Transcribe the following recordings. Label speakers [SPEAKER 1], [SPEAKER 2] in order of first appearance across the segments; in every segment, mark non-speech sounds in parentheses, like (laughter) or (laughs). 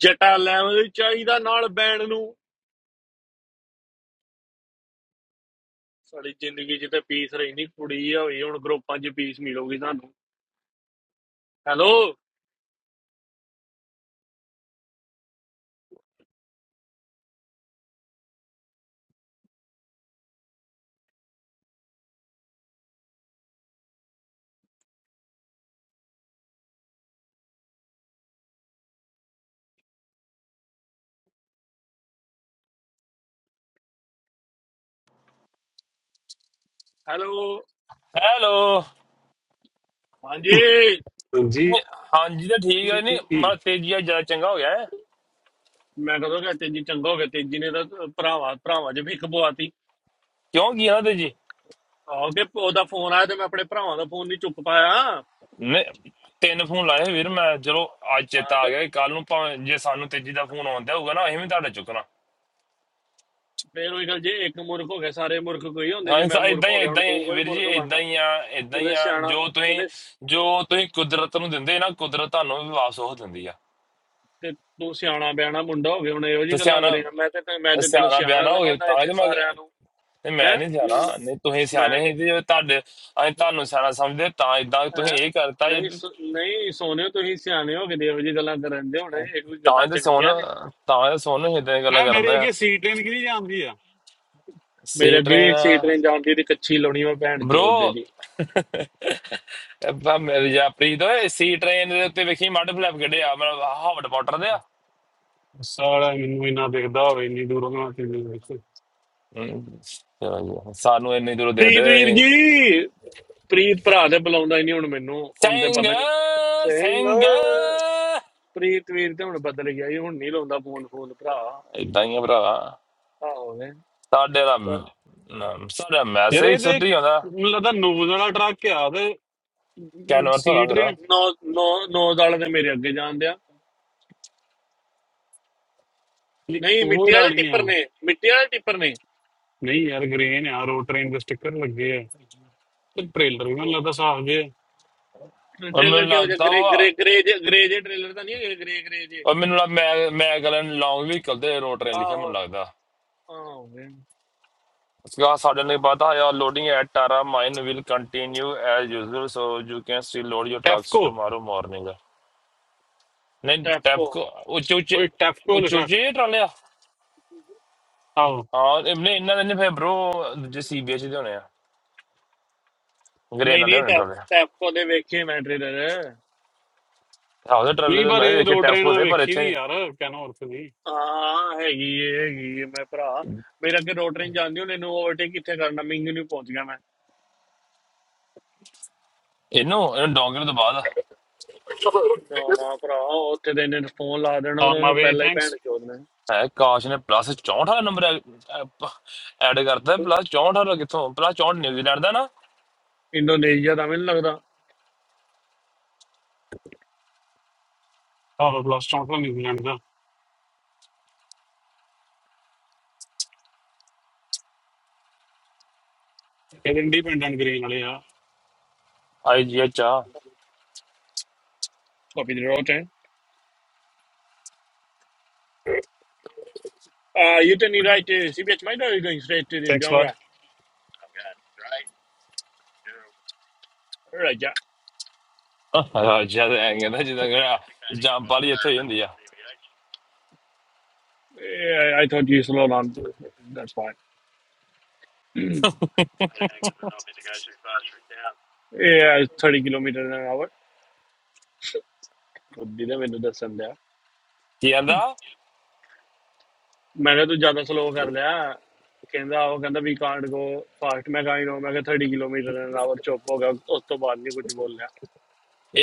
[SPEAKER 1] ਜਟਾ level ਵੀ ਚਾਹੀਦਾ ਨਾਲ band ਨੂੰ ਸਾਡੀ ਜ਼ਿੰਦਗੀ 'ਚ ਤੇ ਪੀਸ ਰਹਿੰਦੀ ਕੁੜੀ ਆ ਹੋਈ ਹੁਣ ਗਰੁੱਪਾਂ 'ਚ ਪੀਸ ਮਿਲੂਗੀ ਤੁਹਾਨੂੰ ਹੈਲੋ ਹੈਲੋ
[SPEAKER 2] ਹੈਲੋ
[SPEAKER 1] ਹਾਂਜੀ
[SPEAKER 3] ਜੀ
[SPEAKER 2] ਨਹੀਂ, ਹਾਂਜੀ ਤਾਂ ਠੀਕ ਹੈ ਨਹੀਂ ਮਾ
[SPEAKER 3] ਮੈਂ
[SPEAKER 2] ਤੇਜੀ ਆ ਜਿਆਦਾ ਚੰਗਾ ਹੋ ਗਿਆ ਹੈ।
[SPEAKER 1] ਮੈਂ ਕਦੋਂ ਕਿ ਤੇਜੀ ਚੰਗਾ ਹੋ ਗਿਆ ਤੇਜੀ ਨੇ ਤਾਂ ਭਰਾਵਾ ਭਰਾਵਾ 'ਚ ਵੀ ਖਬਵਾਤੀ
[SPEAKER 2] ਕਿਉਂ ਕੀ ਹਾਂ ਤੇਜੀ
[SPEAKER 1] ਆਓਗੇ ਉਹਦਾ ਫੋਨ ਆਇਆ ਤੇ ਮੈਂ ਆਪਣੇ ਭਰਾਵਾਂ ਦਾ ਫੋਨ ਨਹੀਂ ਚੁੱਕ ਪਾਇਆ
[SPEAKER 2] ਨੇ ਤਿੰਨ ਫੋਨ ਲਾਏ ਵੀਰ ਮੈਂ ਚਲੋ ਅੱਜ
[SPEAKER 1] ਹਾਂ
[SPEAKER 2] ਚੇਤਾ ਆ
[SPEAKER 1] ਤੇ
[SPEAKER 2] ਗਿਆ ਕੱਲ ਨੂੰ ਭਾਵੇਂ ਜੇ ਸਾਨੂੰ ਤੇਜੀ ਦਾ ਫੋਨ ਆਉਂਦਾ ਹੋਊਗਾ ਨਾ ਅਸੀਂ ਵੀ ਤੁਹਾਡਾ ਚੁੱਕਣਾ
[SPEAKER 1] ਫੇਰ ਉਹੀ ਗੱਲ ਜੇ ਇੱਕ ਮੁਰਖ ਹੋ ਗਿਆ ਸਾਰੇ ਮੁਰਖ ਕੋਈ ਹੁੰਦੇ
[SPEAKER 2] ਹਾਂ
[SPEAKER 1] ਜੇ ਮੈਂ
[SPEAKER 2] ਸਾ
[SPEAKER 1] ਮੁਰਖ
[SPEAKER 2] ਇਦਾਂ ਹੀ
[SPEAKER 1] ਹੋ
[SPEAKER 2] ਆ,
[SPEAKER 1] ਗਿਆ ਹੁਣ
[SPEAKER 2] ਇਦਾਂ ਹੀ
[SPEAKER 1] ਤੂੰ
[SPEAKER 2] ਆ,
[SPEAKER 1] ਕੋਈ
[SPEAKER 2] ਵੀਰ ਜੀ
[SPEAKER 1] ਮੁਰਖ
[SPEAKER 2] ਇਦਾਂ
[SPEAKER 1] ਬਣਦਾ
[SPEAKER 2] ਹੀ ਆ ਇਦਾਂ ਹੀ
[SPEAKER 1] ਉਹਦੇ
[SPEAKER 2] ਆ
[SPEAKER 1] ਸਿਆਣਾ
[SPEAKER 2] ਜੋ ਤੁਸੀਂ
[SPEAKER 1] ਉਹਦੇ
[SPEAKER 2] ਜੋ ਤੁਸੀਂ ਕੁਦਰਤ ਨੂੰ ਦਿੰਦੇ ਨਾ ਕੁਦਰਤ ਤੁਹਾਨੂੰ ਵੀ ਵਾਪਸ ਉਹ ਦਿੰਦੀ ਆ
[SPEAKER 1] ਤੇ ਤੂੰ ਸਿਆਣਾ ਬਿਆਣਾ ਮੁੰਡਾ ਹੋ ਗਿਆ ਹੁਣ ਇਹੋ
[SPEAKER 2] ਤੇ
[SPEAKER 1] ਜੀ ਗੱਲਾਂ
[SPEAKER 2] ਸਿਆਣਾ
[SPEAKER 1] ਕਰੇਗਾ ਮੈਂ ਤੇ ਮੈਂ ਤੇ ਤੈਨੂੰ
[SPEAKER 2] ਸਿਆਣਾ
[SPEAKER 1] ਸਿਆਣਾ
[SPEAKER 2] ਬਿਆਣਾ ਹੋ ਗਿਆ
[SPEAKER 1] ਸਮਝਦਾ
[SPEAKER 2] ਤਾਂ
[SPEAKER 1] ਇੱਥੇ
[SPEAKER 2] ਇਹਦੇ ਮੈਂ
[SPEAKER 1] ਸਾਰਿਆਂ ਨੂੰ
[SPEAKER 2] ਤੇ ਮੈਂ
[SPEAKER 1] ਹੈ
[SPEAKER 2] ਨਹੀਂ
[SPEAKER 1] ਨਹੀਂ ਮੈਂ
[SPEAKER 2] ਸਿਆਣਾ ਨਹੀਂ ਤੁਸੀਂ
[SPEAKER 1] ਮੈਂ
[SPEAKER 2] ਸਿਆਣੇ
[SPEAKER 1] ਤੇ
[SPEAKER 2] ਸੀ ਜੇ ਤੁਹਾਡੇ ਅਸੀਂ ਤੁਹਾਨੂੰ ਸਿਆਣਾ ਸਮਝਦੇ ਤਾਂ ਇਦਾਂ ਤੁਸੀਂ
[SPEAKER 1] ਹੈ
[SPEAKER 2] ਇਹ ਕਰਤਾ ਇਹ
[SPEAKER 1] ਨਹੀਂ
[SPEAKER 2] ਤੇ-
[SPEAKER 1] ਸੋ- ਨਹੀਂ ਸੋਨੇ ਤੁਸੀਂ ਸਿਆਣੇ ਹੋ ਕੇ ਦੇਵ ਜੀ ਗੱਲਾਂ ਕਰਨ ਦੇ ਹੁਣ ਇਹ ਕੋਈ
[SPEAKER 2] ਤਾਂ
[SPEAKER 1] ਗੱਲਾਂ
[SPEAKER 2] ਇਹਦੇ ਸੋਨ
[SPEAKER 1] ਚੰਗੀਆਂ ਨੇ
[SPEAKER 2] ਤਾਂ ਇਹਦੇ ਸੋਨ ਇਦਾਂ ਦੀਆਂ ਗੱਲਾਂ
[SPEAKER 3] ਮੇਰੇ
[SPEAKER 2] ਕਰਦਾ ਆ
[SPEAKER 3] ਅੱਗੇ ਸੀਟ ਹੀ ਨਿਕਲੀ ਜਾਂਦੀ ਆ
[SPEAKER 1] ਮੇਰੇ
[SPEAKER 2] ਸੀ
[SPEAKER 1] ਅੱਗੇ ਵੀ
[SPEAKER 2] ਟ੍ਰੇਨ
[SPEAKER 1] ਇੱਕ ਸੀਟ ਨੇ ਜਾਂਦੀ ਤੇ ਕੱਚੀ ਲਾਉਣੀ ਮੈਂ ਭੈਣ ਚੋਦ ਦੇ
[SPEAKER 2] ਬ్రో
[SPEAKER 1] ਦੀ
[SPEAKER 2] ਬਾ ਮੇਰੇ ਜਾ ਪ੍ਰੀਤ ਓਏ ਸੀ ਟ੍ਰੇਨ ਦੇ ਉੱਤੇ ਵੇਖੀ ਮੱਡ ਫਲੈਪ ਕੱਢਿਆ ਮਤਲਬ ਹਾਵਟ ਪਾਟਰ ਦੇ ਆ
[SPEAKER 3] ਸਾਲਾ ਮੈਨੂੰ ਇੰਨਾ ਦਿਖਦਾ ਹੋਵੇ ਇੰਨੀ ਦੂਰੋਂ ਨਾ ਚੀਜ਼ ਵਿੱਚ
[SPEAKER 2] ਹਮ, ਚਲੋ, ਜੀ, ਸਾਨੂੰ ਇੰਨੀ ਦੂਰੋਂ ਦੇਖਦੇ
[SPEAKER 1] ਪ੍ਰੀਤ ਵੀਰ
[SPEAKER 2] ਹੋਏ,
[SPEAKER 1] ਜੀ ਪ੍ਰੀਤ ਭਰਾ ਤੇ ਬੁਲਾਉਂਦਾ ਹੀ ਨਹੀਂ ਹੁਣ ਮੈਨੂੰ ਹੁਣ ਤੇ
[SPEAKER 2] ਸਿੰਘ
[SPEAKER 1] ਪਤਾ ਨਹੀਂ ਸਿੰਘ
[SPEAKER 2] ਸਿੰਘ
[SPEAKER 1] ਪ੍ਰੀਤ ਵੀਰ ਤੇ ਹੁਣ ਬਦਲ ਗਿਆ ਜੀ ਹੁਣ ਨਹੀਂ ਲਾਉਂਦਾ ਫੋਨ ਫੋਨ ਭਰਾ
[SPEAKER 2] ਇਦਾਂ ਹੀ ਆ ਭਰਾ
[SPEAKER 1] ਆਹੋ ਨੇ
[SPEAKER 2] ਸਾਡੇ ਦਾ
[SPEAKER 1] ਤਾਂ
[SPEAKER 2] ਮ- ਸਾਡਾ
[SPEAKER 3] ਯਾਰ ਇਹ
[SPEAKER 2] ਮੈਸੇਜ
[SPEAKER 3] ਤੇ
[SPEAKER 2] ਸੁੱਟੀ ਜਾਂਦਾ
[SPEAKER 3] ਮੈਨੂੰ ਲੱਗਦਾ ਨੋਜ਼ ਵਾਲਾ ਟਰੱਕ ਆ ਤੇ
[SPEAKER 2] ਕੈਨਵਸ ਹੋਣਾ
[SPEAKER 3] ਸੀਟ
[SPEAKER 2] ਫਿਰ
[SPEAKER 3] ਦੇ
[SPEAKER 2] ਉਹ
[SPEAKER 1] ਨੌ ਨੌ ਨੌ ਦਾਲ ਦੇ ਮੇਰੇ ਅੱਗੇ ਜਾਣ ਦਿਆ ਨਹੀਂ
[SPEAKER 3] ਉਹ
[SPEAKER 1] ਮਿੱਟੀ ਵਾਲੇ
[SPEAKER 3] ਉਡਾਣੀ ਆ
[SPEAKER 1] ਟਿੱਪਰ ਨੇ ਮਿੱਟੀ ਵਾਲੇ ਟਿੱਪਰ ਨੇ
[SPEAKER 3] ਨਹੀਂ ਯਾਰ ਗ੍ਰੇਨ ਆ ਰੋਡ ਟ੍ਰੇਨ ਦੇ ਸਟicker ਲੱਗੇ ਆ ਤੇ ਟ੍ਰੇਲਰ ਵੀ ਮੈਨੂੰ ਲੱਗਦਾ ਸਾਫ ਜੇ
[SPEAKER 1] ਟ੍ਰੇਲਰ
[SPEAKER 2] ਮੈਨੂੰ
[SPEAKER 1] ਕਿਹੋ ਜਿਹਾ
[SPEAKER 2] ਲੱਗਦਾ
[SPEAKER 1] ਗਰੇ
[SPEAKER 2] ਵਾ
[SPEAKER 1] ਗਰੇ ਗਰੇ ਜੇ ਗਰੇ ਜੇ ਟ੍ਰੇਲਰ ਤਾਂ ਨਹੀਂ ਹੈਗੇ ਗਰੇ ਗਰੇ ਜੇ
[SPEAKER 2] ਉਹ ਮੈਨੂੰ ਲੱਗ ਮੈਂ ਮੈਂ ਗਲਨ ਲੌਂਗ ਵਹੀਕਲ ਤੇ ਰੋਟਰੇ ਲਿਖਿਆ ਮੈਨੂੰ
[SPEAKER 1] ਆਹੋ
[SPEAKER 2] ਲੱਗਦਾ
[SPEAKER 1] ਆਹੋ
[SPEAKER 2] ਸਗਾ ਸਾਡੇ ਨੇ ਪਤਾ ਯਾ loading at Tara mine will continue as usual so you can still load your trucks
[SPEAKER 3] Tafco
[SPEAKER 2] tomorrow morning ਨਹੀਂ ਟੈਪ
[SPEAKER 1] ਟੈਫਕੋ
[SPEAKER 2] ਕੋ ਉੱਚੇ ਉੱਚੇ
[SPEAKER 3] ਓਏ ਟੈਫਕੋ
[SPEAKER 2] ਉੱਚੇ
[SPEAKER 3] ਲਿਖਿਆ
[SPEAKER 2] ਉੱਚੇ ਟਰਾਲੇ ਆ
[SPEAKER 3] ਆਹੋ
[SPEAKER 2] ਹਾਂ ਇਹਨੇ ਇਹਨਾਂ ਦੇ ਨੇ ਫਿਰ bro ਦੂਜੇ ਸੀਬੀਐਚ ਦੇ ਹੋਣੇ ਆ ਗ੍ਰੇਨ
[SPEAKER 1] ਨਹੀਂ
[SPEAKER 2] ਵਾਲੇ
[SPEAKER 1] ਨਹੀਂ
[SPEAKER 2] ਹੋਣੇ
[SPEAKER 1] ਟੈਫ
[SPEAKER 2] ਟਰਾਲੇ
[SPEAKER 1] ਟੈਫਕੋ ਦੇ ਵੇਖੇ ਮੈਂ ਟ੍ਰੇਲਰ
[SPEAKER 2] ਹਾਉਸ ਦੇ ਟਰਾਲੇ
[SPEAKER 3] ਨਹੀਂ
[SPEAKER 2] ਤੇ
[SPEAKER 3] ਪਰ
[SPEAKER 2] ਮੈਂ ਵੀ
[SPEAKER 3] ਇਹ
[SPEAKER 2] ਵੇਖੇ
[SPEAKER 3] ਰੋਡ
[SPEAKER 2] ਟੈਫ
[SPEAKER 3] ਟ੍ਰੇਨ ਮੈਂ
[SPEAKER 2] ਕੋਦੇ ਪਰ
[SPEAKER 3] ਵੇਖੀ
[SPEAKER 2] ਇੱਥੇ
[SPEAKER 3] ਨਹੀਂ
[SPEAKER 2] ਨੀ।
[SPEAKER 3] ਯਾਰ ਕਹਿਣਾ ਔਰਤ ਦੀ
[SPEAKER 1] ਹਾਂ ਹੈਗੀ ਏ, ਹੈਗੀ ਏ, ਮੈਂ ਭਰਾ ਮੇਰਾ ਅੱਗੇ ਰੋਟਰਿੰਗ ਜਾਂਦੀ ਹੁਣ ਇਹਨੂੰ ਓਵਰਟੇਕ ਕਿੱਥੇ ਕਰਨਾ ਮਿੰਗ ਨੂੰ ਪਹੁੰਚ ਗਿਆ ਮੈਂ
[SPEAKER 2] ਇਹਨੂੰ ਇਹਨੂੰ ਡੌਂਗਰ ਤੋਂ ਬਾਅਦ
[SPEAKER 1] ਨਾ ਨਾ ਭਰਾ ਉੱਥੇ ਤੇ ਇਹਨੇ ਫੋਨ ਲਾ ਦੇਣਾ
[SPEAKER 3] ਔਨ
[SPEAKER 1] ਉਹਨਾਂ
[SPEAKER 3] ਮਾਈ
[SPEAKER 1] ਨੂੰ
[SPEAKER 3] ਵੇ
[SPEAKER 1] ਪਹਿਲਾਂ ਹੀ ਭੈਣ
[SPEAKER 3] ਥੈਂਕਸ
[SPEAKER 1] ਚੋਦ ਨੇ
[SPEAKER 2] ਹੈ ਕਾਸ਼ ਨੇ ਪਲੱਸ 64 ਨੰਬਰ ਐਡ ਕਰਤਾ ਪਲੱਸ 64 ਵਾਲਾ ਕਿੱਥੋਂ ਪਲੱਸ 64 ਨਿਊਜ਼ੀਲੈਂਡ ਦਾ ਨਾ
[SPEAKER 1] ਇੰਡੋਨੇਸ਼ੀਆ ਦਾ ਮੈਨੂੰ ਲੱਗਦਾ
[SPEAKER 3] ਆਹੋ ਬਲਾਸਟ ਆਊਟ ਫਰਮ ਨਿਊਜ਼ੀਲੈਂਡ ਦਾ ਇਹ ਇੰਡੀਪੈਂਡੈਂਟ ਗ੍ਰੇਨ ਵਾਲੇ ਆ
[SPEAKER 2] ਆਈਜੀਐਚ ਆ
[SPEAKER 1] ਕਾਪੀ ਦੇ ਰੋਟਰਿੰਗ ਆ you turn right CBH might are going straight to the
[SPEAKER 3] thanks बार
[SPEAKER 1] ਡੋਂਗਰਾ ਰਾਜਾ
[SPEAKER 2] ਜਦ ਐਂ ਕਹਿੰਦਾ ਜਿੱਦਾਂ ਕਹਿੰਦਾ ਜੰਪ ਵਾਲੀ ਇੱਥੇ ਹੀ ਹੁੰਦੀ ਆ
[SPEAKER 1] Yeah, I told you to load on. That's fine. (clears throat) Yeah, 30 kilometre an hour. ਬੁੱਧੀ ਨੇ ਮੈਨੂੰ ਦੱਸਣ ਦਿਆ
[SPEAKER 2] ਕੀ ਕਹਿੰਦਾ
[SPEAKER 1] ਮੈਂ ਕਿਹਾ ਤੂੰ ਜ਼ਿਆਦਾ ਸਲੋ ਕਰ ਲਿਆ ਕਹਿੰਦਾ ਉਹ ਕਹਿੰਦਾ ਵੀ ਕਾਂਟ ਗੋ ਫਾਸਟ ਮੈਂ ਕਾਈ ਨੋ ਮੈਂ ਕਿਹਾ 30 ਕਿਲੋਮੀਟਰ ਐਨ ਆਵਰ ਚੁੱਪ ਹੋ ਗਿਆ ਉਸ ਤੋਂ ਬਾਅਦ ਨਹੀਂ ਕੁਝ ਬੋਲਿਆ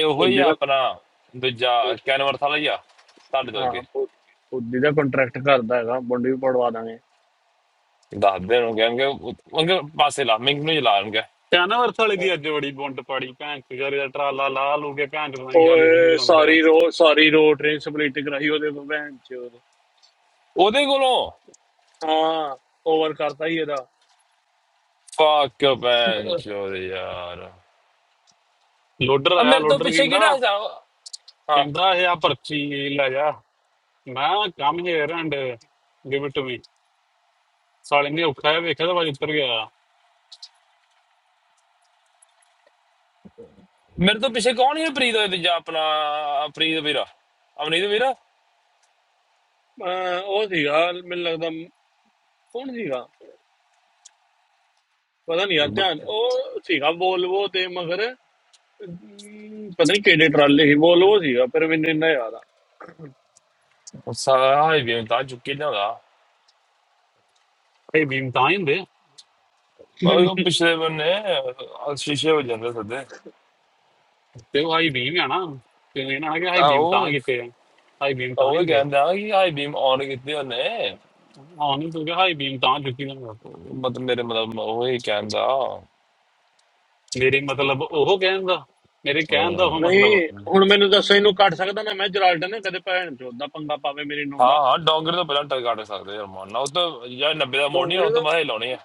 [SPEAKER 2] ਇਹ ਉਹੋ ਹੀ
[SPEAKER 1] ਬੁੱਧੀ
[SPEAKER 2] ਆ
[SPEAKER 1] ਦਾ
[SPEAKER 2] ਆਪਣਾ ਦੂਜਾ ਕੈਨਵਰਸ ਵਾਲਾ ਹੀ ਆ ਤੁਹਾਡੇ ਤੋਂ
[SPEAKER 1] ਹਾਂ
[SPEAKER 2] ਅੱਗੇ
[SPEAKER 1] ਬੁੱਧੀ ਦਾ ਕੰਟਰੈਕਟ ਕਰਦਾ ਹੈਗਾ ਮੁੰਡੇ ਵੀ ਪੜਵਾ ਦਾਂਗੇ
[SPEAKER 2] ਦੱਸਦੇ ਨੂੰ ਕਹਿੰਗੇ ਉਹ- ਉਹ ਕਹਿੰਦੇ ਪਾਸੇ ਲਾ ਮਿੰਗ ਨੂੰ ਹੀ ਲਾਣਗੇ
[SPEAKER 3] प्यानवर थले दिया जोड़ी बोंड तो पढ़ी पेंट तुझारी जट्रा लाल लाल ऊँगे पेंट वहीं खाली खुली
[SPEAKER 1] ਓਏ
[SPEAKER 3] करूँगा तेरे
[SPEAKER 1] ਸਾਰੀ ਰੋ ਸਾਰੀ ਰੋ ਟ੍ਰੇਨ ਸਪਲਿਟ ਕਰਾਈ ਉਹਦੇ ਕੋਲ ਭੈਣ ਚੋਦ
[SPEAKER 2] ਉਹਦੇ ਕੋਲੋਂ
[SPEAKER 1] ਹਾਂ ਓਵਰ ਕਰਤਾ ਹੀ ਇਹਦਾ
[SPEAKER 2] ਫੱਕ ਭੈਣ ਚੋਦ ਯਾਰ
[SPEAKER 3] लोटरा
[SPEAKER 2] ਆ
[SPEAKER 3] यार
[SPEAKER 2] ਮੇਰੇ ਤੋਂ
[SPEAKER 3] लोटर
[SPEAKER 2] ਪਿੱਛੇ
[SPEAKER 3] किंदा
[SPEAKER 2] ਕਿਹੜਾ ਹਸਾ ਹਾਂ
[SPEAKER 3] किंदा है आप अच्छी इलाज़ मैं काम ही एरांडे दिवर्तुमी साड़ी ने उखाए भी कदापि उतर गया
[SPEAKER 2] ਮੇਰੇ ਤੋਂ ਪਿੱਛੇ ਕੌਣ ਹੈ ਪ੍ਰੀਤ ਹੋਏ ਤੇ ਜਾਂ ਆਪਣਾ ਅ, ਪ੍ਰੀਤ ਵੀਰਾ ਅਮਨੀਤ ਵੀਰਾ
[SPEAKER 1] ਅਹ ਉਹ ਸੀਗਾ ਮੈਨੂੰ ਲੱਗਦਾ ਮ- ਕੌਣ ਸੀਗਾ ਪਤਾ ਨਹੀਂ ਯਾਰ ਧਿਆਨ
[SPEAKER 2] ਬ-
[SPEAKER 1] ਉਹ ਸੀਗਾ ਵੋਲਵੋ ਤੇ ਮਗਰ ਅਮ, ਪਤਾ ਨਹੀਂ ਕਿਹੜੇ ਟਰਾਲੇ ਸੀ ਵੋਲਵੋ ਸੀਗਾ ਪਰ ਮੈਨੂੰ ਇੰਨਾ ਯਾਦ ਆ
[SPEAKER 2] ਸਾਰਾ ਹੀ ਵੀ ਤਾਂ ਚੁੱਕੀ ਲਿਆਉਂਦਾ
[SPEAKER 3] भीम ताइन दे
[SPEAKER 2] ਪਰ ਉਹ ਪਿਛਲੇ ਬੰਨੇ ਅਹ, ਸ਼ੀਸ਼ੇ ਹੋ ਜਾਂਦੇ ਸਦੇ
[SPEAKER 3] ते वो हाई भीम याना तूने ना क्या हाई
[SPEAKER 2] ਆ ਉਹ ਉਹ ਹੀ ਕਹਿੰਦਾ ਕਿ ਹਾਈ ਬੀਮ ਆਨ ਕੀਤੀ ਉਹਨੇ ਮਤਲਬ ਮੇਰੇ ਮਤਲਬ ਉਹ ਹੀ ਕਹਿੰਦਾ ਅਮ,
[SPEAKER 1] ਨਹੀਂ ਹੁਣ ਮੈਨੂੰ ਦੱਸੋ ਇਹਨੂੰ ਕੱਟ ਸਕਦਾ ਨਾ ਮੈਂ ਜਰਾਲਟਨ ਨੇ ਕਦੇ ਭੈਣ ਚੋਦ ਦਾ ਪੰਗਾ ਪਾਵੇ ਮੇਰੇ ਨੂੰ
[SPEAKER 2] ਹਾਂ
[SPEAKER 1] ਦਾ
[SPEAKER 2] ਹਾਂ ਡੋਂਗਰ ਤੋਂ ਪਹਿਲਾਂ ਟਰ ਕੱਢ ਸਕਦੇ ਯਾਰ ਮਾਨਾ ਉਹ ਤਾਂ ਯਾਰ 90 ਦਾ ਮੋੜ ਨਹੀਂ ਉਹ
[SPEAKER 1] ਡੋਂਗਰੇ
[SPEAKER 2] ਤਾਂ
[SPEAKER 1] ਦਾ
[SPEAKER 2] ਮੈਂ ਹੀ ਲਾਉਣੀ ਆ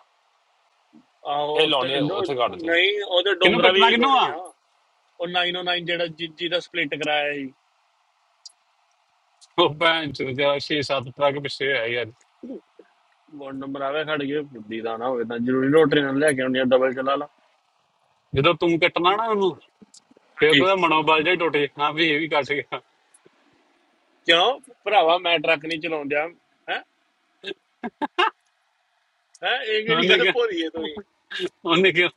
[SPEAKER 1] ਆਹੋ
[SPEAKER 2] ਇਹ
[SPEAKER 1] ਉੱਤੇ
[SPEAKER 2] ਲਾਉਣੇ
[SPEAKER 1] ਡੋ-
[SPEAKER 2] ਉੱਥੇ ਕੱਢ ਦੇ
[SPEAKER 1] ਨਹੀਂ ਉਹਦੇ ਡੋਂਗਰਾ ਵੀ ਲਾਉਣੀ
[SPEAKER 3] भीम
[SPEAKER 1] ਆ ਉਹ 909 ਜਿਹੜਾ ਜਿੱਜੀ ਦਾ ਸਪਲਿਟ ਕਰਾਇਆ ਸੀ
[SPEAKER 3] ਉਹ ਭੈਣ ਚੋਦ ਜਿਆਦਾ 6-7 ਟਰੱਕ ਪਿੱਛੇ ਹੋਇਆ ਯਾਰ
[SPEAKER 1] ਗੁੰਡ ਮਰਾਵੇ ਖੜ ਗਏ ਬੁੱਧੀ ਦਾ ਨਾ ਹੋਵੇ ਤਾਂ ਜ਼ਰੂਰੀ ਰੋਟਰੀ ਨਾਲ ਲੈ ਕੇ ਆਉਣੀ ਆ ਡਬਲ ਚਲਾ ਲਾ
[SPEAKER 3] ਜਦੋਂ ਤੂੰ ਕੱਟਣਾ ਨਾ ਉਹਨੂੰ ਫਿਰ
[SPEAKER 1] ਹਾਂਜੀ
[SPEAKER 3] ਉਹਦਾ ਮਨੋਬਲ ਜਿਹਾ ਹੀ ਟੁੱਟ ਜਾਣਾ ਵੀ ਇਹ ਵੀ ਕੱਟ ਗਿਆ
[SPEAKER 1] ਕਿਉਂ ਭਰਾਵਾ ਮੈਂ ਟਰੱਕ ਨਹੀਂ ਚਲਾਉਂਦਾ ਹੈ ਹੈ ਇਹ ਕਿਹੜੀ
[SPEAKER 3] ਉਹਨੇ
[SPEAKER 1] ਗੱਲ
[SPEAKER 3] ਕਿਹਾ
[SPEAKER 1] ਭੋਰੀ ਹੈ ਤੁਸੀਂ
[SPEAKER 3] ਉਹਨੇ ਕਿਹਾ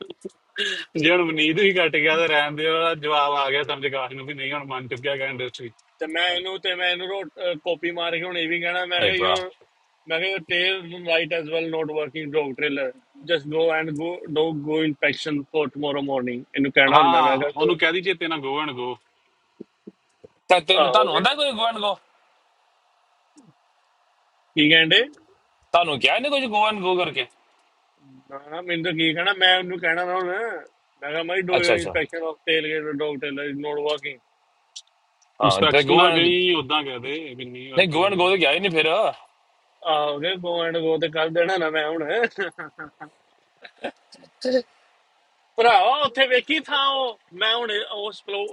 [SPEAKER 3] ਜਣ ਮਨੀਤ ਵੀ ਕੱਟ ਗਿਆ ਤਾਂ ਰਹਿਣ ਦੇ ਉਹਦਾ ਜਵਾਬ ਆ ਗਿਆ ਸਮਝ ਕਾਸ਼ ਨੂੰ ਵੀ ਨਹੀਂ ਹੁਣ ਮਨ ਚੁੱਕਿਆ ਗਿਆ ਇੰਡਸਟਰੀ
[SPEAKER 1] ਤੇ ਮੈਂ ਇਹਨੂੰ ਤੇ ਮੈਂ ਇਹਨੂੰ ਰੋ- ਅਹ ਕਾਪੀ ਮਾਰ ਕੇ ਹੁਣ ਇਹ ਵੀ ਕਹਿਣਾ ਮੈਂ
[SPEAKER 2] ਭਾਈ
[SPEAKER 1] ਕਿਹਾ
[SPEAKER 2] ਭਰਾ
[SPEAKER 1] ਯੋਰ ਮੈਂ ਕਿਹਾ your tail right as well not working dog trailer just go and go dog go inspection for tomorrow morning ਇਹਨੂੰ ਕਹਿਣਾ ਹੁਣ ਮੈਂ
[SPEAKER 3] ਹਾਂ
[SPEAKER 1] ਮੈਂ ਕਿਹਾ ਤੂੰ
[SPEAKER 3] ਉਹਨੂੰ ਕਹਿ ਦੀ ਚੇਤੇ ਨਾ ਗੋ ਐਂਡ ਗੋ
[SPEAKER 2] ਤਾਂ
[SPEAKER 1] ਆ
[SPEAKER 2] ਤੈਨੂੰ
[SPEAKER 1] ਹੋ
[SPEAKER 2] ਤੁਹਾਨੂੰ
[SPEAKER 1] ਗਿਆ
[SPEAKER 2] ਆਂਦਾ ਕੋਈ ਗੋਵਨ ਗੋ
[SPEAKER 1] ਕੀ ਕਹਿੰਦੇ
[SPEAKER 2] ਤੁਹਾਨੂੰ ਕਿਹਾ ਨਹੀਂ ਕੁਝ ਗੋਵਨ ਗੋ ਕਰਕੇ
[SPEAKER 1] ਨਾ ਨਾ ਮੈਨੂੰ ਤਾਂ ਕੀ ਕਹਿਣਾ ਮੈਂ ਉਹਨੂੰ ਕਹਿਣਾ ਨਾ ਹੁਣ ਮੈਂ ਕਿਹਾ ਮਾਈ ਡੂ
[SPEAKER 2] ਅੱਛਾ ਅੱਛਾ
[SPEAKER 1] inspection of tailgate dog trailer is not working
[SPEAKER 2] ਹਾਂ ਤੇ
[SPEAKER 3] ਇਨਸਪੈਕਸ਼ਨ ਨਾ
[SPEAKER 2] ਗੋਵਨ
[SPEAKER 3] ਗਈ ਉਦਾਂ ਕਹਿ ਦੇ ਵੀ ਨਹੀਂ ਵਰਕ
[SPEAKER 2] ਨਹੀਂ ਗੋਵਨ ਗੋ
[SPEAKER 3] ਕਰਾਂਗੇ
[SPEAKER 2] ਤਾਂ ਗਿਆ ਹੀ ਨਹੀਂ ਫਿਰ
[SPEAKER 1] ਆ ਹੋ ਗਿਆ ਗੋ ਐਂਡ ਗੋ ਤੇ ਕਰ ਦੇਣਾ ਨਾ ਮੈਂ ਹੁਣ ਭਰਾਵਾ ਉੱਥੇ ਵੇਖੀ ਥਾਂ ਉਹ ਮੈਂ ਹੁਣ ਉਹ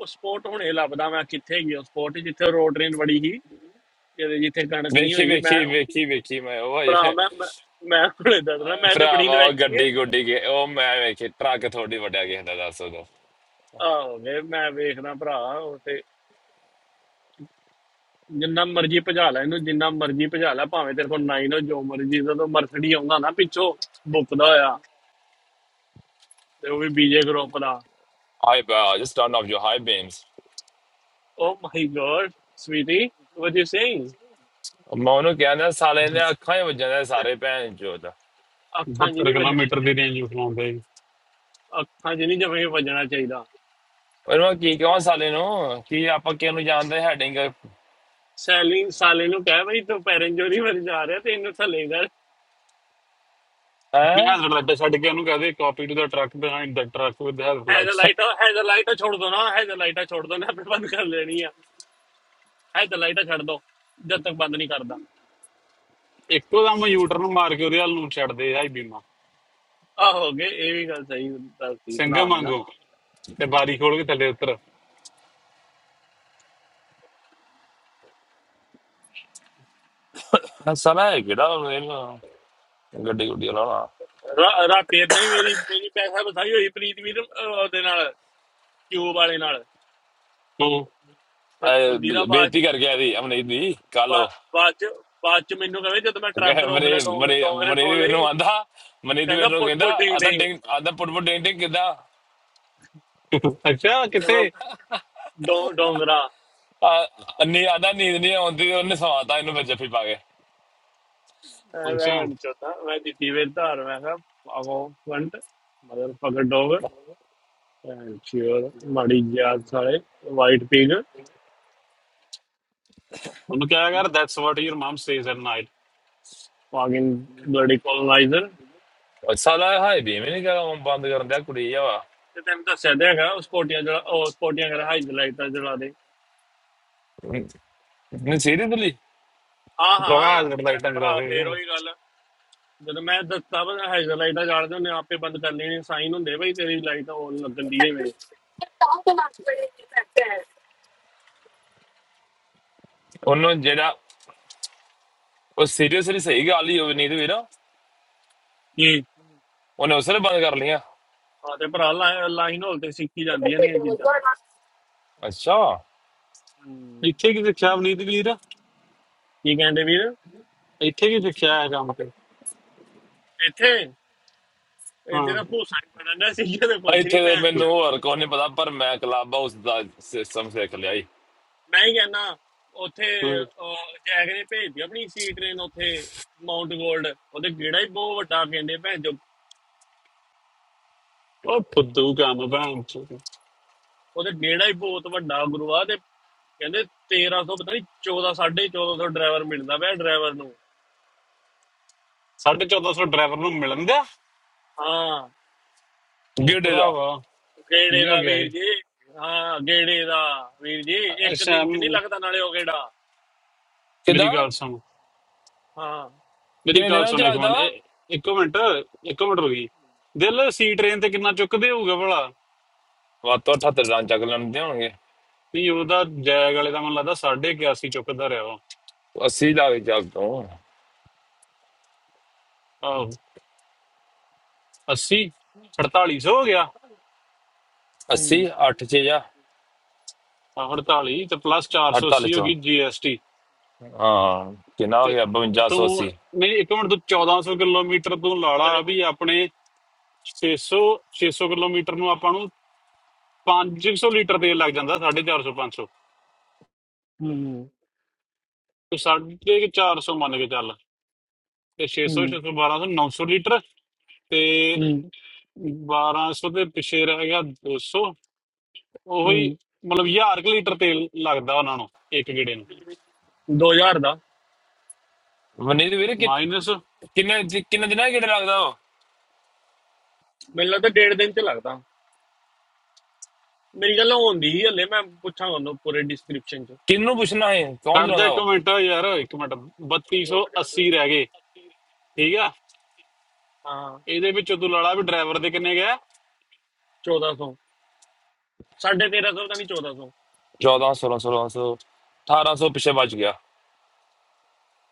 [SPEAKER 1] ਸਪੋਰਟ ਹੁਣੇ ਲੱਭਦਾ ਮੈਂ ਕਿੱਥੇ ਗਈ ਉਹ ਸਪੋਰਟ ਜਿੱਥੇ ਰੋਟਰੀ ਵੜੀ ਸੀ ਜਿਹਦੇ ਜਿੱਥੇ ਕਣਕ ਨਹੀਂ
[SPEAKER 2] ਵੇਖੀ
[SPEAKER 1] ਹੋਈ ਮੈਂ
[SPEAKER 2] ਵੇਖੀ ਵੇਖੀ ਵੇਖੀ ਮੈਂ ਉਹ ਓਏ
[SPEAKER 1] ਭਰਾ ਮੈਂ ਮੈਂ ਮੈਂ ਹੁਣੇ ਦੱਸਣਾ
[SPEAKER 2] ਓਏ
[SPEAKER 1] ਮੈਂ ਤੇ ਬੜੀ
[SPEAKER 2] ਭਰਾਵਾ ਉਹ
[SPEAKER 1] ਇਨਵੈਸਟੀ ਹੈ
[SPEAKER 2] ਗੱਡੀ ਗੁੱਡੀ ਕੇ ਉਹ ਮੈਂ ਵੇਖੀ ਟਰੱਕ ਥੋੜੀ ਵੱਡਾ ਗਿਆ ਦਾ ਦੱਸ ਦੋ
[SPEAKER 1] ਆਹੋ ਵੇ ਮੈਂ ਵੇਖਦਾ ਭਰਾ ਉੱਥੇ ਜਿੰਨਾ ਮਰਜ਼ੀ ਭਜਾ ਲੈ ਇਹਨੂੰ ਜਿੰਨਾ ਮਰਜ਼ੀ ਭਜਾ ਲੈ ਭਾਵੇਂ ਤੇਰੇ ਕੋਲ ਨਾਈਨ ਹੋ ਜੋ ਮਰਜ਼ੀ ਜਦੋਂ ਮਰਸਡੀ ਆਉਂਦਾ ਨਾ ਪਿੱਛੋਂ ਬੁੱਕਦਾ ਹੋਇਆ ਤੇ ਉਹ ਵੀ ਬੀਜੇ ਗਰੁੱਪ ਦਾ
[SPEAKER 2] ਹਾਈ ਬਾ just turn off your high beams
[SPEAKER 1] oh my God sweetie what you saying
[SPEAKER 2] ਮੈਂ ਉਹਨੂੰ ਕਹਿੰਦਾ ਸਾਲੇ ਨੇ ਅੱਖਾਂ ਹੀ ਵੱਜਾਂ ਦੇ ਸਾਰੇ ਭੈਣ ਚੋਦ
[SPEAKER 1] ਅੱਖਾਂ
[SPEAKER 3] 72
[SPEAKER 1] ਜਿਨੀ ਵੱਜਣੀ
[SPEAKER 3] ਕਿਲੋਮੀਟਰ ਦੀ ਰੇਂਜ ਉਠਾਉਂਦੇ
[SPEAKER 1] ਅੱਖਾਂ ਜਿਨੀ ਜਵੇਂ ਵੱਜਣਾ ਚਾਹੀਦਾ
[SPEAKER 2] ਉਹਨੂੰ ਮੈਂ ਕੀ ਕਹਾਂ ਸਾਲੇ ਨੂੰ ਕੀ ਆਪਾਂ ਕਿਹਨੂੰ ਜਾਣਦੇ ਹੈਡਿੰਗ
[SPEAKER 1] ਸੈਲਿੰਗ ਸਾਲੇ ਨੂੰ ਕਹਿ ਬਈ ਤੂੰ ਪੈਰੰਜੋਰੀ ਵੱਲ ਜਾ ਰਿਹਾ ਤੇ ਇਹਨੂੰ ਥੱਲੇ ਕਰ
[SPEAKER 3] ਮੈਂ
[SPEAKER 2] ਹੈ
[SPEAKER 3] ਹੈਜ਼ਰਡ ਲਾਈਟ ਛੱਡ ਕੇ ਉਹਨੂੰ ਕਹਦੇ copy to the truck behind the truck with hazard lights
[SPEAKER 1] hazard light hazard light ਛੋੜ ਦੋ ਨਾ ਹੈਜ਼ਲਾਈਟ ਛੋੜ ਦੋ ਨਾ ਆਪੇ ਬੰਦ ਕਰ ਲੈਣੀ ਆ ਹੈਜ਼ਲਾਈਟ ਛੱਡ ਦੋ ਜਦ ਤੱਕ ਬੰਦ ਨਹੀਂ ਕਰਦਾ
[SPEAKER 3] ਇੱਕੋ ਦਮ ਯੂਟਰਨ ਮਾਰ ਕੇ ਉਹਦੇ ਵੱਲ ਨੂੰ ਛੱਡਦੇ ਹਾਈ
[SPEAKER 1] ਆ ਹੋ ਗਏ ਇਹ ਵੀ ਗੱਲ ਸਹੀ ਦੱਸੀ
[SPEAKER 3] ਸੰਗਾ
[SPEAKER 1] ਭਰਾ ਨੇ ਨਾ
[SPEAKER 3] ਮੰਗੋ ਤੇ ਬਾਰੀ ਖੋਲ ਕੇ ਥੱਲੇ ਉਤਰ
[SPEAKER 2] ਸਾਲਾ ਇਹ ਕਿਹੜਾ ਉਹ ਇਹਨੂੰ ਗੱਡੀ ਗੁੱਡੀ ਵਾਲਾ
[SPEAKER 1] ਰਾ- ਰਾਤੀ ਏਦਾਂ ਹੀ ਮੇਰੀ ਮੇਰੀ ਪੈਸਾ ਬਸਾਈ ਹੋਈ ਪ੍ਰੀਤ ਵੀਰ ਅਹ, ਉਹਦੇ ਨਾਲ ਕਿਊਬ ਵਾਲੇ ਨਾਲ
[SPEAKER 3] ਹੂੰ
[SPEAKER 1] ਤੇ
[SPEAKER 2] ਅਹ
[SPEAKER 1] ਫੁੱਦੀ ਦਾ
[SPEAKER 2] ਬੇ-
[SPEAKER 1] ਬਾਅਦ
[SPEAKER 2] ਬੇਇੱਜ਼ਤੀ ਕਰ ਗਿਆ ਦੀ ਅਮਨੀਤ ਦੀ ਕਾਲੋ
[SPEAKER 1] ਬਾ- ਬਾਅਦ ਚ ਬਾਅਦ ਚ ਮੈਨੂੰ ਕਹੇ ਜਦ ਮੈਂ ਟਰੱਕ ਰੋਕ ਲਿਆ
[SPEAKER 2] ਮਰੇ ਮਰੇ
[SPEAKER 1] ਡੋਂਗਰੇ
[SPEAKER 2] ਮਰੇ
[SPEAKER 1] ਸੌਣ
[SPEAKER 2] ਵੀਰ ਨੂੰ
[SPEAKER 1] ਲਈ
[SPEAKER 2] ਆਂਦਾ ਮਨੀਤ ਵੀਰ
[SPEAKER 1] ਕਹਿੰਦਾ
[SPEAKER 2] ਨੂੰ
[SPEAKER 1] ਪੁੱਟ
[SPEAKER 2] ਕਹਿੰਦਾ
[SPEAKER 1] ਪੁੱਟ ਡਿੰਗ
[SPEAKER 2] ਆਦਾ ਡਿੰਗ ਆਦਾ ਪੁੱਟ ਡਿੰਗ ਡਿੰਗ ਕਿਦਾ
[SPEAKER 3] ਅੱਛਾ
[SPEAKER 1] ਡਿੰਗ
[SPEAKER 3] ਕਿੱਥੇ
[SPEAKER 1] ਡੋਂਗਰਾ
[SPEAKER 2] ਅੰਨੀ ਆਦਾ ਨੀਂਦ ਨਹੀਂ ਆਉਂਦੀ ਤੇ ਉਹਨੇ ਸਵਾਤਾ ਇਹਨੂੰ ਫਿਰ ਜੱਫੀ ਪਾ ਕੇ
[SPEAKER 3] ਅੰਸ਼ਾ
[SPEAKER 1] ਰਹਿਣ ਚੋਤਾ ਮੈਂ ਦਿੱਤੀ ਵੇ ਧਾਰ ਮੈਂ ਕਿਹਾ ਪਾਵੋ ਫੰਟ ਮਦਰ ਫਕਰ ਡੋਗ ਐਂਡ ਚਿਅਰ ਮਾੜੀ ਜਾਤ ਸਾਲੇ ਵਾਈਟ ਪਿਗ
[SPEAKER 3] ਉਹਨੂੰ ਕਿਹਾ ਕਰ that's what your mum says at night
[SPEAKER 1] fucking bloody coloniser
[SPEAKER 2] ਉਹ ਸਾਲਾ ਹਾਈ ਵੀ ਨਹੀਂ ਕਰਾਂ ਬੰਦ ਕਰਨ ਦਿਆ ਕੁੜੀ ਆ ਵਾ
[SPEAKER 1] ਤੇ ਤੈਨੂੰ ਦੱਸਿਆ ਤਾਂ ਹੈਗਾ ਉਸ ਪੋਟੀਆਂ ਜਿਹੜਾ ਉਹ ਪੋਟੀਆਂ ਕਰ ਹਾਈਜ਼ਲਾਈਟਾਂ ਜਲਾ ਦੇ
[SPEAKER 2] ਨਹੀਂ ਸੀਰੀਅਸਲੀ
[SPEAKER 1] ਆ
[SPEAKER 3] ਪ੍ਰਵਾਹ
[SPEAKER 1] ਹਾਂ
[SPEAKER 3] ਜਦ
[SPEAKER 1] ਲੈ
[SPEAKER 3] ਲਾਈਟਾਂ ਜਗਾ
[SPEAKER 1] ਭਰਾ
[SPEAKER 3] ਰਹੇ
[SPEAKER 1] ਫੇਰ
[SPEAKER 3] ਹੈ।
[SPEAKER 1] ਉਹੀ ਗੱਲ ਜਦੋਂ ਮੈਂ ਦੱਸਤਾ ਵਾ ਹਾਈਜ਼ਲਾਈਟਾਂ ਜਾਲਦੇ ਹੁੰਦੇ ਆ, ਆਪੇ ਬੰਦ ਕਰ ਲੈਣੀ ਸਾਈਨ ਹੁੰਦੇ ਬਈ ਤੇਰੀ ਲਾਈਟ ਹੋਣ ਲੱਗਣ ਦੀ ਹੈ ਮੇਰੇ
[SPEAKER 2] ਉਹਨੂੰ ਜਿਹੜਾ ਉਹ ਸੀਰੀਅਸਲੀ ਸਹੀ ਗੱਲ ਹੀ ਹੋਵੇ ਨੀਂਦ ਵੀਰ ਉਹਨੇ
[SPEAKER 1] ਕੀ
[SPEAKER 2] ਉਸਲੇ ਬੰਦ ਕਰ ਲਿਆ
[SPEAKER 1] ਆ ਤੇ ਭਰਾ ਲਾਈਨ ਹੋਲ ਤੇ ਸਿੱਖੀ ਜਾਂਦੀਆਂ ਨੇ ਇਹ ਚੀਜ਼ਾਂ
[SPEAKER 2] ਅੱਛਾ
[SPEAKER 1] ਹਮ,
[SPEAKER 3] ਇੱਥੇ ਕੀ ਸਿੱਖਿਆ ਅਵਨੀਤ ਵੀਰ
[SPEAKER 1] ਕੀ ਕਹਿੰਦੇ ਵੀਰ
[SPEAKER 3] ਇੱਥੇ ਕੀ ਸਿੱਖਿਆ ਹੈ ਕੰਮ ਤੇ
[SPEAKER 1] ਇੱਥੇ ਇਹ
[SPEAKER 3] ਹਾਂ
[SPEAKER 1] ਜਿਹੜਾ ਭੂਸਾ ਹੀ ਬਣਨਾ ਸੀ ਜਦੋਂ ਕੁਝ ਨਹੀਂ
[SPEAKER 2] ਇੱਥੇ ਤੇ
[SPEAKER 1] ਭੈਣ ਚ
[SPEAKER 2] ਮੈਨੂੰ ਹੋਰ ਕੋਈ ਨਹੀਂ ਪਤਾ ਪਰ ਮੈਂ ਕਲੱਬ ਹਾਊਸ ਦਾ ਸਿਸਟਮ ਸਿੱਖ ਲਿਆ ਈ
[SPEAKER 1] ਮੈਂ ਹੀ ਕਹਿੰਦਾ ਉੱਥੇ
[SPEAKER 3] ਹਾਂ।
[SPEAKER 1] ਅਹ, ਜੈਕ ਨੇ ਭੇਜਦੀ ਆਪਣੀ ਸੀ ਟ੍ਰੇਨ ਉੱਥੇ ਮਾਉਂਟ ਗੋਲਡ ਉਹਦੇ ਗੇੜਾ ਹੀ ਬਹੁਤ ਵੱਡਾ ਕਹਿੰਦੇ ਭੈਣ ਚੋ
[SPEAKER 3] ਉਹ ਫੁੱਦੂ ਕੰਮ ਭੈਣ ਚੋਦ।
[SPEAKER 1] ਉਹਦੇ ਗੇੜਾ ਹੀ ਬਹੁਤ ਵੱਡਾ ਗੁਰੂਆ ਤੇ ਕਹਿੰਦੇ 1300 ਪਤਾ ਨਹੀਂ 14 1450 ਡਰਾਈਵਰ ਮਿਲਦਾ ਪਿਆ ਡਰਾਈਵਰ ਨੂੰ
[SPEAKER 3] ਸਾਢੇ 1400 ਡਰਾਈਵਰ ਨੂੰ ਮਿਲਣ ਦਾ
[SPEAKER 1] ਹਾਂ
[SPEAKER 3] ਉਹ
[SPEAKER 2] ਗਿੱਡੇ ਦਾ
[SPEAKER 3] ਭਰਾਵਾ
[SPEAKER 1] ਗੇੜੇ
[SPEAKER 3] ਕੀ ਹੋ
[SPEAKER 1] ਦਾ
[SPEAKER 3] ਗਿਆ
[SPEAKER 1] ਵੀਰ
[SPEAKER 3] ਇਹ
[SPEAKER 1] ਜੀ ਹਾਂ ਗੇੜੇ ਦਾ ਵੀਰ ਜੀ ਇੱਕ
[SPEAKER 3] ਅੱਛਾ
[SPEAKER 1] ਦਿਨ ਚ ਨਹੀਂ
[SPEAKER 3] ਮ-
[SPEAKER 1] ਲੱਗਦਾ ਨਾਲੇ ਉਹ ਗੇੜਾ
[SPEAKER 3] ਮੇਰੀ
[SPEAKER 2] ਕਿਦਾਂ
[SPEAKER 3] ਗੱਲ ਸੁਣ
[SPEAKER 1] ਹਾਂ
[SPEAKER 3] ਮੇਰੀ
[SPEAKER 2] ਕਿੰਨੇ
[SPEAKER 3] ਗੱਲ
[SPEAKER 2] ਦਿਨਾਂ ਚ
[SPEAKER 3] ਸੁਣ ਇੱਕ
[SPEAKER 2] ਲੱਗਦਾ
[SPEAKER 3] ਮਿੰਟ
[SPEAKER 2] ਵਾ
[SPEAKER 3] ਇਹ- ਇੱਕੋ ਮਿੰਟ ਇੱਕੋ ਮਿੰਟ ਰੁਕੀ ਦਿਲ ਸੀ ਟ੍ਰੇਨ ਤੇ ਕਿੰਨਾ ਚੁੱਕਦੇ ਹੋਊਗਾ ਭਲਾ
[SPEAKER 2] ਵਾ ਤੋਂ 78 ਰਨ ਚੱਕ ਲੈਣ ਦੇ ਹੋਣਗੇ
[SPEAKER 3] ਨਹੀਂ ਉਹਦਾ ਜੈਗ ਵਾਲੇ ਦਾ ਮੈਨੂੰ ਲੱਗਦਾ 81 ਚੁੱਕਦਾ ਰਿਹਾ ਉਹ
[SPEAKER 2] 80 ਲਾ ਕੇ ਚੱਲ ਤੋਂ
[SPEAKER 3] ਆਹੋ 80 4800 ਹੋ ਗਿਆ
[SPEAKER 2] 80
[SPEAKER 1] ਹੂੰ
[SPEAKER 2] 8 ਚ ਜਾ
[SPEAKER 3] ਆਹ 48 ਤੇ ਪਲੱਸ
[SPEAKER 2] 48
[SPEAKER 3] 480 ਹੋ
[SPEAKER 2] ਚੋਂ
[SPEAKER 3] ਗਈ GST
[SPEAKER 2] ਹਾਂ ਕਿੰਨਾ ਹੋ
[SPEAKER 3] ਤੇ
[SPEAKER 2] ਗਿਆ
[SPEAKER 3] ਤੂੰ
[SPEAKER 2] 5280
[SPEAKER 3] ਨਹੀਂ ਇੱਕ ਮਿੰਟ ਤੂੰ 1400 ਕਿਲੋਮੀਟਰ ਤੂੰ ਲਾਲਾ
[SPEAKER 1] ਤੇਰੇ-
[SPEAKER 3] ਵੀ ਆਪਣੇ 600 600 ਕਿਲੋਮੀਟਰ ਨੂੰ ਆਪਾਂ ਨੂੰ 500 ਲੀਟਰ ਤੇਲ ਲੱਗ ਜਾਂਦਾ 450 500
[SPEAKER 1] ਹੂੰ
[SPEAKER 3] ਤੂੰ 450 ਮੰਨ ਕੇ ਚੱਲ ਤੇ 600
[SPEAKER 1] ਹੂੰ
[SPEAKER 3] 600 1200 900 ਲੀਟਰ ਤੇ
[SPEAKER 1] ਹੂੰ
[SPEAKER 3] 1200 ਦੇ ਪਿੱਛੇ ਰਹਿ ਗਿਆ 200
[SPEAKER 1] ਹੂੰ
[SPEAKER 3] ਉਹੀ ਮਤਲਬ 1000 ਕੁ ਲੀਟਰ ਤੇਲ ਲੱਗਦਾ ਉਹਨਾਂ ਨੂੰ ਇੱਕ ਗੇੜੇ ਨੂੰ
[SPEAKER 1] 2000 ਦਾ
[SPEAKER 2] ਮਨੀਤ ਵੀਰ ਕਿ-
[SPEAKER 3] ਮਾਈਨਸ
[SPEAKER 2] ਕਿੰਨੇ ਦਿ- ਕਿੰਨੇ ਦਿਨਾਂ ਕਿਹੜਾ ਲੱਗਦਾ ਉਹ
[SPEAKER 1] ਮੈਨੂੰ ਲੱਗਦਾ ਡੇਢ ਦਿਨ ਚ ਲੱਗਦਾ ਮੇਰੀ ਗੱਲ ਹੁੰਦੀ ਹੀ ਹੱਲੇ ਮੈਂ ਪੁੱਛਾਂਗਾ ਉਹਨੂੰ ਪੂਰੇ ਡਿਸਕ੍ਰਿਪਸ਼ਨ ਚ
[SPEAKER 2] ਕਿੰਨੂੰ ਪੁੱਛਣਾ ਹੈ ਕੌਣ
[SPEAKER 3] ਕੱਢ ਜਾ
[SPEAKER 2] ਚਲਾਉਂਦਾ
[SPEAKER 3] ਇੱਕ
[SPEAKER 2] ਉਹ
[SPEAKER 3] ਮਿੰਟ ਯਾਰ ਇੱਕ ਮਿੰਟ
[SPEAKER 1] ਰੁਕ ਜਾ
[SPEAKER 3] 3280
[SPEAKER 1] ਉੱਥੇ।
[SPEAKER 3] ਰਹਿ ਗਏ ਠੀਕ ਆ
[SPEAKER 1] ਹਾਂ
[SPEAKER 3] ਇਹਦੇ ਵਿੱਚੋਂ ਤੂੰ ਲੜਾ ਵੀ ਡਰਾਈਵਰ ਦੇ ਕਿੰਨੇ ਗਿਆ
[SPEAKER 1] 1400 1350 ਤਾਂ ਨਹੀਂ 1400
[SPEAKER 2] 14 16 1600 1800 ਪਿੱਛੇ ਬਚ ਗਿਆ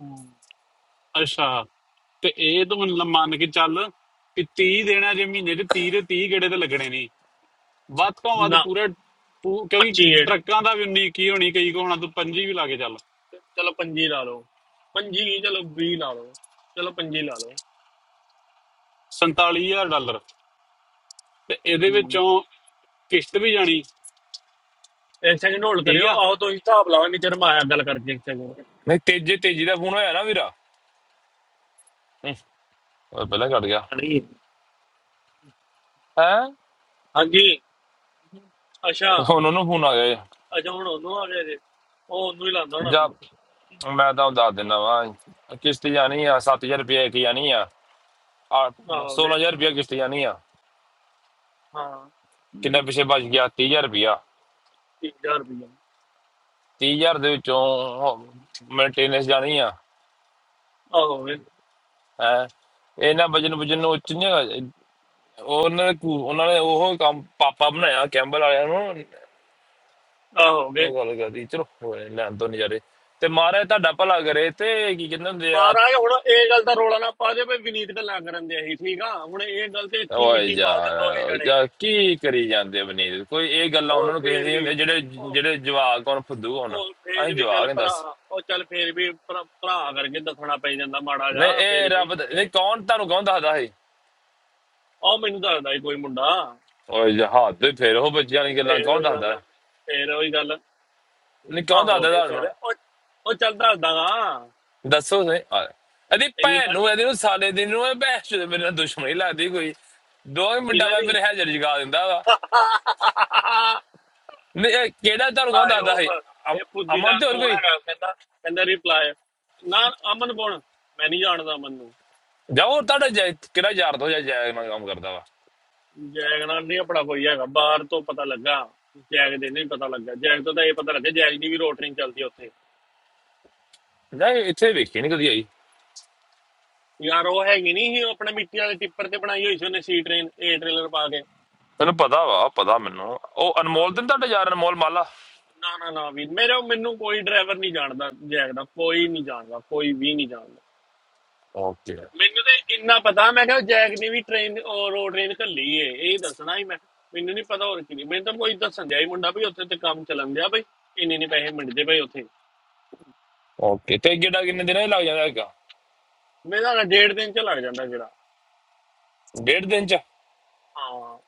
[SPEAKER 1] ਹਮ।
[SPEAKER 3] ਅੱਛਾ ਤੇ ਇਹ ਤੂੰ ਹੁਣ ਮੰਨ ਕੇ ਚੱਲ ਕਿ 30 ਦੇਣਾ ਜੇ ਮਹੀਨੇ 'ਚ 30 ਦੇ 30 ਗੇੜੇ ਤੇ ਲੱਗਣੇ ਨਹੀਂ ਵੱਧ ਤੋਂ ਵੱਧ
[SPEAKER 1] ਨਾ
[SPEAKER 3] ਪੂਰਾ ਪੂ- ਕਿਉਂਕਿ
[SPEAKER 1] 25
[SPEAKER 3] ਟਰੱਕਾਂ ਦਾ ਵੀ 19 ਕੀ ਹੋਣੀ ਕਈ ਕੋ ਹੋਣਾ ਤੂੰ 25 ਵੀ ਲਾ ਕੇ ਚੱਲ
[SPEAKER 1] ਚਲੋ 25 ਲਾ ਲਓ 25 ਨਹੀਂ ਚਲੋ 20 ਲਾ ਲਓ ਚਲੋ 25 ਲਾ ਲਓ
[SPEAKER 3] 47000 ਡਾਲਰ ਤੇ ਇਹਦੇ
[SPEAKER 1] ਹਮ।
[SPEAKER 3] ਵਿੱਚੋਂ ਕਿਸ਼ਤ ਵੀ ਜਾਣੀ
[SPEAKER 1] ਇੱਕ ਸੈਕਿੰਡ ਹੋਲਡ
[SPEAKER 3] ਠੀਕ
[SPEAKER 1] ਕਰਿਓ
[SPEAKER 3] ਆ
[SPEAKER 1] ਆਓ ਤੁਸੀਂ ਹਿਸਾਬ ਲਾਓ ਨਹੀਂ ਤੇ ਰਮਾਇਆ ਗੱਲ ਕਰਕੇ ਇੱਕ ਸੈਕਿੰਡ
[SPEAKER 2] ਨਹੀਂ ਤੇਜੇ ਤੇਜੀ ਦਾ ਫੋਨ ਹੋਇਆ ਨਾ ਵੀਰਾ ਹੂੰ, ਉਹ ਪਹਿਲਾਂ ਕੱਟ ਗਿਆ
[SPEAKER 1] ਹਾਂਜੀ
[SPEAKER 2] ਹੈ
[SPEAKER 1] ਹਾਂਜੀ ਅੱਛਾ
[SPEAKER 2] ਹੁਣ ਉਹਨੂੰ ਫੋਨ ਆ ਗਿਆ ਜੀ।
[SPEAKER 1] ਅੱਛਾ ਹੁਣ ਉਹਨੂੰ ਆ ਗਿਆ ਜੇ ਉਹ ਉਹਨੂੰ ਹੀ ਲਾਉਂਦਾ ਹੋਣਾ
[SPEAKER 2] ਜਾ
[SPEAKER 1] ਫਿਰ
[SPEAKER 2] ਮੈਂ ਤਾਂ ਦੱਸ ਦਿੰਦਾ ਵਾ ਕਿਸ਼ਤ ਜਾਣੀ ਆ 7000 ਰੁਪਏ ਇੱਕ ਜਾਣੀ ਆ ਆ
[SPEAKER 1] ਆਹੋ ਵੇ
[SPEAKER 2] 16000 ਰੁਪਇਆ ਕਿਸ਼ਤ ਜਾਣੀ ਆ
[SPEAKER 1] ਹਾਂ
[SPEAKER 2] ਕਿੰਨਾ ਪਿੱਛੇ ਬਚ ਗਿਆ 30000 ਰੁਪਇਆ
[SPEAKER 1] 3000 ਰੁਪਏ
[SPEAKER 2] 30000 ਦੇ ਵਿੱਚੋਂ ਮੇਨਟੇਨੈਂਸ ਜਾਣੀ ਆ
[SPEAKER 1] ਆਹੋ ਵੇ
[SPEAKER 2] ਹੈ ਇਹਨਾਂ ਵਜਨ ਵਜਨ ਨੂੰ ਉੱਚ ਨਹੀਂ ਹੈਗਾ। ਉਹਨਾਂ ਨੇ ਕੂ- ਉਹਨਾਂ ਨੇ ਉਹ ਕੰਮ ਪਾਪਾ ਬਣਾਇਆ ਕੈਂਬਲ ਵਾਲਿਆਂ ਨੂੰ
[SPEAKER 1] ਆਹੋ ਵੇ
[SPEAKER 2] ਉਹ ਗੱਲ ਕਰਦੀ ਚਲੋ ਹੋਏ ਲੈਣ ਤੋਂ ਨਜ਼ਾਰੇ ਤੇ ਮਹਾਰਾਜ ਤੁਹਾਡਾ ਭਲਾ ਕਰੇ ਤੇ ਕੀ ਕਹਿੰਦੇ ਹੁੰਦੇ ਆ
[SPEAKER 1] ਮਹਾਰਾਜ ਹੁਣ ਇਹ ਗੱਲ ਦਾ ਰੋਲਾ ਨਾ ਪਾ ਦੇ ਵੀ ਵਿਨੀਤ ਗੱਲਾਂ ਕਰਨ ਦੇ ਅਸੀਂ ਠੀਕ ਆ ਹੁਣ ਇਹ ਗੱਲ ਤੇ ਇੱਥੇ ਹੀ
[SPEAKER 2] ਓਏ
[SPEAKER 1] ਮਿੱਟੀ ਪਾ ਦੇ ਦੋਹੇ
[SPEAKER 2] ਯਾਰ
[SPEAKER 1] ਜਣੇ
[SPEAKER 2] ਯਾਰ ਕੀ ਕਰੀ ਜਾਂਦੇ ਬਨੀਤ ਕੋਈ ਇਹ ਗੱਲਾਂ
[SPEAKER 1] ਉਹ
[SPEAKER 2] ਉਹਨਾਂ ਨੂੰ
[SPEAKER 1] ਫੇਰ
[SPEAKER 2] ਕਹਿੰਦੇ
[SPEAKER 1] ਵੀ
[SPEAKER 2] ਹੁੰਦੇ ਜਿਹੜੇ
[SPEAKER 1] ਉਹ
[SPEAKER 2] ਜਿਹੜੇ ਜਵਾਕ ਹੋਣ ਫੁੱਦੂ ਹੋਣ
[SPEAKER 1] ਉਹ ਫੇਰ
[SPEAKER 2] ਅਸੀਂ
[SPEAKER 1] ਵੀ ਚੱਲ
[SPEAKER 2] ਜਵਾਕ ਹਾਂ
[SPEAKER 1] ਭਰਾ
[SPEAKER 2] ਦੱਸ
[SPEAKER 1] ਉਹ ਚੱਲ ਫੇਰ ਵੀ ਭਰਾ ਭਰਾ ਕਰਕੇ ਦੱਸਣਾ ਪੈ ਜਾਂਦਾ ਮਾੜਾ ਜਾ
[SPEAKER 2] ਨਹੀਂ ਇਹ
[SPEAKER 1] ਫੇਰ ਵੀ
[SPEAKER 2] ਰੱਬ ਦਾ-
[SPEAKER 1] ਕਿ
[SPEAKER 2] ਨਹੀਂ
[SPEAKER 1] ਨਹੀਂ
[SPEAKER 2] ਕੌਣ ਤੁਹਾਨੂੰ ਕੌਣ ਦੱਸਦਾ ਹੈ
[SPEAKER 1] ਉਹ ਮੈਨੂੰ ਦੱਸਦਾ ਸੀ ਕੋਈ ਮੁੰਡਾ
[SPEAKER 2] ਓਏ ਜਹਾਜ਼ ਤੇ ਫੇਰ ਉਹ ਬੱਚਿਆਂ ਵਾਲੀ ਗੱਲਾਂ
[SPEAKER 1] ਫੇਰ
[SPEAKER 2] ਕੌਣ
[SPEAKER 1] ਉਹੀ ਗੱਲ
[SPEAKER 2] ਦੱਸਦਾ
[SPEAKER 1] ਆ,
[SPEAKER 2] ਹੈ
[SPEAKER 1] ਫੇਰ ਉਹੀ ਗੱਲ
[SPEAKER 2] ਨਹੀਂ
[SPEAKER 1] ਆ
[SPEAKER 2] ਕੌਣ
[SPEAKER 1] ਹੋ
[SPEAKER 2] ਦੱਸਦਾ
[SPEAKER 1] ਗਈ ਚੱਲ
[SPEAKER 2] ਤੁਹਾਨੂੰ
[SPEAKER 1] ਉਹ ਉਹ ਚੱਲ ਦੱਸਦਾਗਾ
[SPEAKER 2] ਦੱਸੋ ਸੇ ਇਹਦੀ
[SPEAKER 1] ਇੰਨੀ
[SPEAKER 2] ਭੈਣ
[SPEAKER 1] ਕਾਲੀ
[SPEAKER 2] ਨੂੰ ਇਹਦੇ ਨੂੰ ਸਾਲੇ ਦਿਨ ਨੂੰ ਇਹ ਬਹਿਸ ਤੇ ਮੇਰੇ ਨਾਲ ਦੁਸ਼ਮਣੀ ਲੱਗਦੀ ਕੋਈ ਦੋ ਹੀ ਮਿੰਟਾਂ
[SPEAKER 1] ਕਿਨਾਂ
[SPEAKER 2] ਬਾਅਦ
[SPEAKER 1] ਦੀ
[SPEAKER 2] ਮੇਰੇ ਹਾਜ਼ਰ ਜਗਾ ਦਿੰਦਾ ਵਾ ਨਹੀਂ ਇਹ ਕਿਹੜਾ ਤੁਹਾਨੂੰ ਕੌਣ
[SPEAKER 1] ਰਿਪਲਾਈ
[SPEAKER 2] ਦੱਸਦਾ
[SPEAKER 1] ਆਫ
[SPEAKER 2] ਹੈ ਅਮ-
[SPEAKER 1] ਇਹ ਪੁੱਦੀ
[SPEAKER 2] ਅਮਨ
[SPEAKER 1] ਦਾ
[SPEAKER 2] ਤੇ ਹੋਰ
[SPEAKER 1] ਕੌਣ
[SPEAKER 2] ਕੋਈ
[SPEAKER 1] ਹੈਗਾ ਕਹਿੰਦਾ ਕਹਿੰਦਾ ਰਿਪਲਾਈ ਨਾ ਅਮਨ ਕੌਣ ਮੈਂ ਨਹੀਂ ਜਾਣਦਾ ਅਮਨ ਨੂੰ
[SPEAKER 2] ਜਾ ਹੋਰ ਤੁਹਾਡਾ ਜਾ- ਕਿਹੜਾ ਯਾਰ ਤੋਂ ਜਾ ਜਾ ਮੈਂ ਕੰਮ ਕਰਦਾ ਵਾ
[SPEAKER 1] ਜੈਗ ਨਾਲ ਨਹੀਂ ਆਪਣਾ ਕੋਈ ਹੈਗਾ ਬਾਹਰ ਤੋਂ ਪਤਾ ਲੱਗਾ ਜੈਗ ਦੇ ਨਹੀਂ ਪਤਾ ਲੱਗਾ ਜੈਗ ਤੋਂ ਤਾਂ ਇਹ ਪਤਾ ਲੱਗਾ ਜੈਗ ਦੀ ਵੀ ਰੋਟਰਿੰਗ ਚੱਲਦੀ ਆ ਉੱਥੇ
[SPEAKER 2] ਜਾ ਇਹ ਇੱਥੇ ਵੇਖੀ ਨਹੀਂ ਕਦੀ ਆਈ
[SPEAKER 1] ਯਾਰ ਉਹ ਹੈਗੀ ਨਹੀਂ ਸੀ ਉਹ ਆਪਣੇ ਮਿੱਟੀ ਵਾਲੇ ਟਿੱਪਰ ਤੇ ਬਣਾਈ ਹੋਈ ਸੀ ਉਹਨੇ ਸੀ ਟ੍ਰੇਨ ਏ ਟ੍ਰੇਲਰ ਪਾ ਕੇ
[SPEAKER 2] ਤੈਨੂੰ ਪਤਾ ਵਾ ਪਤਾ ਮੈਨੂੰ ਉਹ
[SPEAKER 1] ਹਾਂ,
[SPEAKER 2] ਅਨਮੋਲ
[SPEAKER 1] ਤੇ
[SPEAKER 2] ਤੇ ਨੀ ਤੁਹਾਡਾ ਯਾਰ ਅਨਮੋਲ ਮਾਲਾ
[SPEAKER 1] ਨਾ ਨਾ ਨਾ ਵੀ ਮੇਰੇ ਮੈਨੂੰ ਕੋਈ ਡਰਾਈਵਰ ਨਹੀਂ ਜਾਣਦਾ ਜੈਗ ਦਾ ਕੋਈ ਨਹੀਂ ਜਾਣਦਾ ਕੋਈ ਵੀ ਨਹੀਂ ਜਾਣਦਾ
[SPEAKER 2] ਓਕੇ
[SPEAKER 1] ਮੈਨੂੰ ਤੇ ਇੰਨਾ ਪਤਾ ਮੈਂ ਕਿਹਾ ਜੈਕ ਨੇ ਵੀ ਟ੍ਰੇਨ ਰੋਡ ਟ੍ਰੇਨ ਘੱਲੀ ਏ ਇਹ ਦੱਸਣਾ ਹੀ ਮੈਂ ਮੈਨੂੰ ਨਹੀਂ ਪਤਾ ਹੋਰ ਕੀ ਮੈਨੂੰ ਤਾਂ ਕੋਈ ਦੱਸਣ ਦਿਆ ਹੀ ਮੁੰਡਾ ਵੀ ਉੱਥੇ ਤੇ ਕੰਮ ਚੱਲਣ ਦਿਆ ਬਈ ਇੰਨੇ ਨੇ ਪੈਸੇ ਮਿਲਦੇ ਬਈ ਉੱਥੇ
[SPEAKER 2] ਓਕੇ ਤੇ ਕਿਹੜਾ ਕਿੰਨੇ ਦਿਨਾਂ ਹੀ ਲੱਗ ਜਾਂਦਾ ਹੈਗਾ
[SPEAKER 1] ਮੇਰਾ ਨਾ ਡੇਢ ਦਿਨ ਚ ਲੱਗ ਜਾਂਦਾ ਜਿਹੜਾ
[SPEAKER 2] ਡੇਢ ਦਿਨ ਚ
[SPEAKER 1] ਹਾਂ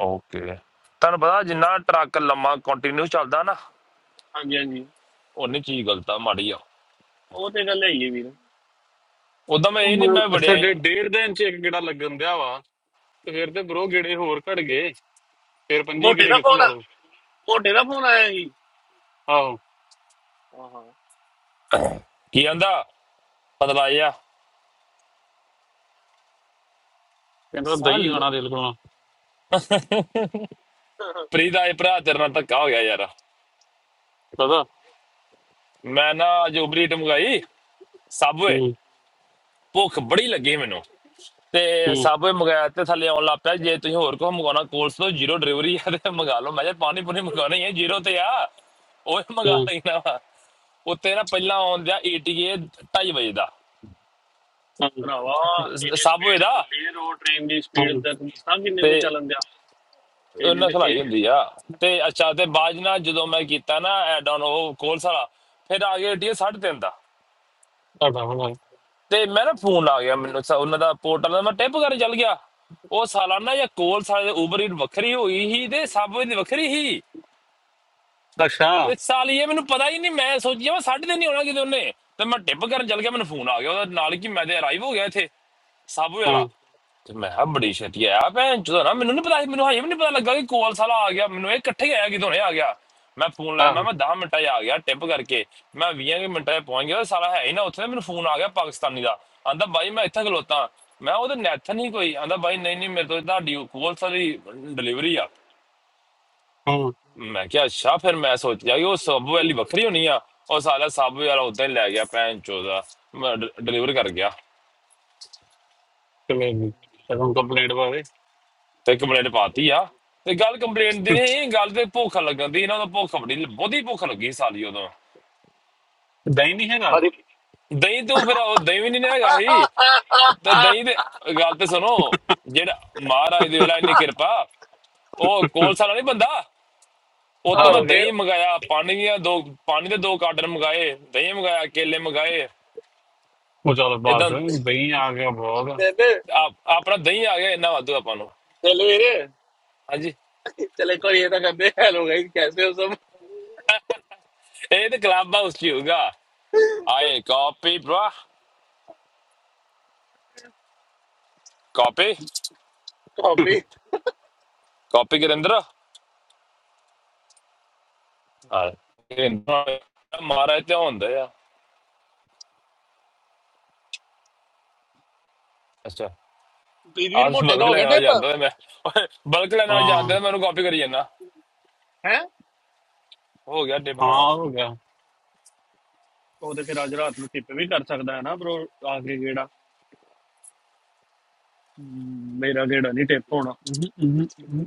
[SPEAKER 2] ਓਕੇ ਤੁਹਾਨੂੰ ਪਤਾ ਜਿੰਨਾ ਟਰੱਕ ਲੰਮਾ ਕੰਟੀਨਿਊ ਚੱਲਦਾ ਨਾ
[SPEAKER 1] ਹਾਂਜੀ ਹਾਂਜੀ
[SPEAKER 2] ਉਹਨੇ ਚੀਜ਼ ਗਲਤ ਆ ਮਾੜੀ ਆ
[SPEAKER 1] ਉਹ ਤੇ ਗੱਲ ਹੈ ਹੀ ਹੈ ਵੀਰ
[SPEAKER 2] ਉਦੋਂ ਮੈਂ ਇਹ ਨਹੀਂ ਮੈਂ
[SPEAKER 3] ਹੁਣ
[SPEAKER 2] ਵੜਿਆ ਹੀ-
[SPEAKER 3] ਸਾਡੇ
[SPEAKER 2] ਨਹੀਂ।
[SPEAKER 3] ਡੇਢ ਦਿਨ ਚ ਇੱਕ ਗੇੜਾ ਲੱਗਣ ਦਿਆ ਵਾ ਤੇ ਫਿਰ ਤੇ ਬਰੋ ਗੇੜੇ ਹੋਰ ਘਟ ਗਏ ਫਿਰ ਪੰਜੀ
[SPEAKER 1] ਮੋਟੇ
[SPEAKER 3] ਗੇੜੇ
[SPEAKER 1] ਦਾ
[SPEAKER 3] ਕਿੱਥੋਂ
[SPEAKER 1] ਫੋਨ
[SPEAKER 3] ਲਾ ਲਓ
[SPEAKER 1] ਮੋਟੇ ਦਾ ਫੋਨ ਆਇਆ ਸੀ
[SPEAKER 3] ਆਹੋ
[SPEAKER 1] ਹਾਂ
[SPEAKER 2] ਕੀ ਕਹਿੰਦਾ ਪਤਲਾਇਆ
[SPEAKER 3] ਕਹਿੰਦਾ ਦਹੀਂ
[SPEAKER 2] ਸਾਲ
[SPEAKER 3] ਖਾਣਾ ਦਿਲ ਕੋਲੋਂ
[SPEAKER 1] ਹਾਂ
[SPEAKER 2] ਪ੍ਰੀਤ ਆਏ ਭਰਾ ਤੇਰੇ ਨਾਲ ਧੱਕਾ ਹੋ ਗਿਆ ਯਾਰ
[SPEAKER 3] ਪਤਾ
[SPEAKER 2] ਮੈਂ ਨਾ ਅੱਜ ਉਬਰੀਟ ਮੰਗਾਈ ਸਾਬਵੇ
[SPEAKER 3] ਹੂੰ
[SPEAKER 2] ਭੁੱਖ ਬੜੀ ਲੱਗੀ ਮੈਨੂੰ ਤੇ
[SPEAKER 3] ਹੂੰ
[SPEAKER 2] ਸਾਬਵੇ ਮੰਗਾਇਆ ਤੇ ਥੱਲੇ ਆਉਣ ਲੱਗ ਪਿਆ ਜੇ ਤੁਸੀਂ ਹੋਰ ਕੁਝ ਮੰਗਾਉਣਾ ਕੋਲਸ ਤੋਂ ਜ਼ੀਰੋ ਡਿਲੀਵਰੀ ਆ ਤੇ ਮੰਗਾ ਲਓ ਮੈਂ ਕਿਹਾ ਪਾਣੀ ਪੂਰੀ ਮੰਗਾਉਣਾ ਹੀ ਹੈ ਜ਼ੀਰੋ ਤੇ ਆ ਉਹ ਮੰਗਾ
[SPEAKER 3] ਹੂੰ
[SPEAKER 2] ਲੈਣਾ ਵਾ ਉੱਤੇ ਨਾ ਪਹਿਲਾਂ ਆਉਣ ਦਿਆ ETA ਢਾਈ ਵਜੇ ਦਾ
[SPEAKER 3] ਹੂੰ
[SPEAKER 1] ਭਰਾਵਾ ਇਹਦੀ
[SPEAKER 2] ਸਭ
[SPEAKER 1] ਸਪੀਡ
[SPEAKER 2] ਇਹਦਾ
[SPEAKER 1] ਖੁੱਲੀ ਰੋਡ ਟ੍ਰੇਨ ਦੀ ਸਪੀਡ
[SPEAKER 3] ਹੂੰ
[SPEAKER 1] ਦਾ ਤੂੰ ਦੱਸਾਂ ਕਿੰਨੇ
[SPEAKER 2] ਤੇ
[SPEAKER 1] ਤੇ ਚੱਲਣ ਦਿਆ ਇਹਦੀ
[SPEAKER 2] ਉਹਨਾਂ
[SPEAKER 1] ਤੇ
[SPEAKER 2] ਖਲਾਈ
[SPEAKER 1] ਇਹ
[SPEAKER 2] ਹੁੰਦੀ ਆ ਤੇ ਅੱਛਾ ਤੇ ਬਾਅਦ ਨਾਲ ਜਦੋਂ ਮੈਂ ਕੀਤਾ ਨਾ ਐਡ ਆਨ ਉਹ ਕੋਲਸ ਵਾਲਾ ਫਿਰ ਆ ਗਿਆ ਏਟੀਐਸ 3.5 ਦਾ
[SPEAKER 3] ਤੁਹਾਡਾ ਹੋਣਾ
[SPEAKER 2] ਤੇ ਮੈਂ ਨਾ ਫੋਨ ਆ ਗਿਆ ਮੈਨੂੰ ਸ- ਉਹਨਾਂ ਦਾ ਪੋਰਟਲ ਦਾ ਮੈਂ ਟਿਪ ਕਰਨ ਚੱਲ ਗਿਆ ਉਹ ਸਾਲਾਨਾ ਜਾਂ ਕੋਲਸ ਵਾਲੇ ਉਬਰ ਹੀ ਵੱਖਰੀ ਹੋਈ ਸੀ ਤੇ ਸਭ ਦੀ ਵੱਖਰੀ ਸੀ
[SPEAKER 3] ਅੱਛਾ ਹਾਂ
[SPEAKER 2] ਤੇ ਸਾਲੀ ਇਹ ਮੈਨੂੰ ਪਤਾ ਹੀ ਨਹੀਂ ਮੈਂ ਸੋਚਿਆ ਵਾ ਸਾਢੇ ਦਿਨ ਹੀ ਹੋਣਾ ਕਿਤੇ ਉਹਨੇ ਤੇ ਮੈਂ ਡਿੱਪ ਕਰਨ ਚੱਲ ਗਿਆ ਮੈਨੂੰ ਫੋਨ ਆ ਗਿਆ ਉਹਦਾ ਨਾਲ ਕਿ ਮੈਂ ਤੇ ਅਰਾਈਵ ਹੋ ਗਿਆ ਇੱਥੇ ਸਾਬੂ ਵਾਲਾ ਤੇ ਮੈਂ ਕਿਹਾ ਬੜੀ ਛੇਤੀ ਆਇਆ ਭੈਣ ਚੋਦਾ ਨਾ ਮੈਨੂੰ ਨਹੀਂ ਪਤਾ ਸੀ ਮੈਨੂੰ ਹਜੇ ਵੀ ਨਹੀਂ ਪਤਾ ਲੱਗਾ ਕਿ ਕੋਲ ਸਾਲਾ ਆ ਗਿਆ ਮੈਨੂੰ ਇਹ ਇਕੱਠੇ ਹੀ ਆਇਆ ਕਿਦੋਂ ਨੇ ਆ ਗਿਆ ਮੈਂ ਫੋਨ ਲਾਇਆ ਮੈਂ
[SPEAKER 3] ਆਹੋ
[SPEAKER 2] ਮੈਂ 10 ਮਿੰਟਾਂ 'ਚ ਆ ਗਿਆ ਟਿਪ ਕਰਕੇ ਮੈਂ 20 ਕੁ ਮਿੰਟਾਂ 'ਚ ਪਹੁੰਚ ਗਿਆ ਉਹ ਸਾਲਾ ਹੈ ਹੀ ਨਾ ਉੱਥੇ ਮੈਨੂੰ ਫੋਨ ਆ ਗਿਆ ਪਾਕਿਸਤਾਨੀ ਦਾ ਆਂਦਾ ਬਾਈ ਮੈਂ ਇੱਥੇ ਖਲੋਤਾ ਮੈਂ ਉਹਦੇ ਨੈਥਨ ਨਹੀਂ ਕੋਈ ਆਂਦਾ ਬਾਈ ਨਹੀਂ ਨਹੀਂ ਮੇਰੇ ਤੋਂ ਤੁਹਾਡੀ ਕੋਲ ਸਾਰੀ ਡਿਲੀਵਰੀ ਆ
[SPEAKER 3] ਹਾਂ
[SPEAKER 2] ਮੈਂ ਕਿਹਾ ਅੱਛਾ ਫਿਰ ਮੈਂ ਸੋਚਿਆ ਕਿ ਉਹ ਸਬ ਵਾਲੀ ਵੱਖਰੀ ਹੋਣੀ ਆ ਉਹ ਸਾਲਾ ਸਬ ਵਾਲਾ ਉਦਾਂ ਹੀ ਲੈ ਗਿਆ ਭੈਣ ਚੋਦਾ ਡਿਲੀਵਰ ਕਰ ਗਿਆ
[SPEAKER 3] ਚਲੋ ਜੀ ਤੁਹਾਨੂੰ ਕੰਪਲੇਂਟ ਪਾਵੇ
[SPEAKER 2] ਤੇ ਕੰਪਲੇਂਟ ਪਾਤੀ ਆ ਤੇ ਗੱਲ ਕੰਪਲੇਂਟ ਦੀ ਨਹੀਂ ਗੱਲ ਤੇ ਭੁੱਖ ਲੱਗਣ ਦੀ ਇਹਨਾਂ ਦਾ ਭੁੱਖ ਬੜੀ ਬਹੁਤੀ ਭੁੱਖ ਲੱਗੀ ਸਾਲੀ ਉਦੋਂ
[SPEAKER 3] ਦਹੀਂ ਨਹੀਂ ਹੈਗਾ
[SPEAKER 2] ਦਹੀਂ ਤੋਂ ਫਿਰ ਉਹ ਦਹੀਂ ਵੀ ਨਹੀਂ ਨਾ ਹੈਗਾ ਸੀ ਤੇ ਦਹੀਂ ਦੇ ਗੱਲ ਤੇ ਸੁਣੋ ਜਿਹੜਾ ਮਹਾਰਾਜ ਦੇ ਵੇਲਾ ਇੰਨੀ ਕਿਰਪਾ ਉਹ ਕੋਲਸਾ ਵਾਲਾ ਨਹੀਂ ਬੰਦਾ ਉਹ
[SPEAKER 3] ਹਾਂ
[SPEAKER 2] ਤੋਂ ਮੈਂ
[SPEAKER 1] ਹੋ ਗਏ
[SPEAKER 2] ਦਹੀਂ ਮੰਗਾਇਆ ਪਾਣੀ ਦੀਆਂ ਦੋ ਪਾਣੀ ਦੇ ਦੋ ਕਾਰਟਨ ਮੰਗਾਏ ਦਹੀਂ ਮੰਗਾਇਆ ਕੇਲੇ ਮੰਗਾਏ
[SPEAKER 3] ਉਹ ਚਲ ਬਾਤ
[SPEAKER 2] ਇਦਾਂ
[SPEAKER 3] ਦਹੀਂ ਆ ਗਿਆ ਬਹੁਤ
[SPEAKER 1] ਬੇਬੇ
[SPEAKER 2] ਆਪ- ਆਪਣਾ ਦਹੀਂ ਆ ਗਿਆ ਇੰਨਾ ਵਾਧੂ ਆਪਾਂ ਨੂੰ ਹਾਂਜੀ
[SPEAKER 1] चले कोई ये तो कहते हैं, हेलो गाइस कैसे हो
[SPEAKER 2] ਇਹ ਤੇ ਕਲੱਬ ਹਾਊਸ ਚ ਹੀ ਹੋਊਗਾ
[SPEAKER 1] सब
[SPEAKER 2] ਆਏ ਕਾਪੀ ਭਰਾ ਕਾਪੀ
[SPEAKER 1] कॉपी
[SPEAKER 2] ਕਾਪੀ ਗਰਿੰਦਰ ਹਾਂ ਗਰਿੰਦਰ ਮਾਰਾ ਤੇ ਹੁੰਦਾ ਆ ਅੱਛਾ
[SPEAKER 1] ਵੀਰ
[SPEAKER 2] ਆਹ ਤੇ
[SPEAKER 1] ਮੋਟੇ ਤਾਂ
[SPEAKER 2] ਬਲਕ
[SPEAKER 1] ਹੋ
[SPEAKER 2] ਲੈਣ
[SPEAKER 1] ਗਏ
[SPEAKER 2] ਵਾਲਾ
[SPEAKER 1] ਟਿਪ
[SPEAKER 2] ਜਾਂਦਾ ਤੇ ਮੈਂ ਬਲਕ ਲੈਣ ਵਾਲਾ
[SPEAKER 3] ਹਾਂ
[SPEAKER 2] ਜਾਂਦਾ ਤੇ ਮੈਨੂੰ ਕਾਪੀ ਕਰੀ ਜਾਂਦਾ
[SPEAKER 1] ਹੈ
[SPEAKER 2] ਹੋ ਗਿਆ ਡਿਪ
[SPEAKER 3] ਹਾਂ
[SPEAKER 2] ਹਾਂ
[SPEAKER 3] ਹੋ ਗਿਆ
[SPEAKER 1] ਉਹ ਤੇ ਫਿਰ ਅੱਜ ਰਾਤ ਨੂੰ ਟਿਪ ਵੀ ਕਰ ਸਕਦਾ ਹੈ ਨਾ ਬ్రో ਆਖਰੀ ਗੇੜਾ ਹਮ, ਮੇਰਾ ਗੇੜਾ ਨਹੀਂ ਟਿਪ ਹੋਣਾ ਹਮ, ਹਮ, ਹਮ,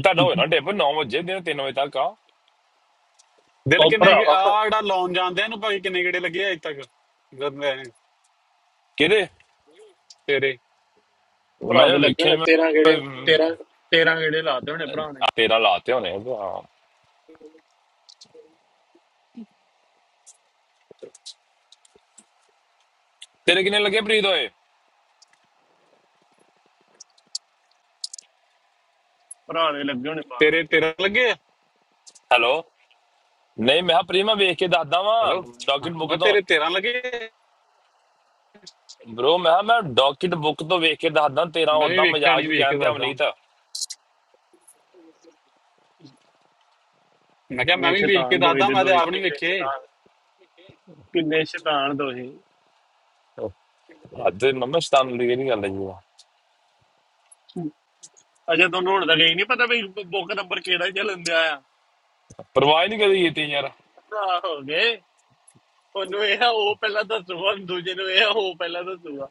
[SPEAKER 2] ਤੁਹਾਡਾ ਹੋਇਆ
[SPEAKER 1] ਹਮ।
[SPEAKER 2] ਨਾ ਡਿਪ 9 ਵਜੇ ਦਿਨ 3 ਵਜੇ ਤੱਕ ਆ
[SPEAKER 3] ਦਿਲ
[SPEAKER 1] ਉਹ
[SPEAKER 3] ਕਿੰਨੇ ਕਿ
[SPEAKER 1] ਭਰਾਵਾ
[SPEAKER 3] ਆ ਜਿਹੜਾ ਲਾਉਣ ਜਾਂਦੇ ਆ ਇਹਨੂੰ ਭਾਈ ਕਿੰਨੇ ਗੇੜੇ ਲੱਗੇ ਆ ਅਜੇ ਤੱਕ ਜਦ ਮੈਂ-
[SPEAKER 2] ਕਿਹਦੇ
[SPEAKER 3] ਤੇਰੇ
[SPEAKER 2] ਮੈਂ
[SPEAKER 1] ਭਰਾ
[SPEAKER 2] ਜੇ
[SPEAKER 1] ਦੇ ਲੱਗੇ
[SPEAKER 2] ਵੇਖਿਆ ਨੀ,
[SPEAKER 1] ਹੋਣੇ
[SPEAKER 2] ਮੈਂ
[SPEAKER 1] 13 ਗੇੜੇ
[SPEAKER 2] ਅਮ,
[SPEAKER 1] 13 13 ਗੇੜੇ ਲਾਤੇ ਹੋਣੇ ਭਰਾ ਨੇ
[SPEAKER 2] ਆ ਤੇਰਾ ਲਾਤੇ ਹੋਣੇ ਆ, ਹਾਂ ਤੇਰੇ ਕਿੰਨੇ ਲੱਗੇ ਪ੍ਰੀਤ ਹੋਏ
[SPEAKER 1] ਭਰਾ ਦੇ ਲੱਗੇ ਹੋਣੇ ਬਾਹਰ
[SPEAKER 3] ਤੇਰੇ ਤੇਰਾ ਲੱਗੇ ਆ
[SPEAKER 2] ਹੈਲੋ ਨਹੀਂ ਮੈਂ ਕਿਹਾ ਪ੍ਰੀ ਮੈਂ ਵੇਖ ਕੇ ਦੱਸਦਾ ਵਾਂ
[SPEAKER 3] ਹੈਲੋ
[SPEAKER 2] ਡਾਕਟ
[SPEAKER 3] ਹਾਂ
[SPEAKER 2] ਬੁੱਕ
[SPEAKER 3] ਮੈਂ
[SPEAKER 2] ਤੋਂ
[SPEAKER 3] ਤੇਰੇ 13 ਲੱਗੇ ਆ।
[SPEAKER 2] ਬ్రో ਮੈਂ ਕਿਹਾ ਮੈਂ ਡਾਕਟ ਬੁੱਕ ਤੋਂ ਵੇਖ ਕੇ ਦੱਸਦਾ ਤੇਰਾ
[SPEAKER 3] ਮੈਂ ਵੀ
[SPEAKER 2] ਉਦਾਂ
[SPEAKER 3] ਵੇਖਿਆ
[SPEAKER 2] ਮਜ਼ਾਕ
[SPEAKER 3] ਨਹੀਂ
[SPEAKER 2] ਵੀ
[SPEAKER 3] ਵੇਖ ਕੇ
[SPEAKER 2] ਕਹਿੰਦੇ ਆ
[SPEAKER 3] ਦੱਸਦਾ
[SPEAKER 2] ਨਹੀਂ ਤਾਂ
[SPEAKER 3] ਮੈਂ ਕਿਹਾ ਮੈਂ
[SPEAKER 1] ਕਿੰਨੇ
[SPEAKER 3] ਵੀ ਵੇਖ ਕੇ
[SPEAKER 1] ਸ਼ੈਤਾਨ ਦੋਏ
[SPEAKER 3] ਦੱਸਦਾ
[SPEAKER 1] ਦੇ
[SPEAKER 3] ਮੈਂ ਤੇ
[SPEAKER 1] ਦੋਏ
[SPEAKER 3] ਆਪ ਨਹੀਂ
[SPEAKER 1] ਕਿੰਨੇ
[SPEAKER 3] ਵੇਖੇ
[SPEAKER 1] ਸ਼ੈਤਾਨ ਕਿੰਨੇ ਸ਼ੈਤਾਨ ਦੋਏ
[SPEAKER 2] ਅੱਜ ਮੰਮਾ ਸਤਾਨ ਲਈ ਇਹ ਨਹੀਂ ਗੱਲ ਹੈ ਜੀ
[SPEAKER 1] ਅਜੇ ਤੁਹਾਨੂੰ ਹੁਣ ਤਾਂ ਇਹ ਨਹੀਂ ਪਤਾ ਵੀ ਬੁੱਕ ਨੰਬਰ ਕਿਹੜਾ ਚੱਲਣ ਦਿਆ ਆ
[SPEAKER 2] ਪਰਵਾਹ ਨਹੀਂ ਕਰੀ ਕੀਤੀ ਯਾਰ
[SPEAKER 1] ਭਰਾ ਹੋ ਗਏ ਉਹਨੂੰ ਇਹ ਆ ਉਹ ਪਹਿਲਾਂ ਦੱਸੂਗਾ ਦੂਜੇ ਨੂੰ ਇਹ ਆ ਉਹ ਪਹਿਲਾਂ ਦੱਸੂਗਾ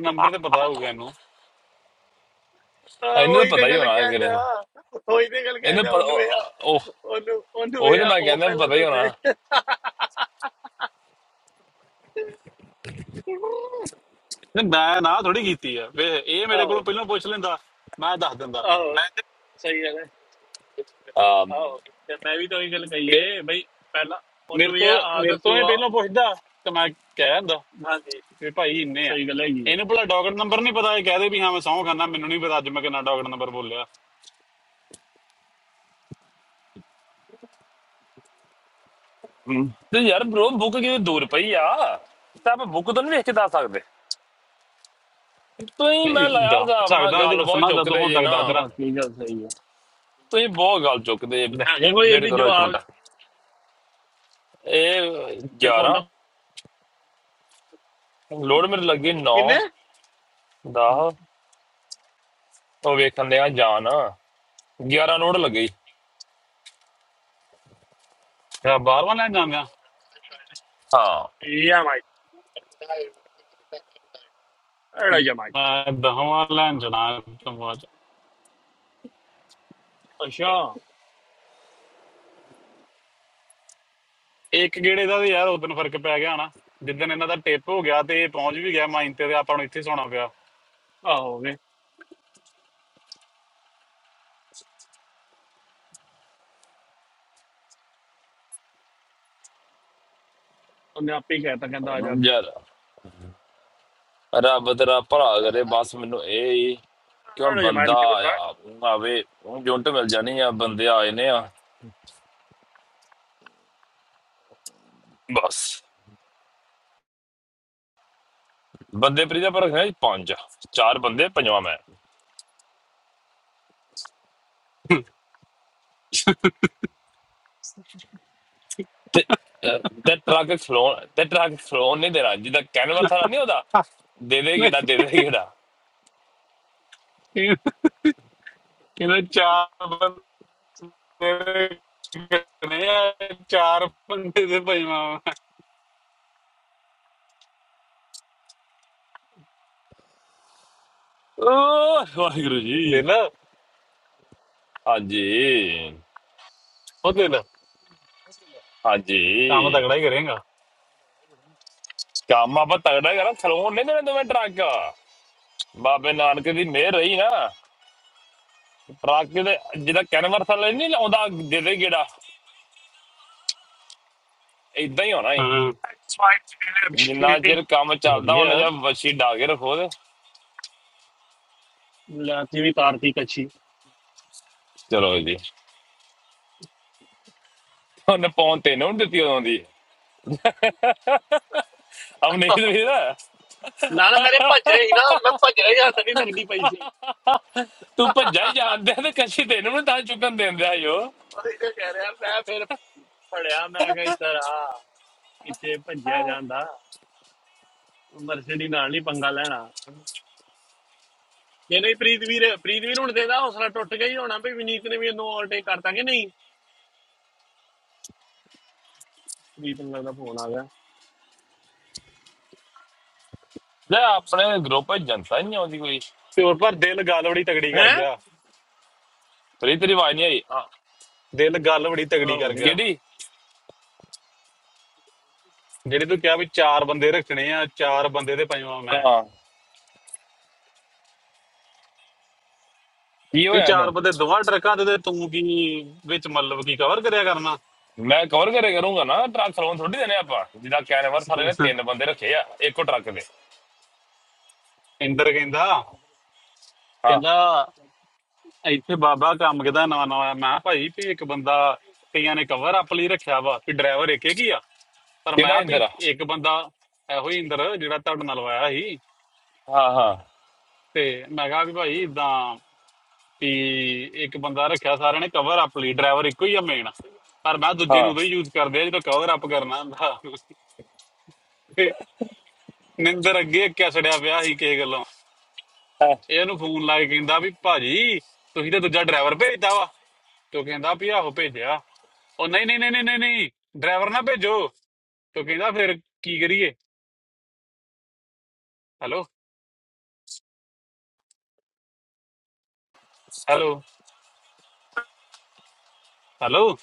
[SPEAKER 3] ਨੰਬਰ ਤੇ ਪਤਾ ਹੋਊਗਾ ਇਹਨੂੰ
[SPEAKER 1] ਹਾਂ
[SPEAKER 2] ਇਹਨੂੰ ਤਾਂ
[SPEAKER 1] ਉਹੀ ਤੇ
[SPEAKER 2] ਪਤਾ ਹੀ
[SPEAKER 1] ਗੱਲ
[SPEAKER 2] ਹੋਣਾ ਕਿ
[SPEAKER 1] ਕਹਿੰਦੇ ਆ
[SPEAKER 2] ਇਹਨੂੰ
[SPEAKER 1] ਉਹੀ ਤੇ ਗੱਲ ਕਹਿੰਦੇ ਆ
[SPEAKER 2] ਪਤਾ-
[SPEAKER 1] ਉਹਨੂੰ ਇਹ ਆ
[SPEAKER 2] ਉਹ ਉਹ-
[SPEAKER 1] ਉਹਨੂੰ ਉਹਨੂੰ
[SPEAKER 2] ਉਹੀ
[SPEAKER 1] ਇਹ
[SPEAKER 2] ਤਾਂ
[SPEAKER 1] ਆ
[SPEAKER 2] ਮੈਂ
[SPEAKER 1] ਉਹ
[SPEAKER 2] ਕਹਿੰਦਾ
[SPEAKER 1] ਪਹਿਲਾਂ
[SPEAKER 2] ਪਤਾ ਹੀ ਹੋਣਾ
[SPEAKER 1] ਦੱਸੇ
[SPEAKER 3] ਨਹੀਂ ਮੈਂ ਨਾ ਥੋੜੀ ਕੀਤੀ ਆ ਵੇ ਇਹ ਮੇਰੇ ਕੋਲੋਂ
[SPEAKER 1] ਆਹੋ
[SPEAKER 3] ਪਹਿਲਾਂ ਪੁੱਛ ਲੈਂਦਾ ਮੈਂ ਦੱਸ ਦਿੰਦਾ
[SPEAKER 1] ਆਹੋ
[SPEAKER 3] ਮੈਂ-
[SPEAKER 1] ਸਹੀ ਗੱਲ ਹੈ
[SPEAKER 2] ਆ,
[SPEAKER 1] ਆਹੋ
[SPEAKER 2] ਹਮ,
[SPEAKER 1] ਤੇ ਮੈਂ ਵੀ ਤਾਂ ਉਹੀ ਗੱਲ
[SPEAKER 3] ਮੇ-
[SPEAKER 1] ਕਹੀਏ ਬਈ ਪਹਿਲਾਂ
[SPEAKER 3] ਮੇਰੇ
[SPEAKER 1] ਉਹਨੂੰ ਇਹ
[SPEAKER 3] ਤੋਂ
[SPEAKER 1] ਆ ਆਹ
[SPEAKER 3] ਮੇਰੇ ਤੋਂ ਇਹ
[SPEAKER 1] ਦੱਸੂਗਾ
[SPEAKER 3] ਪਹਿਲਾਂ ਪੁੱਛਦਾ ਤੇ ਮੈਂ ਕਹਿ ਦਿੰਦਾ
[SPEAKER 1] ਹਾਂਜੀ
[SPEAKER 3] ਵੀ ਭਾਈ ਇੰਨੇ ਆ
[SPEAKER 1] ਸਹੀ ਗੱਲ ਹੈਗੀ ਹੈ
[SPEAKER 3] ਇਹਨੂੰ ਭਲਾ ਡੌਗਟ ਨੰਬਰ ਨਹੀਂ ਪਤਾ ਇਹ ਕਹਦੇ ਵੀ ਹਾਂ ਮੈਂ ਸਹੁੰ ਖਾਨਾ ਮੈਨੂੰ ਨਹੀਂ ਪਤਾ ਅੱਜ ਮੈਂ ਕਿੰਨਾ ਡੌਗਟ ਨੰਬਰ ਬੋਲਿਆ
[SPEAKER 2] ਤੇ ਯਾਰ ਬ్రో ਬੁੱਕ ਕਿਤੇ ਦੂਰ ਪਈ ਆ ਤਾਂ ਆਪਾਂ ਬੁੱਕ ਤੋਂ ਨਹੀਂ ਵੇਖ ਕੇ ਦੱਸ ਸਕਦੇ ਤੁਸੀਂ ਮੈਂ
[SPEAKER 3] ਨਹੀਂ
[SPEAKER 2] ਲਾਇਆ
[SPEAKER 3] ਦੱਸ
[SPEAKER 2] ਹਿਸਾਬ ਨਾਲ
[SPEAKER 3] ਸਕਦਾ ਜੇ
[SPEAKER 2] ਗੱਲ ਬਹੁਤ
[SPEAKER 3] ਦੱਸਣਾ ਦੱਦ
[SPEAKER 2] ਚੁੱਕਦੇ
[SPEAKER 3] ਹੁਣ
[SPEAKER 2] ਜੇ
[SPEAKER 3] ਤੱਕ
[SPEAKER 2] ਨਾ
[SPEAKER 3] ਦੱਸ ਦੇਣਾ
[SPEAKER 1] ਬਾਕੀ ਗੱਲ ਸਹੀ ਹੈ
[SPEAKER 2] ਤੁਸੀਂ ਬਹੁਤ ਗੱਲ ਚੁੱਕਦੇ
[SPEAKER 3] ਲੈ
[SPEAKER 1] ਅਗੇ ਕੋਈ
[SPEAKER 2] ਲੇਟ
[SPEAKER 1] ਇਹਦੀ
[SPEAKER 2] ਕਰੋ ਇੱਕ
[SPEAKER 1] ਜਵਾਬ
[SPEAKER 2] ਮਿੰਟ ਇਹ
[SPEAKER 1] ਤੇ
[SPEAKER 2] 11
[SPEAKER 1] ਫੋਟੋ
[SPEAKER 2] ਲੋਡ ਮੇਰੇ ਲੱਗੀ 9
[SPEAKER 1] ਕਿੰਨੇ
[SPEAKER 2] 10 ਉਹ ਵੇਖਣ ਦੇ ਆ ਜਾਨ 11 ਲੋਡ ਲੱਗੀ
[SPEAKER 3] ਬਾਰਵਾਂ ਲੈਣ ਜਾਂਗਾ
[SPEAKER 2] ਹਾਂ
[SPEAKER 1] ਇਹ ਆ ਮਾਈ ਅੜਾ
[SPEAKER 3] ਮੈਂ ਦਹਵਾਂ ਲੈਣ ਜਾਣਾ ਸਮਾਜ
[SPEAKER 1] ਅੱਛਾ
[SPEAKER 3] ਇੱਕ ਗੇੜੇ ਦਾ ਤਾਂ ਯਾਰ ਉਦੋਂ ਫਰਕ ਪੈ ਗਿਆ ਹਨਾ ਜਿੱਦਣ ਇਹਨਾਂ ਦਾ ਟਿਪ ਹੋ ਗਿਆ ਤੇ ਇਹ ਪਹੁੰਚ ਵੀ ਗਿਆ ਮਾਈਨ ਤੇ ਤੇ ਆਪਾਂ ਨੂੰ ਇੱਥੇ ਸੌਣਾ ਪਿਆ
[SPEAKER 1] ਆਹੋ ਗਏ ਉਹਨੇ ਆਪੇ ਹੀ ਕਹਿਤਾ ਕਹਿੰਦਾ ਆ ਜਾ ਅੱਗੇ
[SPEAKER 2] ਯਾਰ ਰੱਬ ਤੇਰਾ ਭਲਾ ਕਰੇ ਬਸ ਮੈਨੂੰ ਇਹ ਹੀ ਕਿ ਹੁਣ
[SPEAKER 1] ਜਮਾਇਲ
[SPEAKER 2] ਬੰਦਾ
[SPEAKER 1] ਕੀ ਬਤਾ
[SPEAKER 2] ਆਇਆ ਆਵੇ ਹੁਣ ਜੁੰਟ ਮਿਲ ਜਾਣੀ ਆ ਬੰਦੇ ਆਏ ਨੇ ਆ ਬਸ ਬੰਦੇ ਪ੍ਰੀਤਾ ਪਰ ਹੈ ਪੰਜ ਚਾਰ ਬੰਦੇ ਪੰਜਵਾਂ ਮੈਂ ਤੇ ਅਹ, ਤੇ ਟਰੱਕ ਫਲੋਨ ਤੇ ਟਰੱਕ ਫਲੋਨ ਨਹੀਂ ਦੇਣਾ ਜਿੱਦਾਂ ਕੈਨਵਰ ਥਾਰਾ ਨਹੀਂ ਹੁੰਦਾ ਦੇ ਦੇ ਗੇੜਾ
[SPEAKER 3] ਨਹੀਂ,
[SPEAKER 2] ਦੇ ਦੇ ਗੇੜਾ
[SPEAKER 3] ਕਹਿੰਦਾ ਚਾਰ ਬੰਦੇ ਨੇ ਚਾਰ ਬੰਦੇ ਦੇ ਭਾਈ ਮਾਮਾ
[SPEAKER 2] ਓ ਵਾਹਿਗੁਰੂ
[SPEAKER 3] ਦੇ
[SPEAKER 2] ਜੀ
[SPEAKER 3] ਲੈ
[SPEAKER 2] ਹਾਂਜੀ
[SPEAKER 3] ਉਹ ਦੇ ਲੈ ਕੰਮ
[SPEAKER 2] ਹਾਂਜੀ
[SPEAKER 3] ਤਕੜਾ ਹੀ ਕਰੇਗਾ
[SPEAKER 2] ਕੰਮ ਆਪਾਂ ਤਗੜਾ ਕਰਾਂ ਥਲੋਂ ਨਹੀਂ ਦੇਣੇ ਦੋਵੇਂ ਟਰੱਕ ਬਾਬੇ ਨਾਨਕ ਦੀ ਮਿਹਰ ਰਹੀ ਨਾ ਟਰੱਕ ਦੇ ਜਿਹਦਾ ਕੈਨਵਰ ਥੱਲੇ ਨਹੀਂ ਲਾਉਂਦਾ ਜਿਹਦੇ ਗੇੜਾ ਇਦਾਂ ਹੀ ਹੋਣਾ ਏ
[SPEAKER 3] ਹਾਂ
[SPEAKER 2] ਜਿੰਨਾ ਚਿਰ ਕੰਮ ਚੱਲਦਾ ਉਹਨਾਂ
[SPEAKER 3] ਵਧੀਆ
[SPEAKER 2] ਜਾਂ ਵਸ਼ੀ ਡਾ ਕੇ ਰੱਖੋ ਤੇ
[SPEAKER 1] ਲਾਤੀ ਵੀ ਤਾਰਤੀ ਕੱਚੀ
[SPEAKER 2] ਚਲੋ ਜੀ ਉਹਨੇ ਪੌਂ ਤੈਨੂੰ ਨੀ ਦਿੱਤੀ ਉਦੋਂ ਦੀ ਅਵਨੀਤ ਵੀਰ
[SPEAKER 1] ਨਾ ਨਾ ਮੇਰੇ ਭੱਜ ਰਹੀ ਨਾ ਮੈਂ ਭੱਜ ਰਹੀ ਹੱਥ ਨਹੀਂ ਲੱਗਦੀ ਪਈ ਸੀ
[SPEAKER 2] ਤੂੰ ਭੱਜਾ ਹੀ ਜਾਂਦੇ ਤੇ ਕਸ਼ੀ ਤੈਨੂੰ ਨੀ ਤਾਂ ਚੁੱਕਣ ਦਿੰਦੇ ਆ ਜੋ
[SPEAKER 1] ਉਹਦੇ ਤੇ ਕਹਿ ਰਿਹਾ ਮੈਂ ਫਿਰ ਫੜਿਆ ਮੈਂ ਕਿਹਾ ਇੱਧਰ ਆ ਕਿਤੇ ਭੱਜਿਆ ਜਾਂਦਾ ਮਰਸਡੀ ਨਾਲ ਨਹੀਂ ਪੰਗਾ ਲੈਣਾ ਜੇ ਨਹੀਂ ਪ੍ਰੀਤ ਵੀਰ ਪ੍ਰੀਤ ਵੀਰ ਹੁਣ ਦੇਦਾ ਹੌਸਲਾ ਟੁੱਟ ਗਿਆ ਹੀ ਹੋਣਾ ਵੀ ਵਿਨੀਤ ਨੇ ਵੀ ਇਹਨੂੰ ਓਵਰਟੇਕ ਕਰਤਾ ਕਿ ਨਹੀਂ ਪ੍ਰੀਤ ਨੂੰ ਲੱਗਦਾ ਫੋਨ ਆ ਗਿਆ
[SPEAKER 2] ਲੈ ਆਪਣੇ ਗਰੁੱਪ ਵਿੱਚ ਜਨਤਾ ਹੀ ਨਹੀਂ ਆਉਂਦੀ ਕੋਈ
[SPEAKER 3] ਪਿਓਰ ਪਰ ਦਿਲ ਗੱਲ ਬੜੀ ਤਗੜੀ ਕਰ
[SPEAKER 1] ਹੈ
[SPEAKER 3] ਗਿਆ
[SPEAKER 2] ਤੇਰੀ ਤੇਰੀ ਆਵਾਜ਼ ਨਹੀਂ ਆਈ ਹਾਂ
[SPEAKER 3] ਦਿਲ ਗੱਲ ਬੜੀ ਤਗੜੀ
[SPEAKER 1] ਹੋ
[SPEAKER 3] ਕਰ
[SPEAKER 1] ਗਏ
[SPEAKER 3] ਗਿਆ
[SPEAKER 2] ਕਿਹੜੀ
[SPEAKER 3] ਜਿਹੜੇ ਤੂੰ ਕਿਹਾ ਵੀ ਚਾਰ ਬੰਦੇ ਰੱਖਣੇ ਆ ਚਾਰ ਬੰਦੇ ਤੇ ਪੰਜਵਾਂ ਮੈਂ
[SPEAKER 2] ਹਾਂ ਕੀ
[SPEAKER 3] ਨਹੀਂ
[SPEAKER 2] ਹੋਇਆ ਇਹਨੂੰ
[SPEAKER 3] ਚਾਰ ਬੰਦੇ ਦੋਵਾਂ ਟਰੱਕਾਂ ਤੇ ਤੇ ਤੂੰ ਕੀ ਵਿੱਚ ਮਤਲਬ ਕੀ ਕਵਰ ਕਰਿਆ ਕਰਨਾ
[SPEAKER 2] ਮੈਂ ਕਵਰ ਕਰੇ ਕਰੂੰਗਾ ਨਾ ਟਰੱਕ ਸਲੋਨ ਥੋੜੀ ਦੇਣੇ ਆਪਾਂ ਜਿੱਦਾਂ ਕੈਨਵਰ ਥਾਲੇ ਨੇ
[SPEAKER 3] (laughs)
[SPEAKER 2] ਤਿੰਨ ਬੰਦੇ ਰੱਖੇ ਆ ਇੱਕੋ ਟਰੱਕ ਦੇ
[SPEAKER 3] ਇੰਦਰ ਕਹਿੰਦਾ
[SPEAKER 2] ਹਾਂ
[SPEAKER 3] ਕਹਿੰਦਾ ਇੱਥੇ ਬਾਬਾ ਕੰਮ ਕਿਦਾ ਨਵਾਂ ਨਵਾਂ ਆਇਆ। ਮੈਂ ਕਿਹਾ ਭਾਈ ਵੀ ਇੱਕ ਬੰਦਾ ਕਈਆਂ ਨੇ ਕਵਰ ਅਪ ਲਈ ਰੱਖਿਆ ਵਾ ਵੀ ਡਰਾਈਵਰ ਇੱਕ ਹੀ ਆ ਪਰ ਮੈਂ
[SPEAKER 2] ਕਿਹੜਾ
[SPEAKER 3] ਕਿਹਾ
[SPEAKER 2] ਇੰਦਰ ਆ
[SPEAKER 3] ਵੀ ਇੱਕ ਬੰਦਾ ਇਹੋ ਹੀ ਇੰਦਰ ਜਿਹੜਾ ਤੁਹਾਡੇ ਨਾਲ ਆਇਆ ਸੀ
[SPEAKER 2] ਹਾਂ ਹਾਂ
[SPEAKER 3] ਤੇ ਮੈਂ ਕਿਹਾ ਵੀ ਭਾਈ ਇਦਾਂ ਵੀ ਇੱਕ ਬੰਦਾ ਰੱਖਿਆ ਸਾਰਿਆਂ ਨੇ ਕਵਰ ਅਪ ਲਈ ਡਰਾਈਵਰ ਇੱਕੋ ਹੀ ਆ ਮੇਨ ਪਰ ਮੈਂ ਜੁੱਜੇ
[SPEAKER 2] ਹਾਂ
[SPEAKER 3] ਨੂੰ ਉਦੋਂ ਹੀ ਯੂਜ਼ ਕਰਦੇ ਆ ਜਦੋਂ ਕਵਰ ਅਪ ਕਰਨਾ ਹੁੰਦਾ ਤੇ ਨਿੰਦਰ ਅੱਗੇ ਕੈਸੜਿਆ ਪਿਆ ਸੀ ਕਿਸੇ ਗੱਲੋਂ
[SPEAKER 2] ਹਾਂ
[SPEAKER 3] ਇਹ ਉਹਨੂੰ ਫੋਨ ਲਾ ਕੇ ਕਹਿੰਦਾ ਵੀ ਭਾਜੀ ਤੁਸੀਂ ਤਾਂ ਦੂਜਾ ਡਰਾਈਵਰ ਭੇਜਦਾ ਵਾ ਤੋ ਕਹਿੰਦਾ ਵੀ ਆਹੋ ਭੇਜਿਆ ਉਹ ਨਹੀਂ ਨਹੀਂ ਨਹੀਂ ਨਹੀਂ ਨਹੀਂ ਨਹੀਂ ਡਰਾਈਵਰ ਨਾ ਭੇਜੋ ਤੋ ਕਹਿੰਦਾ ਫਿਰ ਕੀ ਕਰੀਏ ਹੈਲੋ ਹੈਲੋ ਹੈਲੋ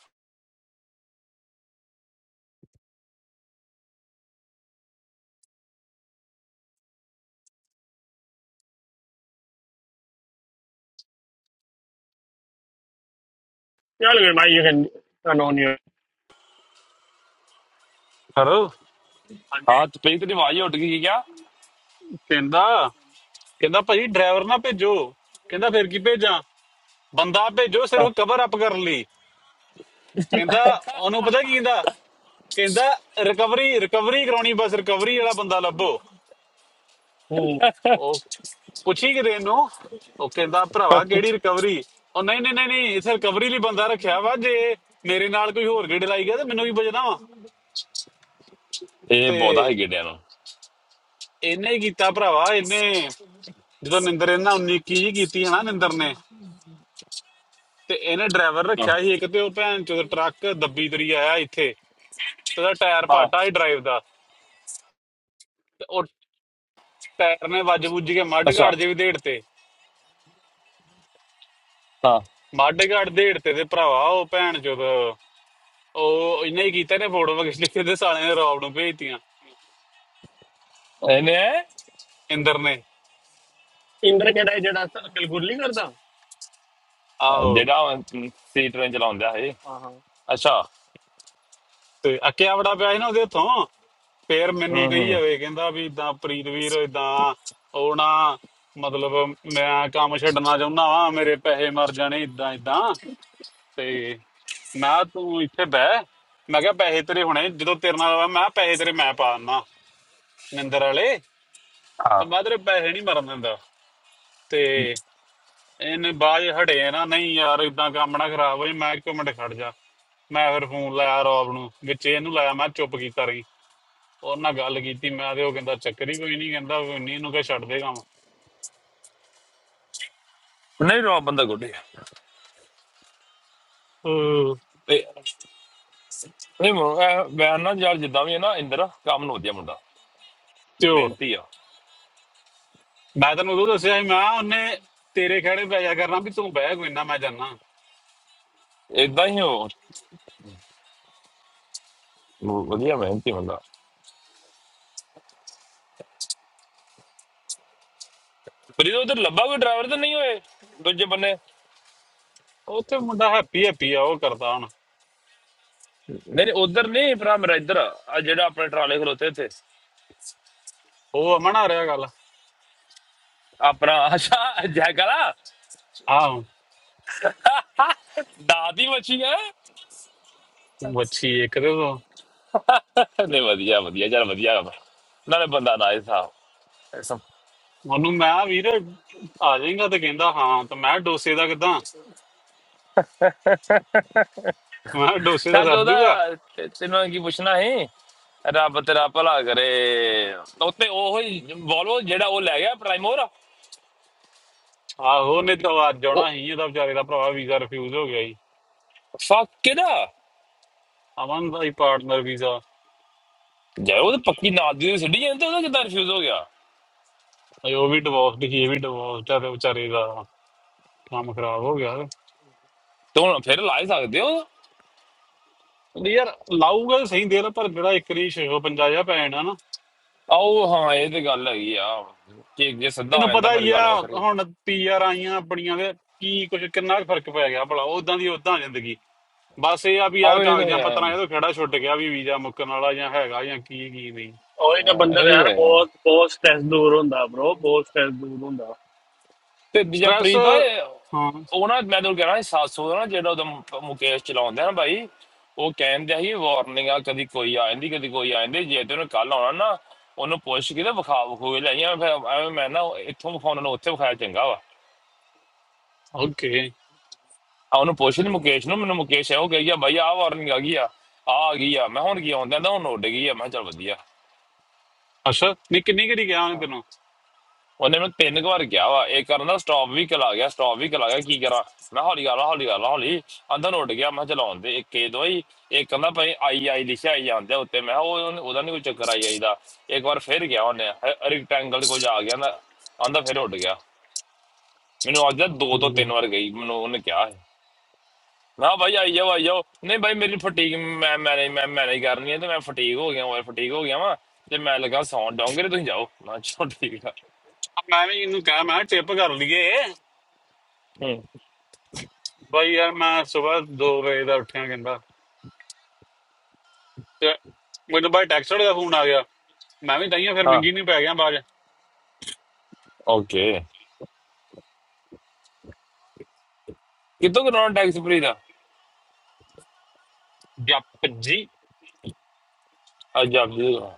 [SPEAKER 1] ਚੱਲ ਗਏ ਮਾਈ ਇਹ ਕਾਨੂੰਨੀ
[SPEAKER 3] ਹੈਲੋ
[SPEAKER 1] ਹਾਂਜੀ
[SPEAKER 2] ਹਾਂ ਤੇ ਪਈ ਤੇਰੀ ਆਵਾਜ਼ ਉੱਡ ਗਈ ਸੀ ਕਿਆ
[SPEAKER 3] ਕਹਿੰਦਾ ਕਹਿੰਦਾ ਭਾਜੀ ਡਰਾਈਵਰ ਨਾ ਭੇਜੋ ਕਹਿੰਦਾ ਫਿਰ ਕੀ ਭੇਜਾਂ ਬੰਦਾ ਭੇਜੋ
[SPEAKER 2] ਹਾਂ,
[SPEAKER 3] ਸਿਰਫ ਕਵਰ ਅਪ ਕਰਨ ਲਈ ਕਹਿੰਦਾ ਉਹਨੂੰ ਪਤਾ ਕੀ ਕਹਿੰਦਾ ਕਹਿੰਦਾ ਰਿਕਵਰੀ ਰਿਕਵਰੀ ਕਰਾਉਣੀ ਬਸ ਰਿਕਵਰੀ ਵਾਲਾ ਬੰਦਾ ਲੱਭੋ ਉਹ ਪੁੱਛੀ ਕਿਤੇ ਇਹਨੂੰ ਉਹ ਕਹਿੰਦਾ ਭਰਾਵਾ ਕਿਹੜੀ ਰਿਕਵਰੀ ਉਹ ਨਹੀਂ ਨਹੀਂ ਨਹੀਂ ਨਹੀਂ ਇੱਥੇ ਰਿਕਵਰੀ ਲਈ ਬੰਦਾ ਰੱਖਿਆ ਵਾ ਜੇ ਮੇਰੇ ਨਾਲ ਕੋਈ ਹੋਰ ਗੇੜੇ ਲਾਈ ਗਿਆ ਤੇ ਮੈਨੂੰ ਵੀ ਵਜਣਾ ਵਾ
[SPEAKER 2] ਇਹ
[SPEAKER 3] ਤੇ
[SPEAKER 2] ਬਹੁਤਾ ਹੀ ਗਿੜਿਆ ਨੂੰ
[SPEAKER 3] ਇਹਨੇ ਹੀ ਕੀਤਾ ਭਰਾਵਾ ਇਹਨੇ ਜਦੋਂ ਨਿੰਦਰ ਇਹਨਾਂ 19 21 ਜੀ ਕੀਤੀ ਹੈ ਨਾ ਨਿੰਦਰ ਨੇ ਤੇ ਇਹਨੇ ਡਰਾਈਵਰ
[SPEAKER 2] ਹਾਂ,
[SPEAKER 3] ਰੱਖਿਆ ਸੀ ਇੱਕ ਤੇ ਉਹ ਭੈਣ ਚੋਦ ਟਰੱਕ ਦੱਬੀ ਤਰੀ ਆਇਆ ਇੱਥੇ ਤੇ ਉਹਦਾ ਟਾਇਰ
[SPEAKER 2] ਹਾਂ
[SPEAKER 3] ਪਾਟਾ ਸੀ ਡਰਾਈਵ ਦਾ ਤੇ ਉਹ ਟਾਇਰ ਨੇ ਵੱਜ ਵੁੱਜ ਕੇ ਮੱਡ
[SPEAKER 2] ਅੱਛਾ
[SPEAKER 3] ਘਾਟ ਜੇ ਵੀ ਦੇੜ ਤੇ
[SPEAKER 2] ਹਾਂ
[SPEAKER 3] ਮੱਡ ਘਾਟ ਦੇੜ ਤੇ ਤੇ ਭਰਾਵਾ ਉਹ ਭੈਣ ਚੋਦ ਉਹ ਇਹਨੇ ਹੀ ਕੀਤਾ ਨੇ ਫੋਟੋ ਕਿਸ ਲਿਖੇ ਦੇ ਸਾਲੇ ਨੇ ਰੌਬ ਨੂੰ ਭੇਜਤੀਆਂ
[SPEAKER 2] ਇਹਨੇ
[SPEAKER 3] ਇੰਦਰ ਨੇ
[SPEAKER 1] ਇੰਦਰ ਕਿਹੜਾ ਇਹ ਜਿਹੜਾ ਕਲਗੁਰ ਨਹੀਂ ਕਰਦਾ
[SPEAKER 3] ਆਹੋ
[SPEAKER 2] ਜਿਹੜਾ ਸੀਟ ਰੇਂਜ ਚਲਾਉਂਦਾ ਹੈ
[SPEAKER 1] ਹਾਂ ਹਾਂ
[SPEAKER 2] ਅੱਛਾ
[SPEAKER 3] ਤੇ ਅੱਕਿਆ ਬੜਾ ਪਿਆ ਸੀ ਨਾ ਉਹਦੇ ਹੱਥੋਂ ਫੇਰ
[SPEAKER 2] ਹੂੰ
[SPEAKER 3] ਮੈਨੂੰ ਕਹੀ
[SPEAKER 2] ਹੂੰ
[SPEAKER 3] ਜਾਵੇ ਕਹਿੰਦਾ ਵੀ ਇਦਾਂ ਪ੍ਰੀਤ ਵੀਰ ਇਦਾਂ ਉਹ ਨਾ ਮਤਲਬ ਮੈਂ ਕੰਮ ਛੱਡਣਾ ਚਾਹੁੰਦਾ ਵਾਂ ਮੇਰੇ ਪੈਸੇ ਮਰ ਜਾਣੇ ਇਦਾਂ ਇਦਾਂ ਤੇ ਮੈਂ ਕਿਹਾ ਤੂੰ ਇੱਥੇ ਬਹਿ ਮੈਂ ਕਿਹਾ ਪੈਸੇ ਤੇਰੇ ਹੁਣੇ ਜਦੋਂ ਤੇਰੇ ਨਾਲ ਹੋਇਆ ਮੈਂ ਕਿਹਾ ਪੈਸੇ ਤੇਰੇ ਮੈਂ ਪਾ ਦਿੰਦਾ ਨਿੰਦਰ ਵਾਲੇ ਤੇ
[SPEAKER 2] ਹਾਂ
[SPEAKER 3] ਮੈਂ ਤੇਰੇ ਪੈਸੇ ਨਹੀਂ ਮਰਨ ਦਿੰਦਾ ਤੇ ਇਹਨੇ ਬਾਜ ਹਟੇ ਨਾ ਨਹੀਂ ਯਾਰ ਇਦਾਂ ਕੰਮ ਨਾ ਖਰਾਬ ਹੋਈ ਮੈਂ ਕਿਹਾ ਇੱਕ ਮਿੰਟ ਖੜ ਜਾ ਮੈਂ ਫਿਰ ਫੋਨ ਲਾਇਆ ਰੌਬ ਨੂੰ ਵਿੱਚ ਇਹਨੂੰ ਲਾਇਆ ਮੈਂ ਚੁੱਪ ਕੀਤਾ ਰਹੀ ਉਹ ਨਾਲ ਗੱਲ ਕੀਤੀ ਮੈਂ ਤੇ ਉਹ ਕਹਿੰਦਾ ਚੱਕਰ ਹੀ ਕੋਈ ਨਹੀਂ ਕਹਿੰਦਾ ਕੋਈ ਨਹੀਂ ਇਹਨੂੰ ਕਹ ਛੱਡ ਦੇ ਕੰਮ
[SPEAKER 2] ਨਹੀਂ ਰੋ ਬੰਦਾ ਗੁੱਡੇ
[SPEAKER 3] ਅਹ,
[SPEAKER 2] ਨਹੀਂ ਮੋ- ਇਹ ਮੈਂ ਨਾ ਯਾਰ ਜਿੱਦਾਂ ਵੀ ਹੈ ਨਾ ਇੰਦਰ ਕੰਮ ਨੂੰ ਵਧੀਆ ਮੁੰਡਾ
[SPEAKER 3] ਤੇ ਹੋਰ
[SPEAKER 2] ਮਿਹਨਤੀ ਆ
[SPEAKER 3] ਮੈਂ ਤੈਨੂੰ ਉਦੋਂ ਦੱਸਿਆ ਸੀ ਮੈਂ ਕਿਹਾ ਉਹਨੇ ਤੇਰੇ ਖੜੇ ਪੈ ਜਾ ਕਰਨਾ ਵੀ ਤੂੰ ਬਹਿ ਕੋਈ ਨਾ ਮੈਂ ਜਾਨਾ
[SPEAKER 2] ਇਦਾਂ ਹੀ ਉਹ ਵਧੀਆ ਮਿਹਨਤੀ ਬੰਦਾ ਫਰੀਦ ਉਧਰ ਲੱਭਾ ਕੋਈ ਡਰਾਈਵਰ ਤਾਂ ਨਹੀਂ ਹੋਏ ਦੂਜੇ ਬੰਨੇ
[SPEAKER 3] ਉੱਥੇ ਮੁੰਡਾ ਹੈਪੀ ਹੈਪੀ ਆ ਉਹ ਕਰਦਾ ਹੁਣ
[SPEAKER 2] ਨਹੀਂ ਨਹੀਂ ਉਧਰ ਨਹੀਂ ਭਰਾ ਮੇਰਾ ਇੱਧਰ ਆ ਆਹ ਜਿਹੜਾ ਆਪਣੇ ਟਰਾਲੇ ਖਲੋਤੇ ਇੱਥੇ
[SPEAKER 3] ਉਹ ਅਮਨ ਆ ਰਿਹਾ ਗੱਲ
[SPEAKER 2] ਆਪਣਾ ਅੱਛਾ ਜੈਕਲਾ
[SPEAKER 3] ਆਹ
[SPEAKER 2] ਦਾਦੀ ਮੱਛੀ ਹੈ
[SPEAKER 3] ਵੱਛੀ ਇੱਕ ਦੇ ਤੋਂ
[SPEAKER 2] ਨਹੀਂ ਵਧੀਆ ਵਧੀਆ ਯਾਰ ਵਧੀਆ ਵਾ। ਨਾਲੇ ਬੰਦਾ ਨਾ ਸਾਹਿਬ ਸਭ
[SPEAKER 3] ਉਹਨੂੰ ਮੈਂ ਕਿਹਾ, ਵੀਰ ਆ ਜਾਏਗਾ ਤੇ ਕਹਿੰਦਾ ਹਾਂ ਤੇ ਮੈਂ ਕਿਹਾ, ਡੋਸੇ ਦਾ ਕਿਦਾਂ ਮੈਂ ਕਿਹਾ, ਡੋਸੇ ਦਾ
[SPEAKER 2] ਸਾਜ
[SPEAKER 3] ਸਰ ਜੂਗਾ
[SPEAKER 2] ਉਹਦਾ ਤੇ- ਤੈਨੂੰ ਕੀ ਪੁੱਛਣਾ ਹੈ ਰੱਬ ਤੇਰਾ ਭਲਾ ਕਰੇ ਉੱਤੇ ਉਹ ਹੀ ਵੋਲਵੋ ਜਿਹੜਾ ਉਹ ਲੈ ਗਿਆ ਪ੍ਰਾਈਮੋਰ
[SPEAKER 3] ਆਹੋ ਉਹਨੇ ਤਾਂ ਅੱਜ
[SPEAKER 2] ਉਹ
[SPEAKER 3] ਆਉਣਾ ਸੀ ਇਹਦਾ ਵਿਚਾਰੇ ਦਾ ਭਰਾ ਵੀਜ਼ਾ ਰਿਫਿਊਜ਼ ਹੋ ਗਿਆ ਸੀ
[SPEAKER 2] ਫੱਕ ਕਿਹਦਾ
[SPEAKER 3] ਅਮਨ ਦਾ ਹੀ ਪਾਰਟਨਰ ਵੀਜ਼ਾ
[SPEAKER 2] ਜੇ ਉਹ ਤਾਂ ਪੱਕੀ ਨਾਲ ਦੀ ਸਿੱਧੀ ਜਾਂਦੇ ਉਹਦਾ ਕਿਦਾਂ ਰਿਫਿਊਜ਼ ਹੋ ਗਿਆ
[SPEAKER 3] ਉਹ ਵੀ ਡਿਵੋਰਸ ਦੀ ਇਹ ਵੀ ਡਿਵੋਰਸ ਆ ਤੇ ਵਿਚਾਰੇ ਦਾ ਕੰਮ ਖਰਾਬ ਹੋ ਗਿਆ
[SPEAKER 2] ਤੇ ਹੁਣ ਫਿਰ ਲਾ ਹੀ ਸਕਦੇ ਹੋ
[SPEAKER 3] ਨਹੀਂ ਯਾਰ ਲਾਊਗਾ ਤਾਂ ਸਹੀ ਦੇਰ ਪਰ ਜਿਹੜਾ ਇੱਕ ਰੀ 650 ਪੈਣ ਆ ਨਾ
[SPEAKER 2] ਆਓ ਹਾਂ ਇਹ ਤੇ ਗੱਲ ਹੈਗੀ ਆ ਕਿ ਜੇ ਸਿੱਧਾ ਆ
[SPEAKER 3] ਤੈਨੂੰ
[SPEAKER 2] ਜਾਂਦਾ
[SPEAKER 3] ਪਤਾ
[SPEAKER 2] ਫਿਰ
[SPEAKER 3] ਹੀ ਆ
[SPEAKER 2] ਗੱਲ ਵੱਖਰੀ
[SPEAKER 3] ਹੁਣ ਪੀਆਰ ਆਈਆਂ ਆਪਣੀਆਂ ਦੇ ਕੀ ਕੁਝ ਕਿੰਨਾ ਕੁ ਫਰਕ ਪੈ ਗਿਆ ਭਲਾ ਉਦਾਂ ਦੀ ਉਦਾਂ ਜ਼ਿੰਦਗੀ ਬਸ ਇਹ ਆ ਵੀ ਆ
[SPEAKER 2] ਆਓ ਇਹ ਤਾਂ
[SPEAKER 3] ਕਾਗਜ਼ਾਂ
[SPEAKER 2] ਯਾਰ
[SPEAKER 3] ਪੱਤਰਾਂ ਇਹਦਾ ਖੇੜਾ ਛੁੱਟ ਗਿਆ ਵੀ ਵੀਜ਼ਾ ਮੁੱਕਣ ਵਾਲਾ ਜਾਂ ਹੈਗਾ ਜਾਂ ਕੀ ਕੀ ਨਹੀਂ
[SPEAKER 1] ਉਹ ਇਹਦਾ
[SPEAKER 2] ਹਾਂ,
[SPEAKER 1] ਬੰਦਾ ਤਾਂ
[SPEAKER 2] ਇਹ
[SPEAKER 1] ਯਾਰ
[SPEAKER 2] ਤਾਂ ਯਾਰ
[SPEAKER 1] ਬਹੁਤ ਬਹੁਤ ਸਟ੍ਰੈਸ ਦੂਰ ਹੁੰਦਾ ਬ్రో ਬਹੁਤ ਸਟ੍ਰੈਸ ਦੂਰ ਹੁੰਦਾ
[SPEAKER 2] ਤੇ ਦੂਜਾ
[SPEAKER 3] ਸਟ੍ਰੈਸ
[SPEAKER 2] ਪ੍ਰੀਤ ਆ ਇਹ-
[SPEAKER 3] ਹਾਂ
[SPEAKER 2] ਉਹ ਨਾ ਮੈਂ ਤੁਹਾਨੂੰ ਕਹਿਣਾ 700 ਦਾ ਨਾ ਜਿਹੜਾ ਉਹਦਾ ਮੁ- ਮੁਕੇਸ਼ ਚਲਾਉਂਦਾ ਨਾ ਭਾਈ ਉਹ ਕਹਿੰਦਾ ਸੀ ਵਾਰਨਿੰਗ ਆ ਕਦੀ ਕੋਈ ਆ ਜਾਂਦੀ ਕਦੀ ਕੋਈ ਆ ਜਾਂਦੀ ਜੇ ਤੇ ਉਹਨੇ ਕੱਲ ਆਉਣਾ ਨਾ ਉਹਨੂੰ ਪੁੱਛ ਕੇ ਤੇ ਵਿਖਾ ਵਿਖੂਏ ਲੈ ਆਈਆਂ ਫਿਰ ਐਵੇਂ ਮੈਂ ਨਾ ਇੱਥੋਂ ਵਿਖਾਉਣ ਨੂੰ ਉੱਥੇ ਵਿਖਾਇਆ ਚੰਗਾ ਵਾ
[SPEAKER 3] ਓਕੇ
[SPEAKER 2] ਆ ਉਹਨੂੰ ਪੁੱਛ ਲਈ ਮੁਕੇਸ਼ ਨੂੰ ਮੈਨੂੰ ਮੁਕੇਸ਼ ਇਹੋ ਕਹੀ ਗਿਆ ਭਾਈ ਆ ਵਾਰਨਿੰਗ ਆ ਗਈ ਆ ਆ ਆ ਗਈ ਆ ਮੈਂ ਹੁਣ ਕੀ ਆਉਂਦਾ ਤਾਂ ਹੁਣ ਉੱਡ ਗਈ ਆ ਮੈਂ ਕਿਹਾ ਚੱਲ ਵਧੀਆ
[SPEAKER 3] ਅੱਛਾ ਨਹੀਂ ਕਿੰਨੀ ਕਿਹੜੀ ਗਿਆ ਹੁਣ ਤੈਨੂੰ
[SPEAKER 2] ਉਹਨੇ ਮੈਨੂੰ ਤਿੰਨ ਕੁ ਵਾਰ ਕਿਹਾ ਵਾ ਇਹ ਕਰਨਾ ਸਟਾਪ ਵੀ ਕਲਾ ਗਿਆ ਸਟਾਪ ਵੀ ਕਲਾ ਗਿਆ ਕੀ ਕਰਾਂ ਮੈਂ ਹੌਲੀ ਕਰ ਲਾ ਹੌਲੀ ਕਰ ਲਾ ਹੌਲੀ ਅੰਦਰ ਉੱਡ ਗਿਆ ਮੈਂ ਚਲਾਉਣ ਦੇ ਇੱਕ ਇਹ ਦੋਈ ਇੱਕ ਕਹਿੰਦਾ ਭਾਈ ਆਈ ਆਈ ਲਿਖਿਆ ਆਈ ਜਾਂਦੇ ਉੱਤੇ ਮੈਂ ਕਿਹਾ ਉਹ ਉਹਨੇ- ਉਹਦਾ ਨਹੀਂ ਕੋਈ ਚੱਕਰ ਆਈ ਆਈ ਦਾ ਇੱਕ ਵਾਰ ਫੇਰ ਗਿਆ ਉਹਨੇ ਰੈਕਟੈਂਗਲ ਕੋਲ ਜਾ ਗਿਆ ਨਾ ਆਂਦਾ ਫੇਰ ਉੱਡ ਗਿਆ ਮੈਨੂੰ ਅੱਜ ਦੋ ਤੋਂ
[SPEAKER 3] ਹਮ।
[SPEAKER 2] ਤਿੰਨ ਵਾਰ ਗਈ ਮੈਨੂੰ ਉਹਨੇ ਕਿਹਾ ਹੈ ਨਾ ਭਾਈ ਆਈ ਜਾਓ ਆਈ ਜਾਓ ਨਹੀਂ ਭਾਈ ਮੇਰੀ ਫਟੀਗ ਮੈਂ ਮੈਨੇ ਮੈਂ ਮੈਨੇ ਕਰਨੀ ਹੈ ਤੇ ਮੈਂ ਫਟੀਗ ਹੋ ਗਿਆ ਓਏ ਫਟੀਗ ਹੋ ਗਿਆ ਵਾ ਤੇ ਮੈਂ ਲੱਗਾ ਸੌਣ ਡੋਂਗਰੇ ਤੁਸੀਂ ਜਾਓ ਮੈਂ ਕਿਹਾ ਚਲੋ ਠੀਕ ਆ
[SPEAKER 3] ਮੈਂ ਵੀ ਇਹਨੂੰ ਕਹਿ ਮੈਂ ਟਿਪ ਕਰ ਲਈਏ
[SPEAKER 2] ਹੂੰ
[SPEAKER 3] ਬਾਈ ਯਾਰ ਮੈਂ ਸਵੇਰ 2 ਵਜੇ ਦਾ ਉੱਠਿਆ ਕਹਿੰਦਾ ਤੇ ਮੈਨੂੰ ਬਾਈ ਟੈਕਸਟ ਦਾ ਫੋਨ ਆ ਗਿਆ ਮੈਂ ਵੀ ਤਾਈਆਂ ਫਿਰ
[SPEAKER 2] ਹਾਂ
[SPEAKER 3] ਮਿੰਗੀ ਨਹੀਂ ਪੈ ਗਿਆ ਬਾਜ
[SPEAKER 2] ਓਕੇ ਕਿੱਥੋਂ ਕਰਾਉਣਾ ਟੈਕਸ ਫ੍ਰੀ ਦਾ
[SPEAKER 3] ਜੱਪ ਜੀ
[SPEAKER 2] ਅੱਜ ਆਪ ਜੀ ਦਾ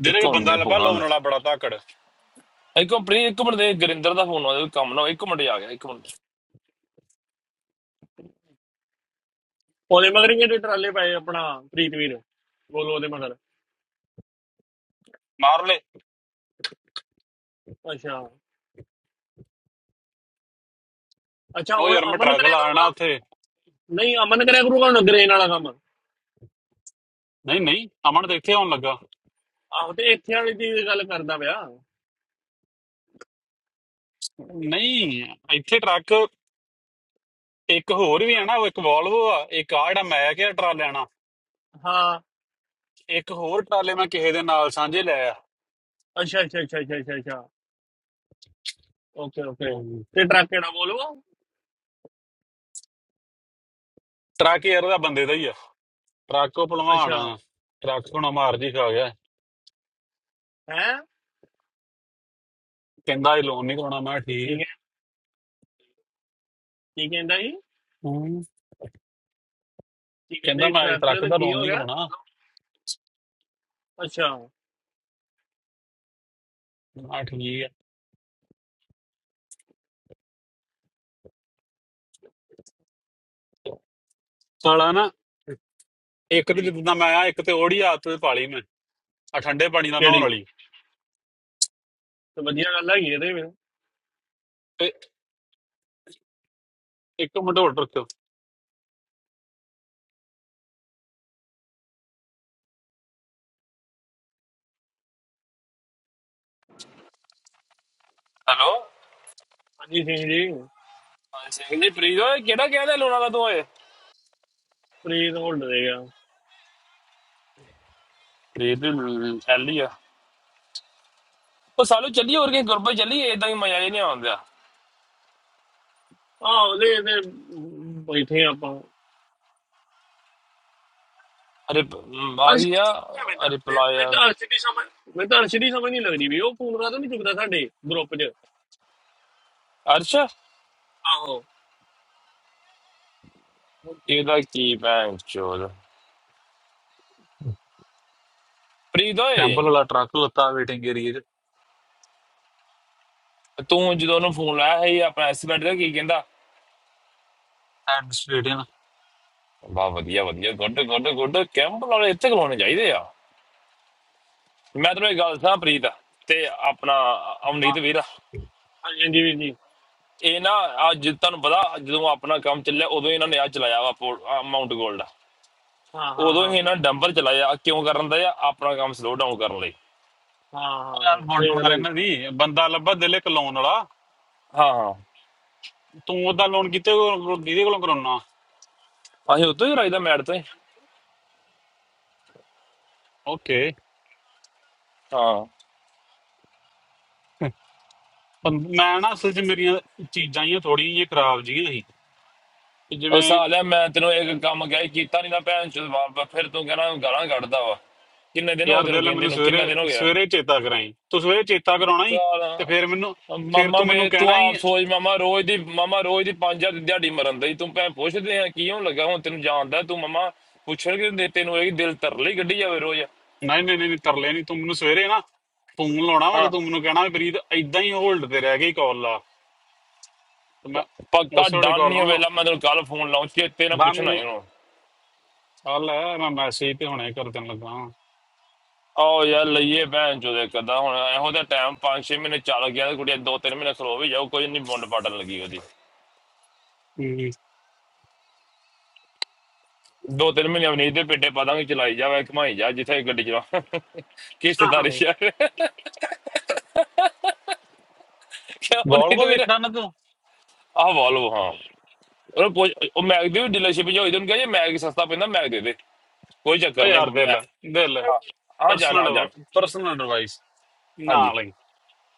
[SPEAKER 3] ਜਿਹੜੇ
[SPEAKER 2] ਇੱਕ
[SPEAKER 3] ਕਿ
[SPEAKER 2] ਮਿੰਟ
[SPEAKER 3] ਬੰਦਾ
[SPEAKER 2] ਦੇ
[SPEAKER 3] ਲੱਭਾ
[SPEAKER 2] ਫੋਨ
[SPEAKER 3] ਲੋਨ
[SPEAKER 2] ਆਉਂਦਾ
[SPEAKER 3] ਵਾਲਾ
[SPEAKER 2] ਹੈ।
[SPEAKER 3] ਬੜਾ ਧਾਕੜ
[SPEAKER 2] ਇੱਕ ਮਿੰਟ ਪ੍ਰੀਤ, ਇੱਕ ਮਿੰਟ ਦੇ ਗੁਰਿੰਦਰ ਦਾ ਫੋਨ ਆਉਂਦਾ ਕੋਈ ਕੰਮ ਨਾ ਹੋਏ। ਇੱਕ ਮਿੰਟ ਹੀ ਆ ਗਿਆ ਇੱਕ ਮਿੰਟ
[SPEAKER 1] ਉਹਦੇ ਮਗਰ ਹੀ ਜਿਹੜੇ ਟਰਾਲੇ ਪਏ ਆਪਣਾ ਪ੍ਰੀਤਵੀਰ ਬੋਲੋ ਉਹਦੇ ਮਗਰ
[SPEAKER 3] ਮਾਰ ਲੈ
[SPEAKER 1] ਅੱਛਾ ਅੱਛਾ
[SPEAKER 3] ਉਹ
[SPEAKER 1] ਹੁਣ
[SPEAKER 3] ਯਾਰ ਮੈਂ
[SPEAKER 1] ਅਮਨ
[SPEAKER 3] ਟਰੱਕ
[SPEAKER 1] ਕਰਿਆ
[SPEAKER 3] ਲਾ ਆਣਾ
[SPEAKER 1] ਕਰੂਗਾ
[SPEAKER 3] ਉੱਥੇ
[SPEAKER 1] ਨਹੀਂ ਅਮਨ ਕਰਿਆ ਕਰੂਗਾ ਹੁਣ ਗ੍ਰੇਨ ਵਾਲਾ ਕੰਮ
[SPEAKER 3] ਨਹੀਂ ਨਹੀਂ ਅਮਨ ਤੇ ਇੱਥੇ ਆਉਣ ਲੱਗਾ
[SPEAKER 1] ਆਹੋ ਤੇ ਇੱਥੇ ਵਾਲੀ ਦੀ ਗੱਲ ਕਰਦਾ ਪਿਆ
[SPEAKER 3] ਨਹੀਂ ਇੱਥੇ ਟਰੱਕ ਇੱਕ ਹੋਰ ਵੀ ਹੈ ਨਾ ਉਹ ਇੱਕ ਵੋਲਵੋ ਆ ਇੱਕ ਆ ਜਿਹੜਾ ਮੈਂ ਕਿਹਾ ਟਰਾਲੇ ਆਣਾ
[SPEAKER 1] ਹਾਂ
[SPEAKER 3] ਇੱਕ ਹੋਰ ਟਰਾਲੇ ਮੈਂ ਕਿਸੇ ਦੇ ਨਾਲ ਸਾਂਝੇ ਲਿਆ
[SPEAKER 1] ਅੱਛਾ ਅੱਛਾ ਅੱਛਾ ਅੱਛਾ ਅੱਛਾ ਅੱਛਾ ਓਕੇ ਓਕੇ
[SPEAKER 3] ਹੂੰ।
[SPEAKER 1] ਤੇ ਟਰੱਕ ਕਿਹੜਾ ਬੋਲੋ
[SPEAKER 3] ਟਰੱਕ ਯਾਰ ਉਹਦਾ ਬੰਦੇ ਦਾ ਹੀ ਆ ਟਰੱਕ ਉਹ ਭਲਵਾਨ
[SPEAKER 1] ਅੱਛਾ
[SPEAKER 3] ਆ ਟਰੱਕ ਹੁਣ ਮਾਰ ਜੀ ਖਾ ਗਿਆ
[SPEAKER 1] ਹੈ
[SPEAKER 3] ਕਹਿੰਦਾ ਇਹ ਲੋਨ ਨਹੀਂ ਕਰਾਉਣਾ ਮੈਂ ਕਿਹਾ ਠੀਕ ਹੈ
[SPEAKER 1] ਠੀਕ ਹੈ ਕੀ ਕਹਿੰਦਾ ਜੀ
[SPEAKER 3] ਹੂੰ
[SPEAKER 1] ਕੀ ਕਹਿੰਦਾ
[SPEAKER 3] ਕਹਿੰਦਾ
[SPEAKER 1] ਜੀ
[SPEAKER 3] ਮੈਂ ਇਹ
[SPEAKER 1] ਟਰੱਕ
[SPEAKER 3] ਟਰੱਕ ਦਾ
[SPEAKER 1] ਕੀ
[SPEAKER 3] ਲੋਨ
[SPEAKER 1] ਹੋ
[SPEAKER 3] ਨਹੀਂ
[SPEAKER 1] ਗਿਆ
[SPEAKER 3] ਕਰਾਉਣਾ
[SPEAKER 1] ਅੱਛਾ
[SPEAKER 3] ਆ ਠੀਕ ਹੈ ਸਾਲਾ ਨਾ ਇੱਕ ਤੇ
[SPEAKER 1] ਜੀ
[SPEAKER 3] ਜਿੱਦਾਂ ਮੈਂ ਆ ਇੱਕ ਤੇ ਉਹੜੀ ਆਦਤ ਪਾਲੀ ਮੈਂ ਆ ਠੰਡੇ ਪਾਣੀ ਨਾਲ ਨਹਾਉਣ
[SPEAKER 1] ਕਿਹੜੀ
[SPEAKER 3] ਵਾਲੀ
[SPEAKER 1] ਤੇ ਵਧੀਆ ਗੱਲ ਹੈਗੀ ਇਹਦੇ ਵਿੱਚ
[SPEAKER 3] ਤੇ ਇੱਕ ਮਡੋਲ ਟਰੱਕ
[SPEAKER 2] ਹੈਲੋ
[SPEAKER 1] ਹਾਂਜੀ ਸਿੰਘ ਜੀ
[SPEAKER 2] ਹਾਂ ਸਿੰਘ ਜੀ ਪ੍ਰੀਤ ਓਏ ਕਿਹੜਾ ਕਹਿੰਦਾ ਲੋਣਾ ਦਾ ਤੂੰ ਓਏ
[SPEAKER 1] ਪ੍ਰੀਤ ਹੋਲਡ ਦੇਗਾ
[SPEAKER 2] ਪ੍ਰੀਤ ਐਲੀ ਆ ਉਹ ਸਾਲੂ ਚੱਲੀ ਹੋਰ ਕੇ ਗੁਰਬੇ ਚੱਲੀ ਏਦਾਂ ਹੀ ਮਜ਼ਾ ਹੀ ਨਹੀਂ ਆਉਂਦਾ
[SPEAKER 1] ਆਹ ਉਹਦੇ ਤੇ ਤੇ ਬੈਠੇ ਆਪਾਂ
[SPEAKER 2] ਅਰੇ ਪ- ਮ, ਆ
[SPEAKER 1] ਅਰਸ਼
[SPEAKER 2] ਗਈ
[SPEAKER 1] ਕਿੱਥੇ
[SPEAKER 2] ਆ
[SPEAKER 1] ਗਿਆ? ਮੈਂ ਤਾਂ
[SPEAKER 2] ਅਰੇ
[SPEAKER 1] ਮੈਂ ਮੈਂ
[SPEAKER 2] ਪਲਾਇਆ
[SPEAKER 1] ਤਾਂ ਅਰਸ਼ ਦੀ ਸਮਝ ਮੈਂ ਤਾਂ ਅਰਸ਼ ਦੀ ਸਮਝ ਨਹੀਂ ਲੱਗਦੀ ਵੀ ਉਹ ਫੋਨ ਕਰਾ ਤਾਂ ਨਹੀਂ ਚੁੱਕਦਾ ਸਾਡੇ ਗਰੁੱਪ 'ਚ
[SPEAKER 2] ਅਰਸ਼
[SPEAKER 1] ਆਹੋ
[SPEAKER 2] ਇਹਦਾ ਕੀ ਭੈਣ ਚੋਦ ਪ੍ਰੀਤ ਓਏ
[SPEAKER 3] ਕੈਂਪਲ ਵਾਲਾ ਟਰੱਕ ਲੱਤਾ ਵੇਟਿੰਗ ਏਰੀਆ ਚ
[SPEAKER 2] ਤੂੰ ਜਦੋਂ ਉਹਨੂੰ ਫੋਨ ਲਾਇਆ ਸੀ ਆਪਣਾ ਐਸਪੀਡ ਦਾ ਕੀ ਕਹਿੰਦਾ
[SPEAKER 3] ਐਡਮਿਨਿਸਟ੍ਰੇਟਿਵ
[SPEAKER 2] ਵਾਹ ਵਧੀਆ ਵਧੀਆ ਗੁੱਡ ਗੁੱਡ ਗੁੱਡ ਕੈਂਪ ਵਾਲੇ ਇੱਥੇ ਖਲੋਣੇ ਚਾਹੀਦੇ ਆ ਮੈਂ ਤੈਨੂੰ ਇੱਕ ਗੱਲ ਦੱਸਾਂ ਪ੍ਰੀਤ ਤੇ ਆਪਣਾ
[SPEAKER 3] ਹਾਂ
[SPEAKER 2] ਅਮਨੀਤ ਵੀਰ
[SPEAKER 1] ਹਾਂਜੀ ਹਾਂਜੀ ਵੀਰ ਜੀ
[SPEAKER 2] ਇਹ ਨਾ ਅੱਜ ਤੁਹਾਨੂੰ ਪਤਾ ਜਦੋਂ ਆਪਣਾ ਕੰਮ ਚੱਲਿਆ ਉਦੋਂ ਇਹਨਾਂ ਨੇ ਆ ਚਲਾਇਆ ਵਾ ਪੋ- ਆਹ ਮਾਊਂਟ ਗੋਲਡ
[SPEAKER 1] ਹਾਂ ਹਾਂ
[SPEAKER 2] ਉਦੋਂ
[SPEAKER 1] ਹਾਂ
[SPEAKER 2] ਹੀ ਇਹਨਾਂ ਡੰਬਲ ਚਲਾਇਆ ਕਿਉਂ ਕਰਨ ਦਾ ਆ ਆਪਣਾ ਕੰਮ ਸਲੋ ਡਾਊਨ ਕਰਨ ਲਈ
[SPEAKER 1] ਹਾਂ
[SPEAKER 3] ਉਹ
[SPEAKER 1] ਹਾਂ ਹਾਂ
[SPEAKER 3] ਯਾਰ ਬੌਂਡ
[SPEAKER 1] ਸਹੀ ਗੱਲ
[SPEAKER 3] ਮਾਰ
[SPEAKER 1] ਹੈ ਜੀ।
[SPEAKER 3] ਇਹਨਾਂ ਦੀ ਬੰਦਾ ਲੱਭਾ ਦਿਲ ਇੱਕ ਲੋਨ ਵਾਲਾ
[SPEAKER 2] ਹਾਂ ਹਾਂ
[SPEAKER 3] ਤੂੰ ਉਹਦਾ ਲੋਨ ਕਿਤੇ ਜਿਹਦੇ ਕੋਲੋਂ ਕਰਾਉਣਾ
[SPEAKER 2] ਅਸੀਂ ਉਦੋਂ ਹੀ ਰਾਈਦਾ ਮੈਟ ਤੇ
[SPEAKER 3] ਓਕੇ
[SPEAKER 2] ਹਾਂ
[SPEAKER 3] ਮੈਂ ਨਾ ਅਸਲ ਚ ਮੇਰੀਆਂ ਚੀਜ਼ਾਂ ਹੀ ਥੋੜੀ ਜਿਹੀ ਖਰਾਬ ਜਿਹੀਆਂ ਸੀ ਤੇ
[SPEAKER 2] ਉਹ
[SPEAKER 3] ਜਿਵੇਂ
[SPEAKER 2] ਸਾਲਿਆ ਮੈਂ ਤੈਨੂੰ ਇੱਕ ਕੰਮ ਕਹਿ ਕੀਤਾ ਨਹੀਂ ਨਾ ਭੈਣ ਚੋਦ ਵਾਹ ਵਾਹ, ਫਿਰ ਤੂੰ ਕਹਿਣਾ ਗਾਲਾਂ ਕੱਢਦਾ ਵਾ ਕਿੰਨੇ ਦਿਨ ਹੋ
[SPEAKER 3] ਯਾਰ
[SPEAKER 2] ਗਏ ਤੈਨੂੰ
[SPEAKER 3] ਦਿਲ
[SPEAKER 2] ਕਹਿੰਦੇ
[SPEAKER 3] ਮੈਨੂੰ
[SPEAKER 2] ਨੂੰ
[SPEAKER 3] ਸਵੇਰੇ
[SPEAKER 2] ਕਿੰਨਾ ਦਿਨ ਹੋ ਗਿਆ
[SPEAKER 3] ਸਵੇਰੇ ਚੇਤਾ ਕਰਾਈ ਤੂੰ ਸਵੇਰੇ ਚੇਤਾ ਕਰਾਉਣਾ ਹੀ ਤੇ ਫਿਰ ਮੈਨੂੰ
[SPEAKER 2] ਸਾਲਾ
[SPEAKER 3] ਫਿਰ
[SPEAKER 2] ਮਾਮਾ
[SPEAKER 3] ਤੂੰ ਮੈਨੂੰ
[SPEAKER 2] ਵੇ ਤੂੰ
[SPEAKER 3] ਕਹਿਣਾ ਹੀ
[SPEAKER 2] ਆਪ ਸੋਚ ਮਾਮਾ ਰੋਜ਼ ਦੀ ਮਾਮਾ ਰੋਜ਼ ਦੀ ਪੰਜ ਹਜ਼ਾਰ ਦੀ ਦਿਹਾੜੀ ਮਰਨ ਦੀ ਤੂੰ ਭੈਣ ਪੁੱਛਦੇ ਆ ਕਿਉਂ ਲੱਗਾ ਹੁਣ ਤੈਨੂੰ ਜਾਣਦਾ ਤੂੰ ਮਾਮਾ ਪੁੱਛਣਗੇ ਦੇ ਤੈਨੂੰ ਇਹ ਦਿਲ ਤਰਲੀ ਗੱਡੀ ਜਾਵੇ ਰੋਜ਼
[SPEAKER 3] ਨਹੀਂ ਨਹੀਂ ਨਹੀਂ ਨਹੀਂ, ਤਰਲੇ ਨਹੀਂ ਤੂੰ ਮੈਨੂੰ ਸਵੇਰੇ ਨਾ ਫੋਨ ਲਾਉਣਾ ਵਾ ਤੇ
[SPEAKER 2] ਹਾਂ
[SPEAKER 3] ਤੂੰ ਮੈਨੂੰ ਕਹਿਣਾ ਵੀ ਪ੍ਰੀਤ ਐਦਾਂ ਹੀ ਹੋਲਡ ਤੇ ਰਹਿ ਗਈ ਕਾਲ ਲਾ ਤੇ ਮੈਂ
[SPEAKER 2] ਪੱਕਾ
[SPEAKER 3] ਉਸੇ ਵੇਲੇ
[SPEAKER 2] ਡਨ
[SPEAKER 3] ਕਾਲ
[SPEAKER 2] ਨਹੀਂ
[SPEAKER 3] ਲਾਉਂਗਾ
[SPEAKER 2] ਹੋਵੇਲਾ ਮੈਂ ਤੈਨੂੰ ਕੱਲ ਫੋਨ ਲਾਉਂ ਚੇਤੇ ਨਾ
[SPEAKER 3] ਬਾ
[SPEAKER 2] ਪੁੱਛਣਾ ਹੀ
[SPEAKER 3] ਮੈਨੂੰ
[SPEAKER 2] ਉਹਨੂੰ
[SPEAKER 3] ਆ ਲੈ ਮੈਂ ਮੈਸੇਜ ਤੇ ਹੁਣੇ ਕਰ ਦੇਣ ਲੱਗਾ ਵਾਂ।
[SPEAKER 2] ਆਓ ਯਾਰ ਲਈਏ ਭੈਣ ਚੋਦੇ ਕਦਾ ਹੁਣ ਇਹੋ ਦਾ ਟਾਈਮ 5-6 ਮਹੀਨੇ ਚੱਲ ਗਿਆ ਤੇ ਕੁੜੀ ਦੋ ਤਿੰਨ ਮਹੀਨੇ ਸਲੋ ਵੀ ਜਾਊ ਕੋਈ ਨਹੀਂ ਬੁੰਡ ਪਾਟਣ ਲੱਗੀ ਉਹਦੀ
[SPEAKER 3] ਹਮ।
[SPEAKER 2] ਦੋ ਤਿੰਨ ਮਹੀਨੇ ਅਵਨੀਤ ਦੇ ਪੇਟੇ ਪਾ ਦਾਂਗੇ ਚਲਾਈ ਜਾਵੇ ਘਮਾਈ ਜਾ ਜਿੱਥੇ ਗੱਡੀ ਚਲਾ
[SPEAKER 1] ਹਾਂ
[SPEAKER 2] ਕਿਸ਼ਤਦਾਰੀ
[SPEAKER 1] ਹਾਂ
[SPEAKER 2] ਯਾਰ ਕਿਉਂ ਨਹੀਂ
[SPEAKER 3] Volvo
[SPEAKER 2] ਤੇ ਮੇਰਾ
[SPEAKER 3] ਵੇਖਣਾ ਨਾ ਤੂੰ
[SPEAKER 2] ਆਹ ਵਾਲਵ ਹਾਂ ਉਹ ਪੁੱਛ- ਉਹ ਮੈਗ ਦੀ ਵੀ ਡੀਲਰਸ਼ਿਪ ਜੋ ਹੋਈ ਤੁਹਾਨੂੰ ਕਹਿੰਦੇ ਮੈਗ ਸਸਤਾ ਪੈਂਦਾ ਮੈਗ ਦੇ ਦੇ ਕੋਈ
[SPEAKER 3] ਓ
[SPEAKER 2] ਚੱਕਰ ਨਹੀਂ
[SPEAKER 3] ਯਾਰ ਦਿਲ
[SPEAKER 2] ਮੈਂ
[SPEAKER 3] ਦਿਲ
[SPEAKER 2] ਹਾਂ ਹਾਂ ਜਾਨ
[SPEAKER 3] ਪਰਸਨਲ
[SPEAKER 2] ਹਾਂ ਜਾਨ
[SPEAKER 3] ਪਰਸਨਲ ਐਡਵਾਈਸ ਨਾ
[SPEAKER 2] ਹਾਂਜੀ
[SPEAKER 3] ਲਈ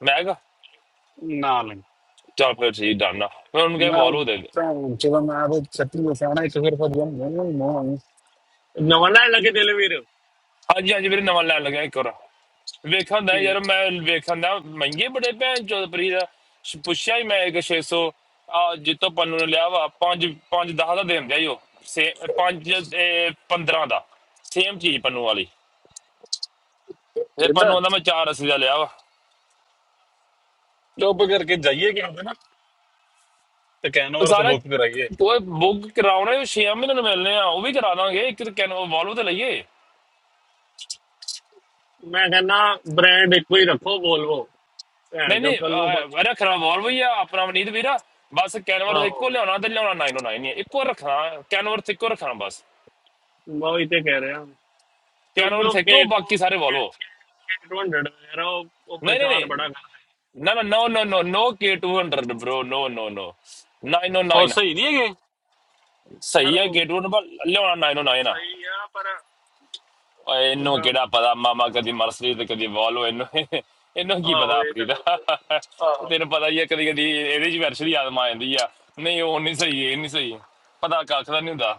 [SPEAKER 2] ਮੈਗ
[SPEAKER 3] ਨਾ ਲਈ
[SPEAKER 2] ਚਾਰ ਪਲੇਟ ਸੀ ਡਨ ਮੈਂ ਉਹਨੂੰ ਕਿਹਾ
[SPEAKER 3] ਮੈਂ
[SPEAKER 2] ਵਾਲਵ ਦੇ ਦੇ
[SPEAKER 3] ਤਾਂ ਜਦੋਂ ਮੈਂ ਉਹ ਸੱਤੀ ਨੂੰ ਸਿਆਣਾ ਇੱਕ ਫਿਰ ਫਿਰ ਮੈਨੂੰ ਮੋਹ
[SPEAKER 1] ਨਵਾਂ ਲੈਣ ਲੱਗੇ ਦਿਲ ਵੀਰ
[SPEAKER 2] ਹਾਂਜੀ ਹਾਂਜੀ ਵੀਰੇ ਨਵਾਂ ਲੈਣ ਲੱਗਿਆ ਇੱਕ ਹੋਰ ਵੇਖਣ ਦਾ
[SPEAKER 1] ਠੀਕ ਹੈ
[SPEAKER 2] ਯਾਰ ਮੈਂ ਵੇਖਣ ਦਾ ਮਹਿੰਗੇ ਬੜੇ ਭੈਣ ਚੋਦ ਪ੍ਰੀ ਦਾ ਸ਼- ਪੁੱਛਿਆ ਹੀ ਮੈਂ ਇੱਕ 600 ਆ ਜਿੱਤੋਂ ਪੰਨੂ ਨੇ ਲਿਆ ਵਾ 5 5 10 ਦਾ ਦੇਣ ਦਿਆ ਈ ਉਹ ਸੇ 5 15 ਦਾ ਸੇਮ ਚੀਜ਼ ਪੰਨੂ ਵਾਲੀ ਤੇ ਪੰਨੂ ਆਂਦਾ ਮੈਂ 480 ਦਾ ਲਿਆ ਵਾ
[SPEAKER 3] ਚੁੱਪ ਕਰਕੇ ਜਾਈਏ ਕਿ ਹੁੰਦੇ ਨਾ ਤੇ ਕੈਨ
[SPEAKER 2] ਉਹ
[SPEAKER 3] ਓਵਰ
[SPEAKER 2] ਸਾਰਾ
[SPEAKER 3] ਸਬੂਤ ਕਰਾਈਏ
[SPEAKER 2] ਉਹ ਬੁੱਕ ਕਰਾਉਣਾ ਉਹ 6 ਮਹੀਨੇ ਨੂੰ ਮਿਲਨੇ ਆ ਉਹ ਵੀ ਕਰਾ ਦਾਂਗੇ ਇੱਕ ਕੈਨ ਵਾਲਵੋ ਤੇ ਲਈਏ
[SPEAKER 1] ਮੈਂ ਕਹਿੰਦਾ ਬ੍ਰਾਂਡ ਇੱਕੋ ਹੀ ਰੱਖੋ ਬੋਲਵੋ ਭੈਣ
[SPEAKER 2] ਨਹੀਂ
[SPEAKER 1] ਜੋ
[SPEAKER 2] ਨਹੀਂ
[SPEAKER 1] ਕੱਲ ਨੂੰ ਪੁੱਛ
[SPEAKER 2] ਅਹ, ਅਰੇ ਖਰਾ ਵਾਲਵੋ ਹੀ ਆ ਆਪਣਾ ਮਨੀਤ ਵੀਰਾ ਬਸ ਕੈਨਵਰ
[SPEAKER 1] ਆਹੋ
[SPEAKER 2] ਇੱਕੋ ਲਿਆਉਣਾ ਤੇ ਲਿਆਉਣਾ 909 ਹੀ ਆ ਇੱਕੋ ਰੱਖਣਾ ਕੈਨਵਰ ਇੱਕੋ ਰੱਖਣਾ ਬਸ
[SPEAKER 1] ਮੈਂ ਉਹੀ ਤੇ ਕਹਿ ਰਿਹਾ ਕਿਉਂਕਿ
[SPEAKER 2] ਕੈਨਵਰ
[SPEAKER 1] ਉਹ
[SPEAKER 2] ਇੱਕੋ ਬਾਕੀ ਸਾਰੇ
[SPEAKER 1] ਕੇਕ
[SPEAKER 2] ਵਾਲਵੋ
[SPEAKER 1] 200 ਯਾਰ ਉਹ ਉਹ
[SPEAKER 2] ਨਹੀਂ ਨਹੀਂ
[SPEAKER 1] ਪਰੇਸ਼ਾਨ
[SPEAKER 2] ਨਹੀਂ
[SPEAKER 1] ਬੜਾ ਕਰ
[SPEAKER 2] ਨਾ ਨਾ ਨੋ ਨੋ ਨੋ ਨੋ K200 ਬ్రో ਨੋ ਨੋ ਨੋ
[SPEAKER 3] ਉਹ
[SPEAKER 2] 909
[SPEAKER 3] ਸਹੀ ਨਹੀਂ ਹੈਗੇ
[SPEAKER 1] ਯਾਰ
[SPEAKER 2] ਸਹੀ ਹੈ
[SPEAKER 1] ਉਹ
[SPEAKER 2] K200 ਪਰ ਲਿਆਉਣਾ 909 ਆ
[SPEAKER 1] ਸਹੀ ਆ ਪਰ
[SPEAKER 2] ਓਏ ਇਹਨੂੰ
[SPEAKER 1] ਜਿੱਦਾਂ
[SPEAKER 2] ਕਿਹੜਾ ਪਤਾ ਮਾਮਾ ਕਦੀ ਮਰਸਰੀ ਤੇ ਕਦੀ ਵੋਲਵੋ ਇਹਨੂੰ ਇਹਨੂੰ ਕੀ
[SPEAKER 1] ਆਹੋ
[SPEAKER 2] ਪਤਾ
[SPEAKER 1] ਇਹ
[SPEAKER 2] ਆਪਣੀ
[SPEAKER 1] ਤਾਂ ਗੱਲ
[SPEAKER 2] ਦਾ
[SPEAKER 1] ਸਹੀ ਆਹੋ
[SPEAKER 2] ਤੈਨੂੰ ਪਤਾ ਹੀ ਆ ਕਦੀ ਕਦੀ ਇਹਦੇ ਚ ਵਰਸ਼ਰੀ ਆਦਮ ਆ ਜਾਂਦੀ ਆ ਨਹੀਂ ਉਹ ਨਹੀਂ ਸਹੀ ਇਹ ਨਹੀਂ ਸਹੀ ਪਤਾ ਕੱਖ ਦਾ ਨਹੀਂ ਹੁੰਦਾ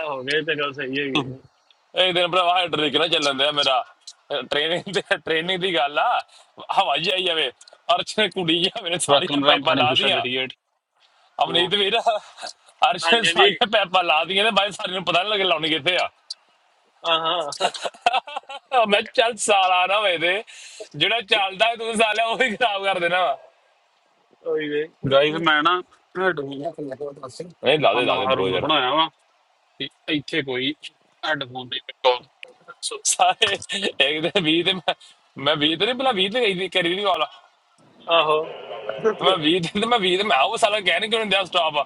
[SPEAKER 1] ਆਹੋ ਇਹ ਤਾਂ ਗੱਲ ਸਹੀ ਹੈਗੀ ਆ।
[SPEAKER 2] ਇੱਕ ਦਿਨ ਭਰਾਵਾ ਹੈਡਰਿਕ ਨਾ ਚੱਲਣ ਦਿਆ ਮੇਰਾ ਟ੍ਰੇਨਿੰਗ ਤੇ ਟ੍ਰੇਨਿੰਗ ਦੀ ਗੱਲ ਆ ਹਵਾਈ ਆਈ ਜਾਵੇ ਅਰਸ਼ ਨੇ ਕੁੜੀ ਜਿਹਾ ਮੇਰੇ ਸਾਰੀਆਂ
[SPEAKER 3] ਵੈਲਕਮ ਰਾਮ
[SPEAKER 2] ਪਾਈਪਾਂ
[SPEAKER 3] ਫਾਨਿਕ
[SPEAKER 2] ਲਾ
[SPEAKER 3] ਟੂ ਸ਼ਟ
[SPEAKER 2] ਦੀਆਂ
[SPEAKER 3] 88 ਹਾਂ
[SPEAKER 2] ਅਮਨੀਤ ਵੀਰ ਅਰਸ਼ ਨੇ
[SPEAKER 1] ਹਾਂਜੀ ਹਾਂਜੀ
[SPEAKER 2] ਸਾਰੀਆਂ ਪਾਈਪਾਂ ਲਾ ਦੀਆਂ ਤੇ ਬਾਈ ਸਾਰਿਆਂ ਨੂੰ ਪਤਾ ਨਹੀਂ ਲੱਗੇ ਲਾਉਣੀ ਕਿੱਥੇ ਆ
[SPEAKER 1] ਆਹਾਂ
[SPEAKER 2] ਆਹ ਮੈਂ ਕਿਹਾ ਚੱਲ ਸਾਲਾ ਨਾ ਹੋਏ ਤੇ ਜਿਹੜਾ ਚੱਲਦਾ ਹੈ ਤੂੰ ਸਾਲਿਆ ਉਹ ਹੀ ਖਰਾਬ ਕਰ ਦੇਣਾ ਵਾ
[SPEAKER 1] ਉਹੀ ਵੇ
[SPEAKER 3] ਗਾਇਸ ਮੈਂ ਨਾ ਹੈਡਫੋਨ ਹੱਥ ਲੱਗਾ ਦੱਸ
[SPEAKER 2] ਨਹੀਂ ਲਾ
[SPEAKER 3] ਆਪਾਂ
[SPEAKER 2] ਦੇ ਲਾ ਦੇ
[SPEAKER 3] ਨਵਾਂ
[SPEAKER 2] bro
[SPEAKER 3] ਰੂਲ
[SPEAKER 2] ਯਾਰ
[SPEAKER 3] ਬਣਾਇਆ ਵਾ ਕਿ ਇੱਥੇ ਕੋਈ ਹੈਡਫੋਨ ਨਹੀਂ ਪਿੱਟੋ ਸੋ
[SPEAKER 2] ਸਾਰੇ ਇੱਕ ਤੇ 20 ਤੇ ਮੈਂ ਮੈਂ 20 ਤੇ ਨਹੀਂ ਭਲਾ 20 ਤੇ ਕਰੀ ਦੀ- ਕਰੀ ਨਹੀਂ ਕਾਲ
[SPEAKER 1] ਆਹੋ
[SPEAKER 2] ਮੈਂ 20 ਤੇ ਤੇ ਮੈਂ 20 ਤੇ ਮੈਂ ਉਹ ਸਾਲਾ ਕਹਿ ਨਹੀਂ ਕਿਉਂ ਦਿਆ ਸਟਾਪ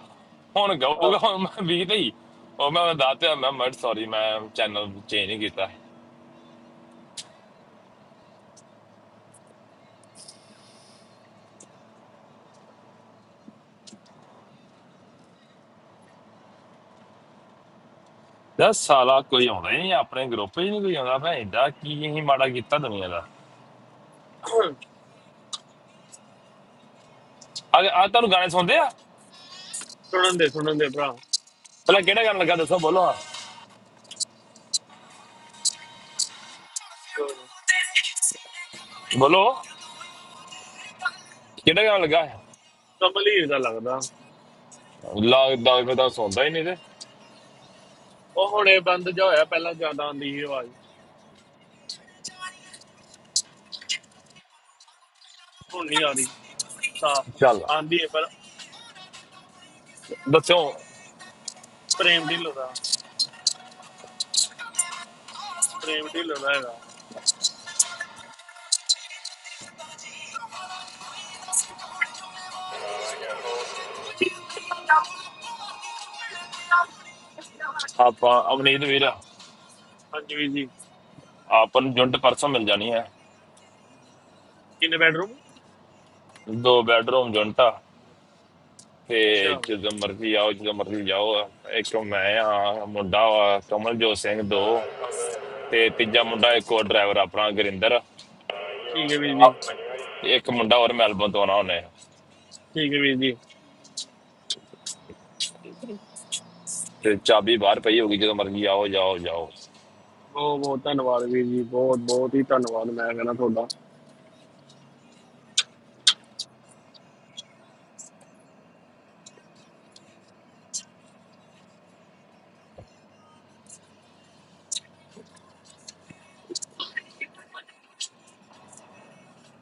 [SPEAKER 2] ਹੁਣ ਗਊਗਾ
[SPEAKER 1] ਆਹ,
[SPEAKER 2] ਹੁਣ ਮੈਂ 20 ਤੇ ਹੀ ਉਹ ਮੈਂ ਦੱਸਿਆ ਮੈਂ ਮਰ ਸੌਰੀ ਮੈਂ ਚੈਨਲ ਚੇਂਜ ਨਹੀਂ ਕੀਤਾ ਯਾਰ ਸਾਲਾ ਕੋਈ ਆਉਂਦਾ ਹੀ ਨਹੀਂ ਆਪਣੇ ਗਰੁੱਪ 'ਚ ਨਹੀਂ ਕੋਈ ਆਉਂਦਾ ਭੈਣ ਦਾ ਕੀ ਅਸੀਂ ਮਾੜਾ ਕੀਤਾ ਦੁਨੀਆ ਦਾ ਆ ਆ ਤੁਹਾਨੂੰ ਗਾਣੇ ਸੁਣਦੇ ਆ
[SPEAKER 1] ਸੁਣਨ ਦੇ ਸੁਣਨ ਦੇ ਭਰਾ
[SPEAKER 2] ਪਹਿਲਾਂ ਕਿਹੜਾ ਗਾਣਾ ਲੱਗਾ ਦੱਸੋ ਬੋਲੋ ਹਾਂ ਬੋਲੋ ਕਿਹੜਾ ਗਾਣਾ ਲੱਗਾ
[SPEAKER 1] ਕਮਲੀ ਦਾ ਲੱਗਦਾ
[SPEAKER 2] ਲੱਗਦਾ ਕਦਾ ਸੌਂਦਾ ਹੀ ਨਹੀਂ ਤੇ
[SPEAKER 1] ਉਹ ਹੁਣ ਇਹ ਬੰਦ ਜਾ ਹੋਇਆ ਪਹਿਲਾਂ ਜ਼ਿਆਦਾ ਆਉਂਦੀ ਸੀ ਆਵਾਜ਼ ਹੁਣ ਨਹੀਂ ਆ ਰਹੀ ਸਾਫ਼
[SPEAKER 2] ਚੱਲ
[SPEAKER 1] ਆਉਂਦੀ ਹੈ ਪਰ
[SPEAKER 2] ਦੱਸੋ
[SPEAKER 1] ਪ੍ਰੇਮ ਢਿੱਲੋਂ ਦਾ ਪ੍ਰੇਮ ਢਿੱਲੋਂ ਦਾ ਹੈਗਾ
[SPEAKER 2] ਆਪਾਂ ਅਵਨੀਤ ਵੀਰ
[SPEAKER 1] ਹਾਂਜੀ ਵੀਰ ਜੀ
[SPEAKER 2] ਆਪਾਂ ਨੂੰ ਜੁੰਟ ਪਰਸੋਂ ਮਿਲ ਜਾਣੀ ਹੈ
[SPEAKER 1] ਕਿੰਨੇ ਬੈਡਰੂਮ
[SPEAKER 2] ਦੋ ਬੈਡਰੂਮ ਜੁੰਟ ਆ ਤੇ
[SPEAKER 1] ਅੱਛਾ
[SPEAKER 2] ਜਦੋਂ ਮਰਜ਼ੀ ਆਓ ਜਦੋਂ ਮਰਜ਼ੀ ਜਾਓ ਆ। ਇੱਕ ਮੈਂ ਆ ਮੁੰਡਾ ਵਾ ਕਮਲਜੋਤ ਸਿੰਘ ਦੋ ਤੇ ਤੀਜਾ ਮੁੰਡਾ ਇੱਕ ਹੋਰ ਡਰਾਈਵਰ ਆਪਣਾ ਗੁਰਿੰਦਰ ਆ।
[SPEAKER 1] ਠੀਕ ਹੈ ਵੀਰ ਜੀ
[SPEAKER 2] ਤੇ ਇੱਕ ਮੁੰਡਾ ਹੋਰ ਮੈਲਬਨ ਤੋਂ ਆਉਣਾ ਉਹਨੇ
[SPEAKER 1] ਠੀਕ ਹੈ ਵੀਰ ਜੀ
[SPEAKER 2] ਤੇ ਚਾਬੀ ਬਾਹਰ ਪਈ ਹੋਗੀ ਜਦੋਂ ਮਰਜ਼ੀ ਆਓ ਜਾਓ ਜਾਓ
[SPEAKER 1] ਬਹੁਤ ਬਹੁਤ ਧੰਨਵਾਦ ਵੀਰ ਜੀ ਬਹੁਤ ਬਹੁਤ ਹੀ ਧੰਨਵਾਦ ਮੈਂ ਕਹਿੰਦਾ ਤੁਹਾਡਾ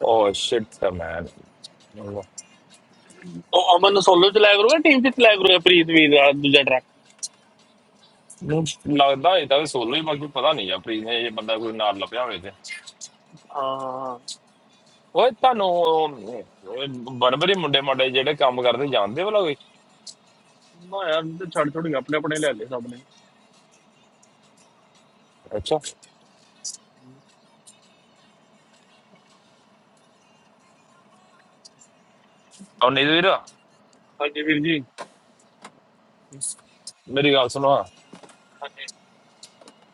[SPEAKER 2] ਓ ਸ਼ਿਟ ਮੈਨ ਮੈਨੂੰ
[SPEAKER 1] ਉਹ ਅਮਨ ਸੋਲੋ ਚਲਾਇਆ ਕਰੂਗਾ ਟੀਮ ਚ ਚਲਾਇਆ ਕਰੂਗਾ ਪ੍ਰੀਤ ਵੀਰ ਦਾ ਦੂਜਾ ਟਰੱਕ
[SPEAKER 2] ਲੱਗਦਾ ਇਹ ਤਾਂ ਸੋਲੋ ਹੀ ਬਾਕੀ ਪਤਾ ਨਹੀਂ ਆ ਪ੍ਰੀ ਨੇ ਇਹ ਬੰਦਾ ਕੋਈ ਨਾਲ ਲੱਭਿਆ ਹੋਵੇ ਤੇ
[SPEAKER 1] ਹਾਂ ਹਾਂ।
[SPEAKER 2] ਓਏ ਤੁਹਾਨੂੰ ਓਏ ਬਰਬਰੀ ਮੁੰਡੇ ਮਾਡੇ ਜਿਹੜੇ ਕੰਮ ਕਰਦੇ ਜਾਣਦੇ ਵਾਲਾ ਕੋਈ
[SPEAKER 1] ਨਾ ਯਾਰ ਇਹ ਤੇ ਛੱਡ ਛੁੱਟ ਕੇ ਆਪਣੇ ਆਪਣੇ ਲੈ ਲਏ ਸਭ ਨੇ
[SPEAKER 2] ਅੱਛਾ ਉਹ ਨਹੀਂ ਵੀਰ
[SPEAKER 1] ਹਾਂਜੀ ਵੀਰ ਜੀ
[SPEAKER 2] ਮੇਰੀ ਗੱਲ ਸੁਣੋ
[SPEAKER 1] ਹਾਂਜੀ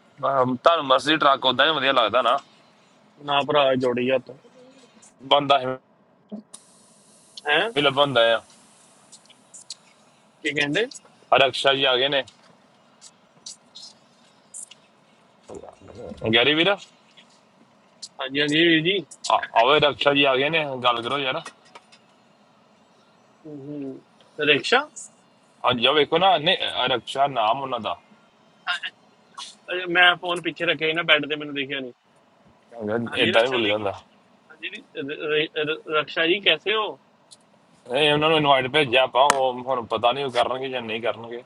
[SPEAKER 2] ਅਮ, ਤੁਹਾਨੂੰ ਮਰਸੀ ਟਰੱਕ ਉਦਾਂ ਹੀ ਵਧੀਆ ਲੱਗਦਾ ਨਾ
[SPEAKER 1] ਨਾ ਭਰਾ ਜੋੜੀ ਹੱਥ
[SPEAKER 2] ਬੰਦਾ ਹੀ
[SPEAKER 1] ਹੈ
[SPEAKER 2] ਲੱਭੰਦਾ ਆ
[SPEAKER 1] ਕੀ ਕਹਿੰਦੇ
[SPEAKER 2] ਆ ਰਕਸ਼ਾ ਜੀ ਆ ਗਏ ਨੇ ਗੈਰੀ ਵੀਰ ਆ-
[SPEAKER 1] ਹਾਂਜੀ ਹਾਂਜੀ ਵੀਰ ਜੀ
[SPEAKER 2] ਆਓ ਇਹ ਰਕਸ਼ਾ ਜੀ ਆ ਗਏ ਨੇ ਗੱਲ ਕਰੋ ਯਾਰ
[SPEAKER 1] ਹੂੰ, ਹੂੰ। ਤੇ ਰਿਕਸ਼ਾ
[SPEAKER 2] ਹਾਂਜੀ ਆ ਵੇਖੋ ਨਾ ਨੇ ਰਕਸ਼ਾ ਨਾਮ ਉਹਨਾਂ ਦਾ
[SPEAKER 1] ਅਜੇ ਮੈਂ ਫੋਨ ਪਿੱਛੇ ਰੱਖਿਆ ਸੀ ਨਾ ਬੈੱਡ ਤੇ ਮੈਨੂੰ ਦਿਖਿਆ ਨਹੀਂ ਹਾਂਜੀ
[SPEAKER 2] ਇਦਾਂ ਹੀ
[SPEAKER 1] ਰਕਸ਼ਾ
[SPEAKER 2] ਬੋਲੀ
[SPEAKER 1] ਜੀ ਕੀ-
[SPEAKER 2] ਜਾਂਦਾ
[SPEAKER 1] ਹਾਂਜੀ ਜੀ, ਰ- ਰ- ਰ- ਰਕਸ਼ਾ ਜੀ ਕੈਸੇ ਹੋ
[SPEAKER 2] ਇਹ ਉਹਨਾਂ ਨੂੰ ਇਨਵਾਈਟ ਭੇਜਿਆ ਆਪਾਂ ਉਹ ਹੁਣ ਪਤਾ ਨਹੀਂ ਉਹ ਕਰਨਗੇ ਜਾਂ ਨਹੀਂ ਕਰਨਗੇ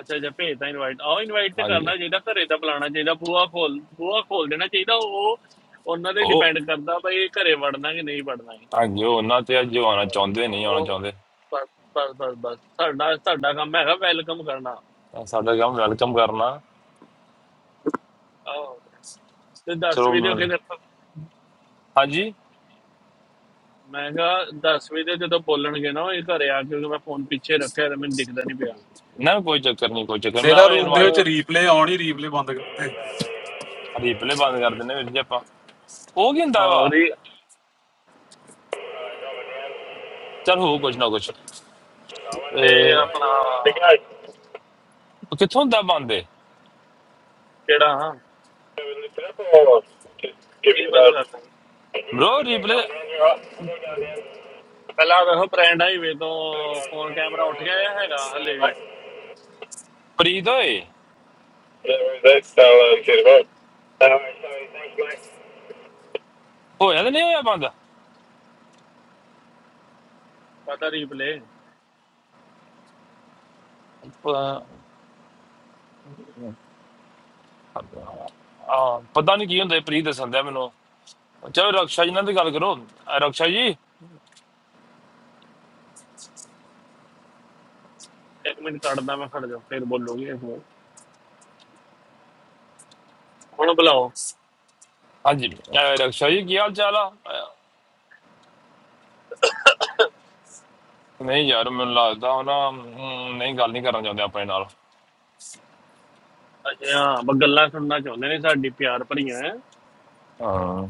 [SPEAKER 1] ਅੱਛਾ ਅੱਛਾ ਭੇਜਦਾ ਇਨਵਾਈਟ ਆਹ ਇਨਵਾਈਟ ਤੇ
[SPEAKER 2] ਹਾਂਜੀ
[SPEAKER 1] ਕਰਨਾ ਚਾਹੀਦਾ ਘਰੇ ਤਾਂ ਬੁਲਾਉਣਾ ਚਾਹੀਦਾ ਬੂਹਾ ਖੋਲ ਬੂਹਾ ਖੋਲ ਦੇਣਾ ਚਾਹੀਦਾ ਉਹ ਉਹਨਾਂ ਤੇ
[SPEAKER 2] ਉਹ
[SPEAKER 1] ਡਿਪੈਂਡ ਕਰਦਾ ਬਈ ਘਰੇ ਵੜਨਾ ਕਿ ਨਹੀਂ ਵੜਨਾ ਹੈ
[SPEAKER 2] ਹਾਂਜੀ ਉਹ ਉਹਨਾਂ ਤੇ ਅੱਜ ਉਹ ਆਉਣਾ
[SPEAKER 1] ਬਸ
[SPEAKER 2] ਚਾਹੁੰਦੇ ਨਹੀਂ ਆਉਣਾ
[SPEAKER 1] ਉਹ
[SPEAKER 2] ਚਾਹੁੰਦੇ
[SPEAKER 1] ਬਸ ਬਸ ਬਸ ਬਸ ਸਾਡਾ ਸਾਡਾ ਕੰਮ ਹੈਗਾ ਵੈਲਕਮ ਕਰਨਾ
[SPEAKER 2] ਤਾਂ ਸਾਡਾ ਕੰਮ ਵੈਲਕਮ ਕਰਨਾ
[SPEAKER 1] ਆਹੋ ਤੇ 10
[SPEAKER 2] ਚਲੋ
[SPEAKER 1] ਵੀ ਦਿਓ
[SPEAKER 2] ਮੈਂ-
[SPEAKER 1] ਕਿਤੇ
[SPEAKER 2] ਹਾਂਜੀ
[SPEAKER 1] ਮੈਂ ਕਿਹਾ 10 ਵੀ ਦੇ ਜਦੋਂ ਬੋਲਣਗੇ ਨਾ ਉਹ ਇਹ ਘਰੇ ਆ ਕੇ ਕਿਉਂਕਿ ਮੈਂ ਫੋਨ ਪਿੱਛੇ ਰੱਖਿਆ ਤੇ ਮੈਨੂੰ ਦਿਖਦਾ ਨਹੀਂ ਪਿਆ
[SPEAKER 2] ਨਾ ਕੋਈ ਚੱਕਰ ਨਹੀਂ ਕੋਈ ਚੱਕਰ ਨੀ। ਮੈਂ
[SPEAKER 3] ਜ਼ਿਲ੍ਹਾ
[SPEAKER 2] ਆਵੇ
[SPEAKER 3] ਰੂਮ ਦੇ
[SPEAKER 2] ਇਨਵਾਈਟ
[SPEAKER 3] ਵਿੱਚ
[SPEAKER 1] ਆਹ,
[SPEAKER 3] ਰੀਪਲੇ ਆਉਣ ਹੀ ਰੀਪਲੇ ਬੰਦ ਕਰਦੇ
[SPEAKER 2] ਰੀਪਲੇ ਬੰਦ ਕਰ ਦਿੰਨੇ ਵੀਰ ਜੀ ਆਪਾਂ ਉਹ ਕੀ ਹੁੰਦਾ
[SPEAKER 1] ਆਹ,
[SPEAKER 2] ਵਾ
[SPEAKER 1] ਉਹਦੀ
[SPEAKER 2] ਚਲ ਹੋ ਕੁਛ ਨਾ ਕੁਛ
[SPEAKER 1] ਤੇ
[SPEAKER 2] ਇਹ
[SPEAKER 1] ਆਪਣਾ
[SPEAKER 2] ਉਹ ਕਿੱਥੋਂ ਹੁੰਦਾ ਬੰਦ
[SPEAKER 1] ਕਿਹੜਾ ਕੀ ਬੰਦ ਕਰਨਾ
[SPEAKER 2] ਬ్రో ਰੀਪਲੇ
[SPEAKER 1] ਪਹਿਲਾਂ ਵੇਖੋ ਬ੍ਰਾਂਡ ਹਾਈਵੇ ਤੋਂ ਫੋਨ ਕੈਮਰਾ ਉੱਠ ਗਿਆ ਜਾਂ ਹੈਗਾ ਹਲੇ ਵੀ
[SPEAKER 2] ਪ੍ਰੀਤ ਓਏ
[SPEAKER 3] Yeah, That's all I care about. All right, sorry, thanks, mate.
[SPEAKER 2] ਹੋਇਆ ਤਾਂ ਨਹੀਂ ਹੋਇਆ ਬੰਦ
[SPEAKER 1] ਕਾਹਦਾ ਰੀਪਲੇ
[SPEAKER 2] ਪ- ਆ ਪਤਾ ਨਹੀਂ ਕੀ ਹੁੰਦਾ ਇਹ ਪ੍ਰੀਤ ਦੱਸਣ ਦਿਆ ਮੈਨੂੰ ਚਲੋ ਰਕਸ਼ਾ ਜੀ ਨਾਲ ਤੇ ਗੱਲ ਕਰੋ ਅ, ਰਕਸ਼ਾ ਜੀ
[SPEAKER 1] ਇੱਕ ਮਿੰਟ ਕੱਢਦਾ ਮੈਂ ਖੜ ਜਾ ਫਿਰ ਬੋਲੋਗੇ ਹੁਣ ਹੁਣ ਬੁਲਾਓ
[SPEAKER 2] ਹਾਂਜੀ ਅ, ਰਕਸ਼ਾ ਜੀ ਕੀ ਹਾਲ ਚਾਲ ਆ ਅ, ਨਹੀਂ ਯਾਰ ਮੈਨੂੰ ਲੱਗਦਾ ਉਹ ਨਾ ਹਮ, ਨਹੀਂ ਗੱਲ ਨਹੀਂ ਕਰਨਾ ਚਾਹੁੰਦੇ ਆਪਣੇ ਨਾਲ
[SPEAKER 1] ਅੱਛਾ ਹਾਂ, ਬ ਗੱਲਾਂ ਸੁਣਨਾ ਚਾਹੁੰਦੇ ਨੇ ਸਾਡੀ ਪਿਆਰ ਭਰੀਆਂ
[SPEAKER 2] ਹਾਂ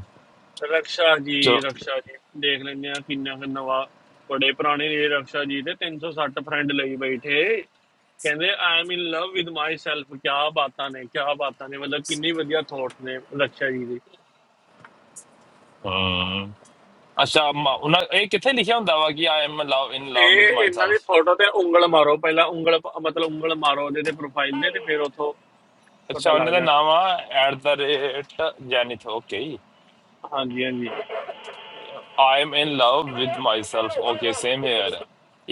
[SPEAKER 1] ਰਕਸ਼ਾ
[SPEAKER 2] ਚਲੋ
[SPEAKER 1] ਜੀ ਰਕਸ਼ਾ ਜੀ ਦੇਖ ਲੈਂਦੇ ਆ ਕਿੰਨਾ ਕੁ ਨਵਾਂ ਬੜੇ ਪੁਰਾਣੇ ਨੇ ਰਕਸ਼ਾ ਜੀ ਤੇ 360 ਫਰੈਂਡ ਲਈ ਬੈਠੇ ਕਹਿੰਦੇ I am in love with my self ਕੀ ਬਾਤਾਂ ਨੇ ਕੀ ਬਾਤਾਂ ਨੇ ਮਤਲਬ ਕਿੰਨੀ ਵਧੀਆ ਥੋਟਸ ਨੇ ਰਕਸ਼ਾ ਜੀ ਦੇ।
[SPEAKER 2] ਹਮ ਅੱਛਾ ਮ- ਉਹਨਾਂ ਇਹ ਕਿੱਥੇ ਲਿਖਿਆ ਹੁੰਦਾ ਵਾ ਕਿ ਆਈ ਐਮ ਲਵ ਇਨ ਲਵ
[SPEAKER 1] ਇਹ
[SPEAKER 2] ਵਿਦ
[SPEAKER 1] ਇਹਨਾਂ
[SPEAKER 2] ਮਾਈਸੈਲਫ
[SPEAKER 1] ਦੀ ਫੋਟੋ ਤੇ ਉਂਗਲ ਮਾਰੋ ਪਹਿਲਾਂ ਉਂਗਲ ਮਤਲਬ ਉਂਗਲ ਮਾਰੋ ਉਹਦੇ ਤੇ ਪ੍ਰੋਫਾਈਲ ਦੇ ਤੇ ਫਿਰ ਉਥੋਂ ਪਤਾ
[SPEAKER 2] ਅੱਛਾ ਉਹਨਾਂ
[SPEAKER 1] ਲੱਗ
[SPEAKER 2] ਦਾ
[SPEAKER 1] ਜਾਣਾ
[SPEAKER 2] ਨਾਮ ਆ at the rate Zenith okay
[SPEAKER 1] ਹਾਂਜੀ ਹਾਂਜੀ
[SPEAKER 2] I am in love with myself okay same here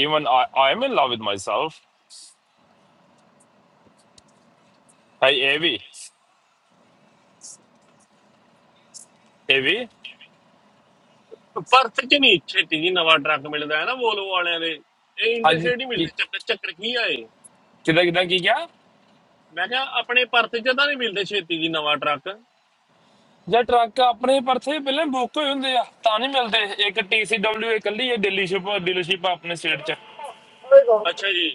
[SPEAKER 2] even I am in love with myself hi ਏਵੀ ਏਵੀ
[SPEAKER 1] ਪਰਥ ਚ ਨਹੀਂ ਛੇਤੀ ਜੀ ਨਵਾਂ ਟਰੱਕ ਮਿਲਦਾ ਹੈ ਨਾ ਵੋਲਵੋ ਵਾਲਿਆਂ ਦੇ ਇਹ
[SPEAKER 2] ਹਾਂਜੀ
[SPEAKER 1] ਇੰਟਰਸਟੇਟ ਹੀ
[SPEAKER 2] ਕੀ
[SPEAKER 1] ਮਿਲਦੇ ਚੱਕਰ ਚੱਕਰ ਕੀ ਆਏ
[SPEAKER 2] ਕਿਦਾਂ ਕਿਦਾਂ ਕੀ ਕਿਹਾ
[SPEAKER 1] ਮੈਂ ਕਿਹਾ ਆਪਣੇ ਪਰਥ ਚ ਤਾਂ ਨਹੀਂ ਮਿਲਦੇ ਛੇਤੀ ਜੀ ਨਵਾਂ ਟਰੱਕ
[SPEAKER 2] ਜੇ ਟਰੱਕ ਆਪਣੇ ਪਰਥੇ ਪਹਿਲਾਂ ਬੁੱਕ ਹੋਏ ਹੁੰਦੇ ਆ ਤਾਂ ਨਹੀਂ ਮਿਲਦੇ ਇੱਕ TCW ਇਕੱਲੀ ਹੈ ਡੀਲਰਸ਼ਿਪ ਡੀਲਰਸ਼ਿਪ ਆਪਣੇ ਸਟੇਟ 'ਚ
[SPEAKER 1] ਅੱਛਾ ਜੀ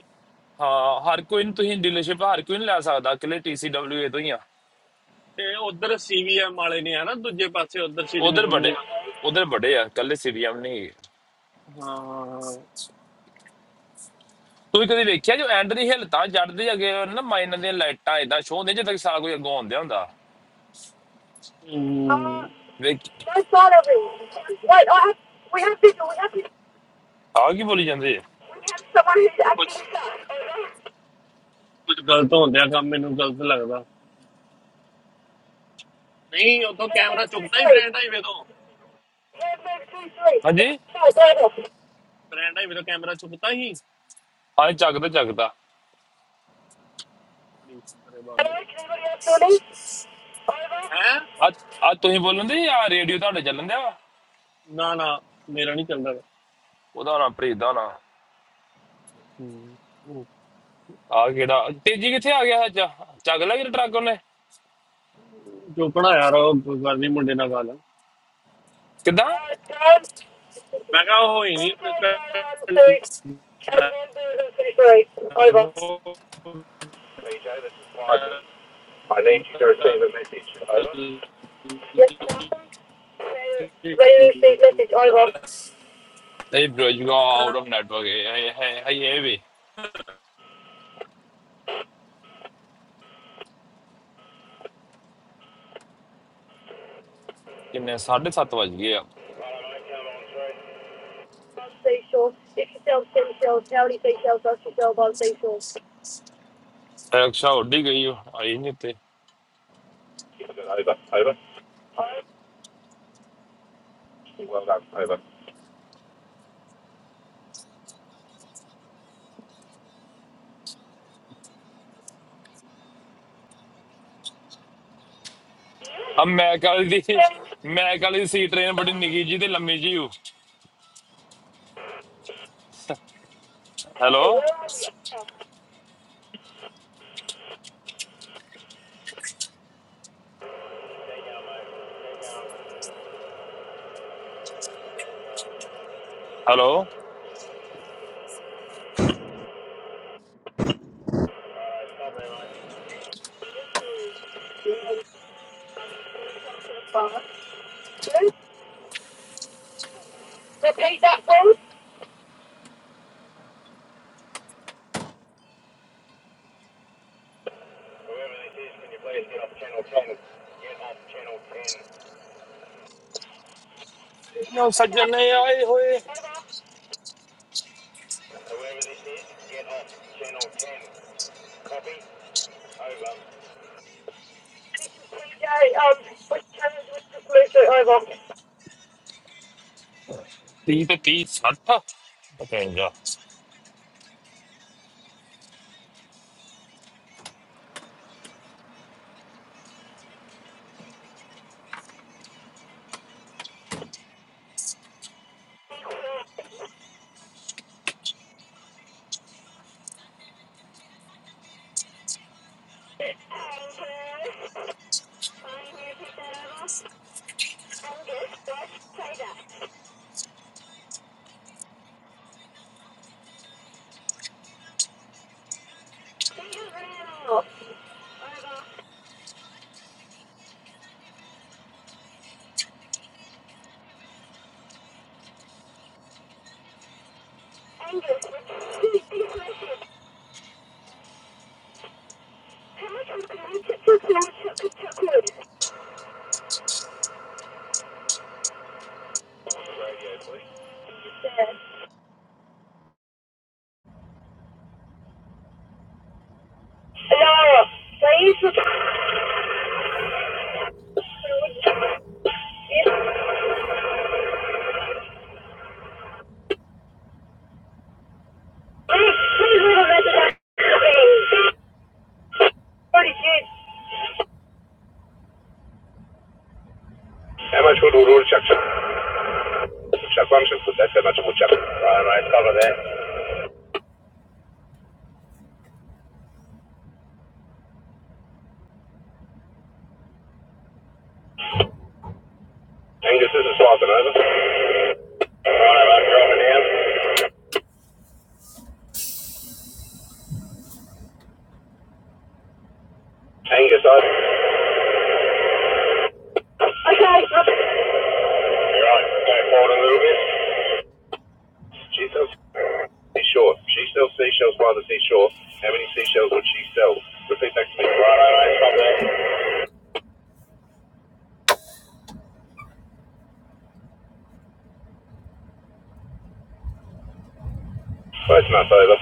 [SPEAKER 2] ਹਾਂ ਹਰ ਕੋਈ ਨੂੰ ਤੁਸੀਂ ਡੀਲਰਸ਼ਿਪ ਹਰ ਕੋਈ ਨਹੀਂ ਲੈ ਸਕਦਾ ਇਕੱਲੇ TCWA ਤੋਂ ਹੀ ਆ
[SPEAKER 1] ਤੇ ਉਧਰ ਸੀਵੀਐਮ ਵਾਲੇ ਨੇ ਹੈ ਨਾ ਦੂਜੇ ਪਾਸੇ ਉਧਰ ਸਿਡਨੀ
[SPEAKER 2] ਉਧਰ
[SPEAKER 1] ਸੁਡਨੀ
[SPEAKER 2] ਵੱਡੇ
[SPEAKER 1] ਵੱਲ।
[SPEAKER 2] ਉਧਰ ਵੱਡੇ ਆ ਕੱਲੇ ਸੀਵੀਐਮ ਨਹੀਂ ਹੈਗੇ।
[SPEAKER 1] ਹਾਂ
[SPEAKER 2] ਤੁਸੀਂ ਕਦੀ ਵੇਖਿਆ ਜੋ ਐਂਡ ਦੀ ਹਿੱਲ ਤਾਂ ਜੜਦੇ ਅੱਗੇ ਨਾ ਮਾਈਨਾਂ ਦੀਆਂ ਲਾਈਟਾਂ ਇਦਾਂ ਸ਼ੋਅ ਹੁੰਦੀਆਂ ਜਿੱਦਾਂ ਕਿ ਸਾਰਾ ਕੋਈ ਅੱਗੋਂ ਆਉਂਦਿਆ ਹੁੰਦਾ
[SPEAKER 1] ਹਮ,
[SPEAKER 2] ਵੇਖ ਆ ਕੀ ਬੋਲੀ ਜਾਂਦੇ ਆ
[SPEAKER 1] ਕੁਝ ਕੁਝ ਗਲਤ ਹੁੰਦਿਆ ਕੰਮ ਮੈਨੂੰ ਗਲਤ ਲੱਗਦਾ ਨਹੀਂ ਉਥੋਂ ਕੈਮਰਾ ਚੁੱਕਦਾ ਹੀ ਬ੍ਰੈਂਡ ਹਾਈਵੇ ਤੋਂ
[SPEAKER 2] ਹਾਂਜੀ
[SPEAKER 1] ਫਰੈਂਡ ਹੈ ਮੇਰਾ ਕੈਮਰਾ ਚੁੱਕਤਾ ਹੀ
[SPEAKER 2] ਹਾਂ ਚੱਕਦਾ ਚੱਕਦਾ
[SPEAKER 1] ਬੜੀ ਸ਼ੁਕਰ ਹੈ ਬਾਬੇ ਦਾ ਹੈ
[SPEAKER 2] ਆ ਆ ਤੁਸੀਂ ਬੋਲਣ ਦੇ ਆ ਰੇਡੀਓ ਤੁਹਾਡੇ ਚੱਲਣ ਦਿਆ ਵਾ?
[SPEAKER 1] ਨਾ ਨਾ ਮੇਰਾ ਨਹੀਂ ਚੱਲਦਾ ਗਾ।
[SPEAKER 2] ਉਹਦਾ ਨਾ ਪ੍ਰੀਤ ਦਾ ਨਾ
[SPEAKER 1] ਹੂੰ, ਹੂੰ।
[SPEAKER 2] ਆ ਕਿਹੜਾ ਤੇਜੀ ਕਿੱਥੇ ਆ ਗਿਆ ਅੱਜ ਚੱਕ ਲਿਆ ਕਿ ਟਰੱਕ ਉਹਨੇ
[SPEAKER 1] ਚੁੱਕਣਾ ਯਾਰ ਉਹ ਗੱਲ ਨਹੀਂ ਮੁੰਡੇ ਨਾਲ ਗੱਲ
[SPEAKER 2] ਕਿੱਦਾਂ
[SPEAKER 1] ਮੈਂ ਕਿਹਾ ਉਹ ਹੀ ਨਹੀਂ
[SPEAKER 3] BJ, this is Python. I need you to receive a message. Over. All
[SPEAKER 2] ਇਹ ਬ੍ਰੋਜੂਗਾ ਆਊਟ ਆਫ ਨੈਟਵਰਕ ਹੈ ਹੈ ਹੈ ਇਹ ਵੀ ਕਿੰਨੇ 7:30 ਵਜ ਗਏ ਆ
[SPEAKER 3] right, mate, come on through.
[SPEAKER 2] ਰਕਸ਼ਾ ਉੱਡੀ ਗਈ ਉਹ, ਆਈ ਨਹੀਂ ਤੇ
[SPEAKER 3] Give it over. Over. Well done. Over. There you mate.
[SPEAKER 2] ਹਮ ਮੈਂ ਕਾਲੀ ਦੀ ਮੈਂ ਕਾਲੀ ਦੀ ਸੀ ਟ੍ਰੇਨ ਬੜੀ ਨਿੱਗੀ ਜੀ ਤੇ ਲੰਮੀ ਜੀ ਹੂੰ hello
[SPEAKER 3] There you
[SPEAKER 2] hello
[SPEAKER 3] All right, stop there, mate. Whoever this is, can you please get off channel 10? Get off channel
[SPEAKER 2] no ਸੱਜਣ ਆਏ ਹੋਏ
[SPEAKER 3] 10. Whoever this is, get off channel 10. Copy. Over.
[SPEAKER 2] 30 ਤੇ 30 60 55
[SPEAKER 3] How much wood would order, Chuck? Chuck one should Put that's how much wood, Chuck. All right, mate, cover that. Angus, this is Falcon, over. Right, I'm dropping down. Angus, over. You're right, go forward a little bit. She sells seashore. She sells seashells by the seashore. How many seashells would she sell? Repeat back to me. Right, right, right, stop there. Close enough, over.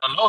[SPEAKER 3] Hello?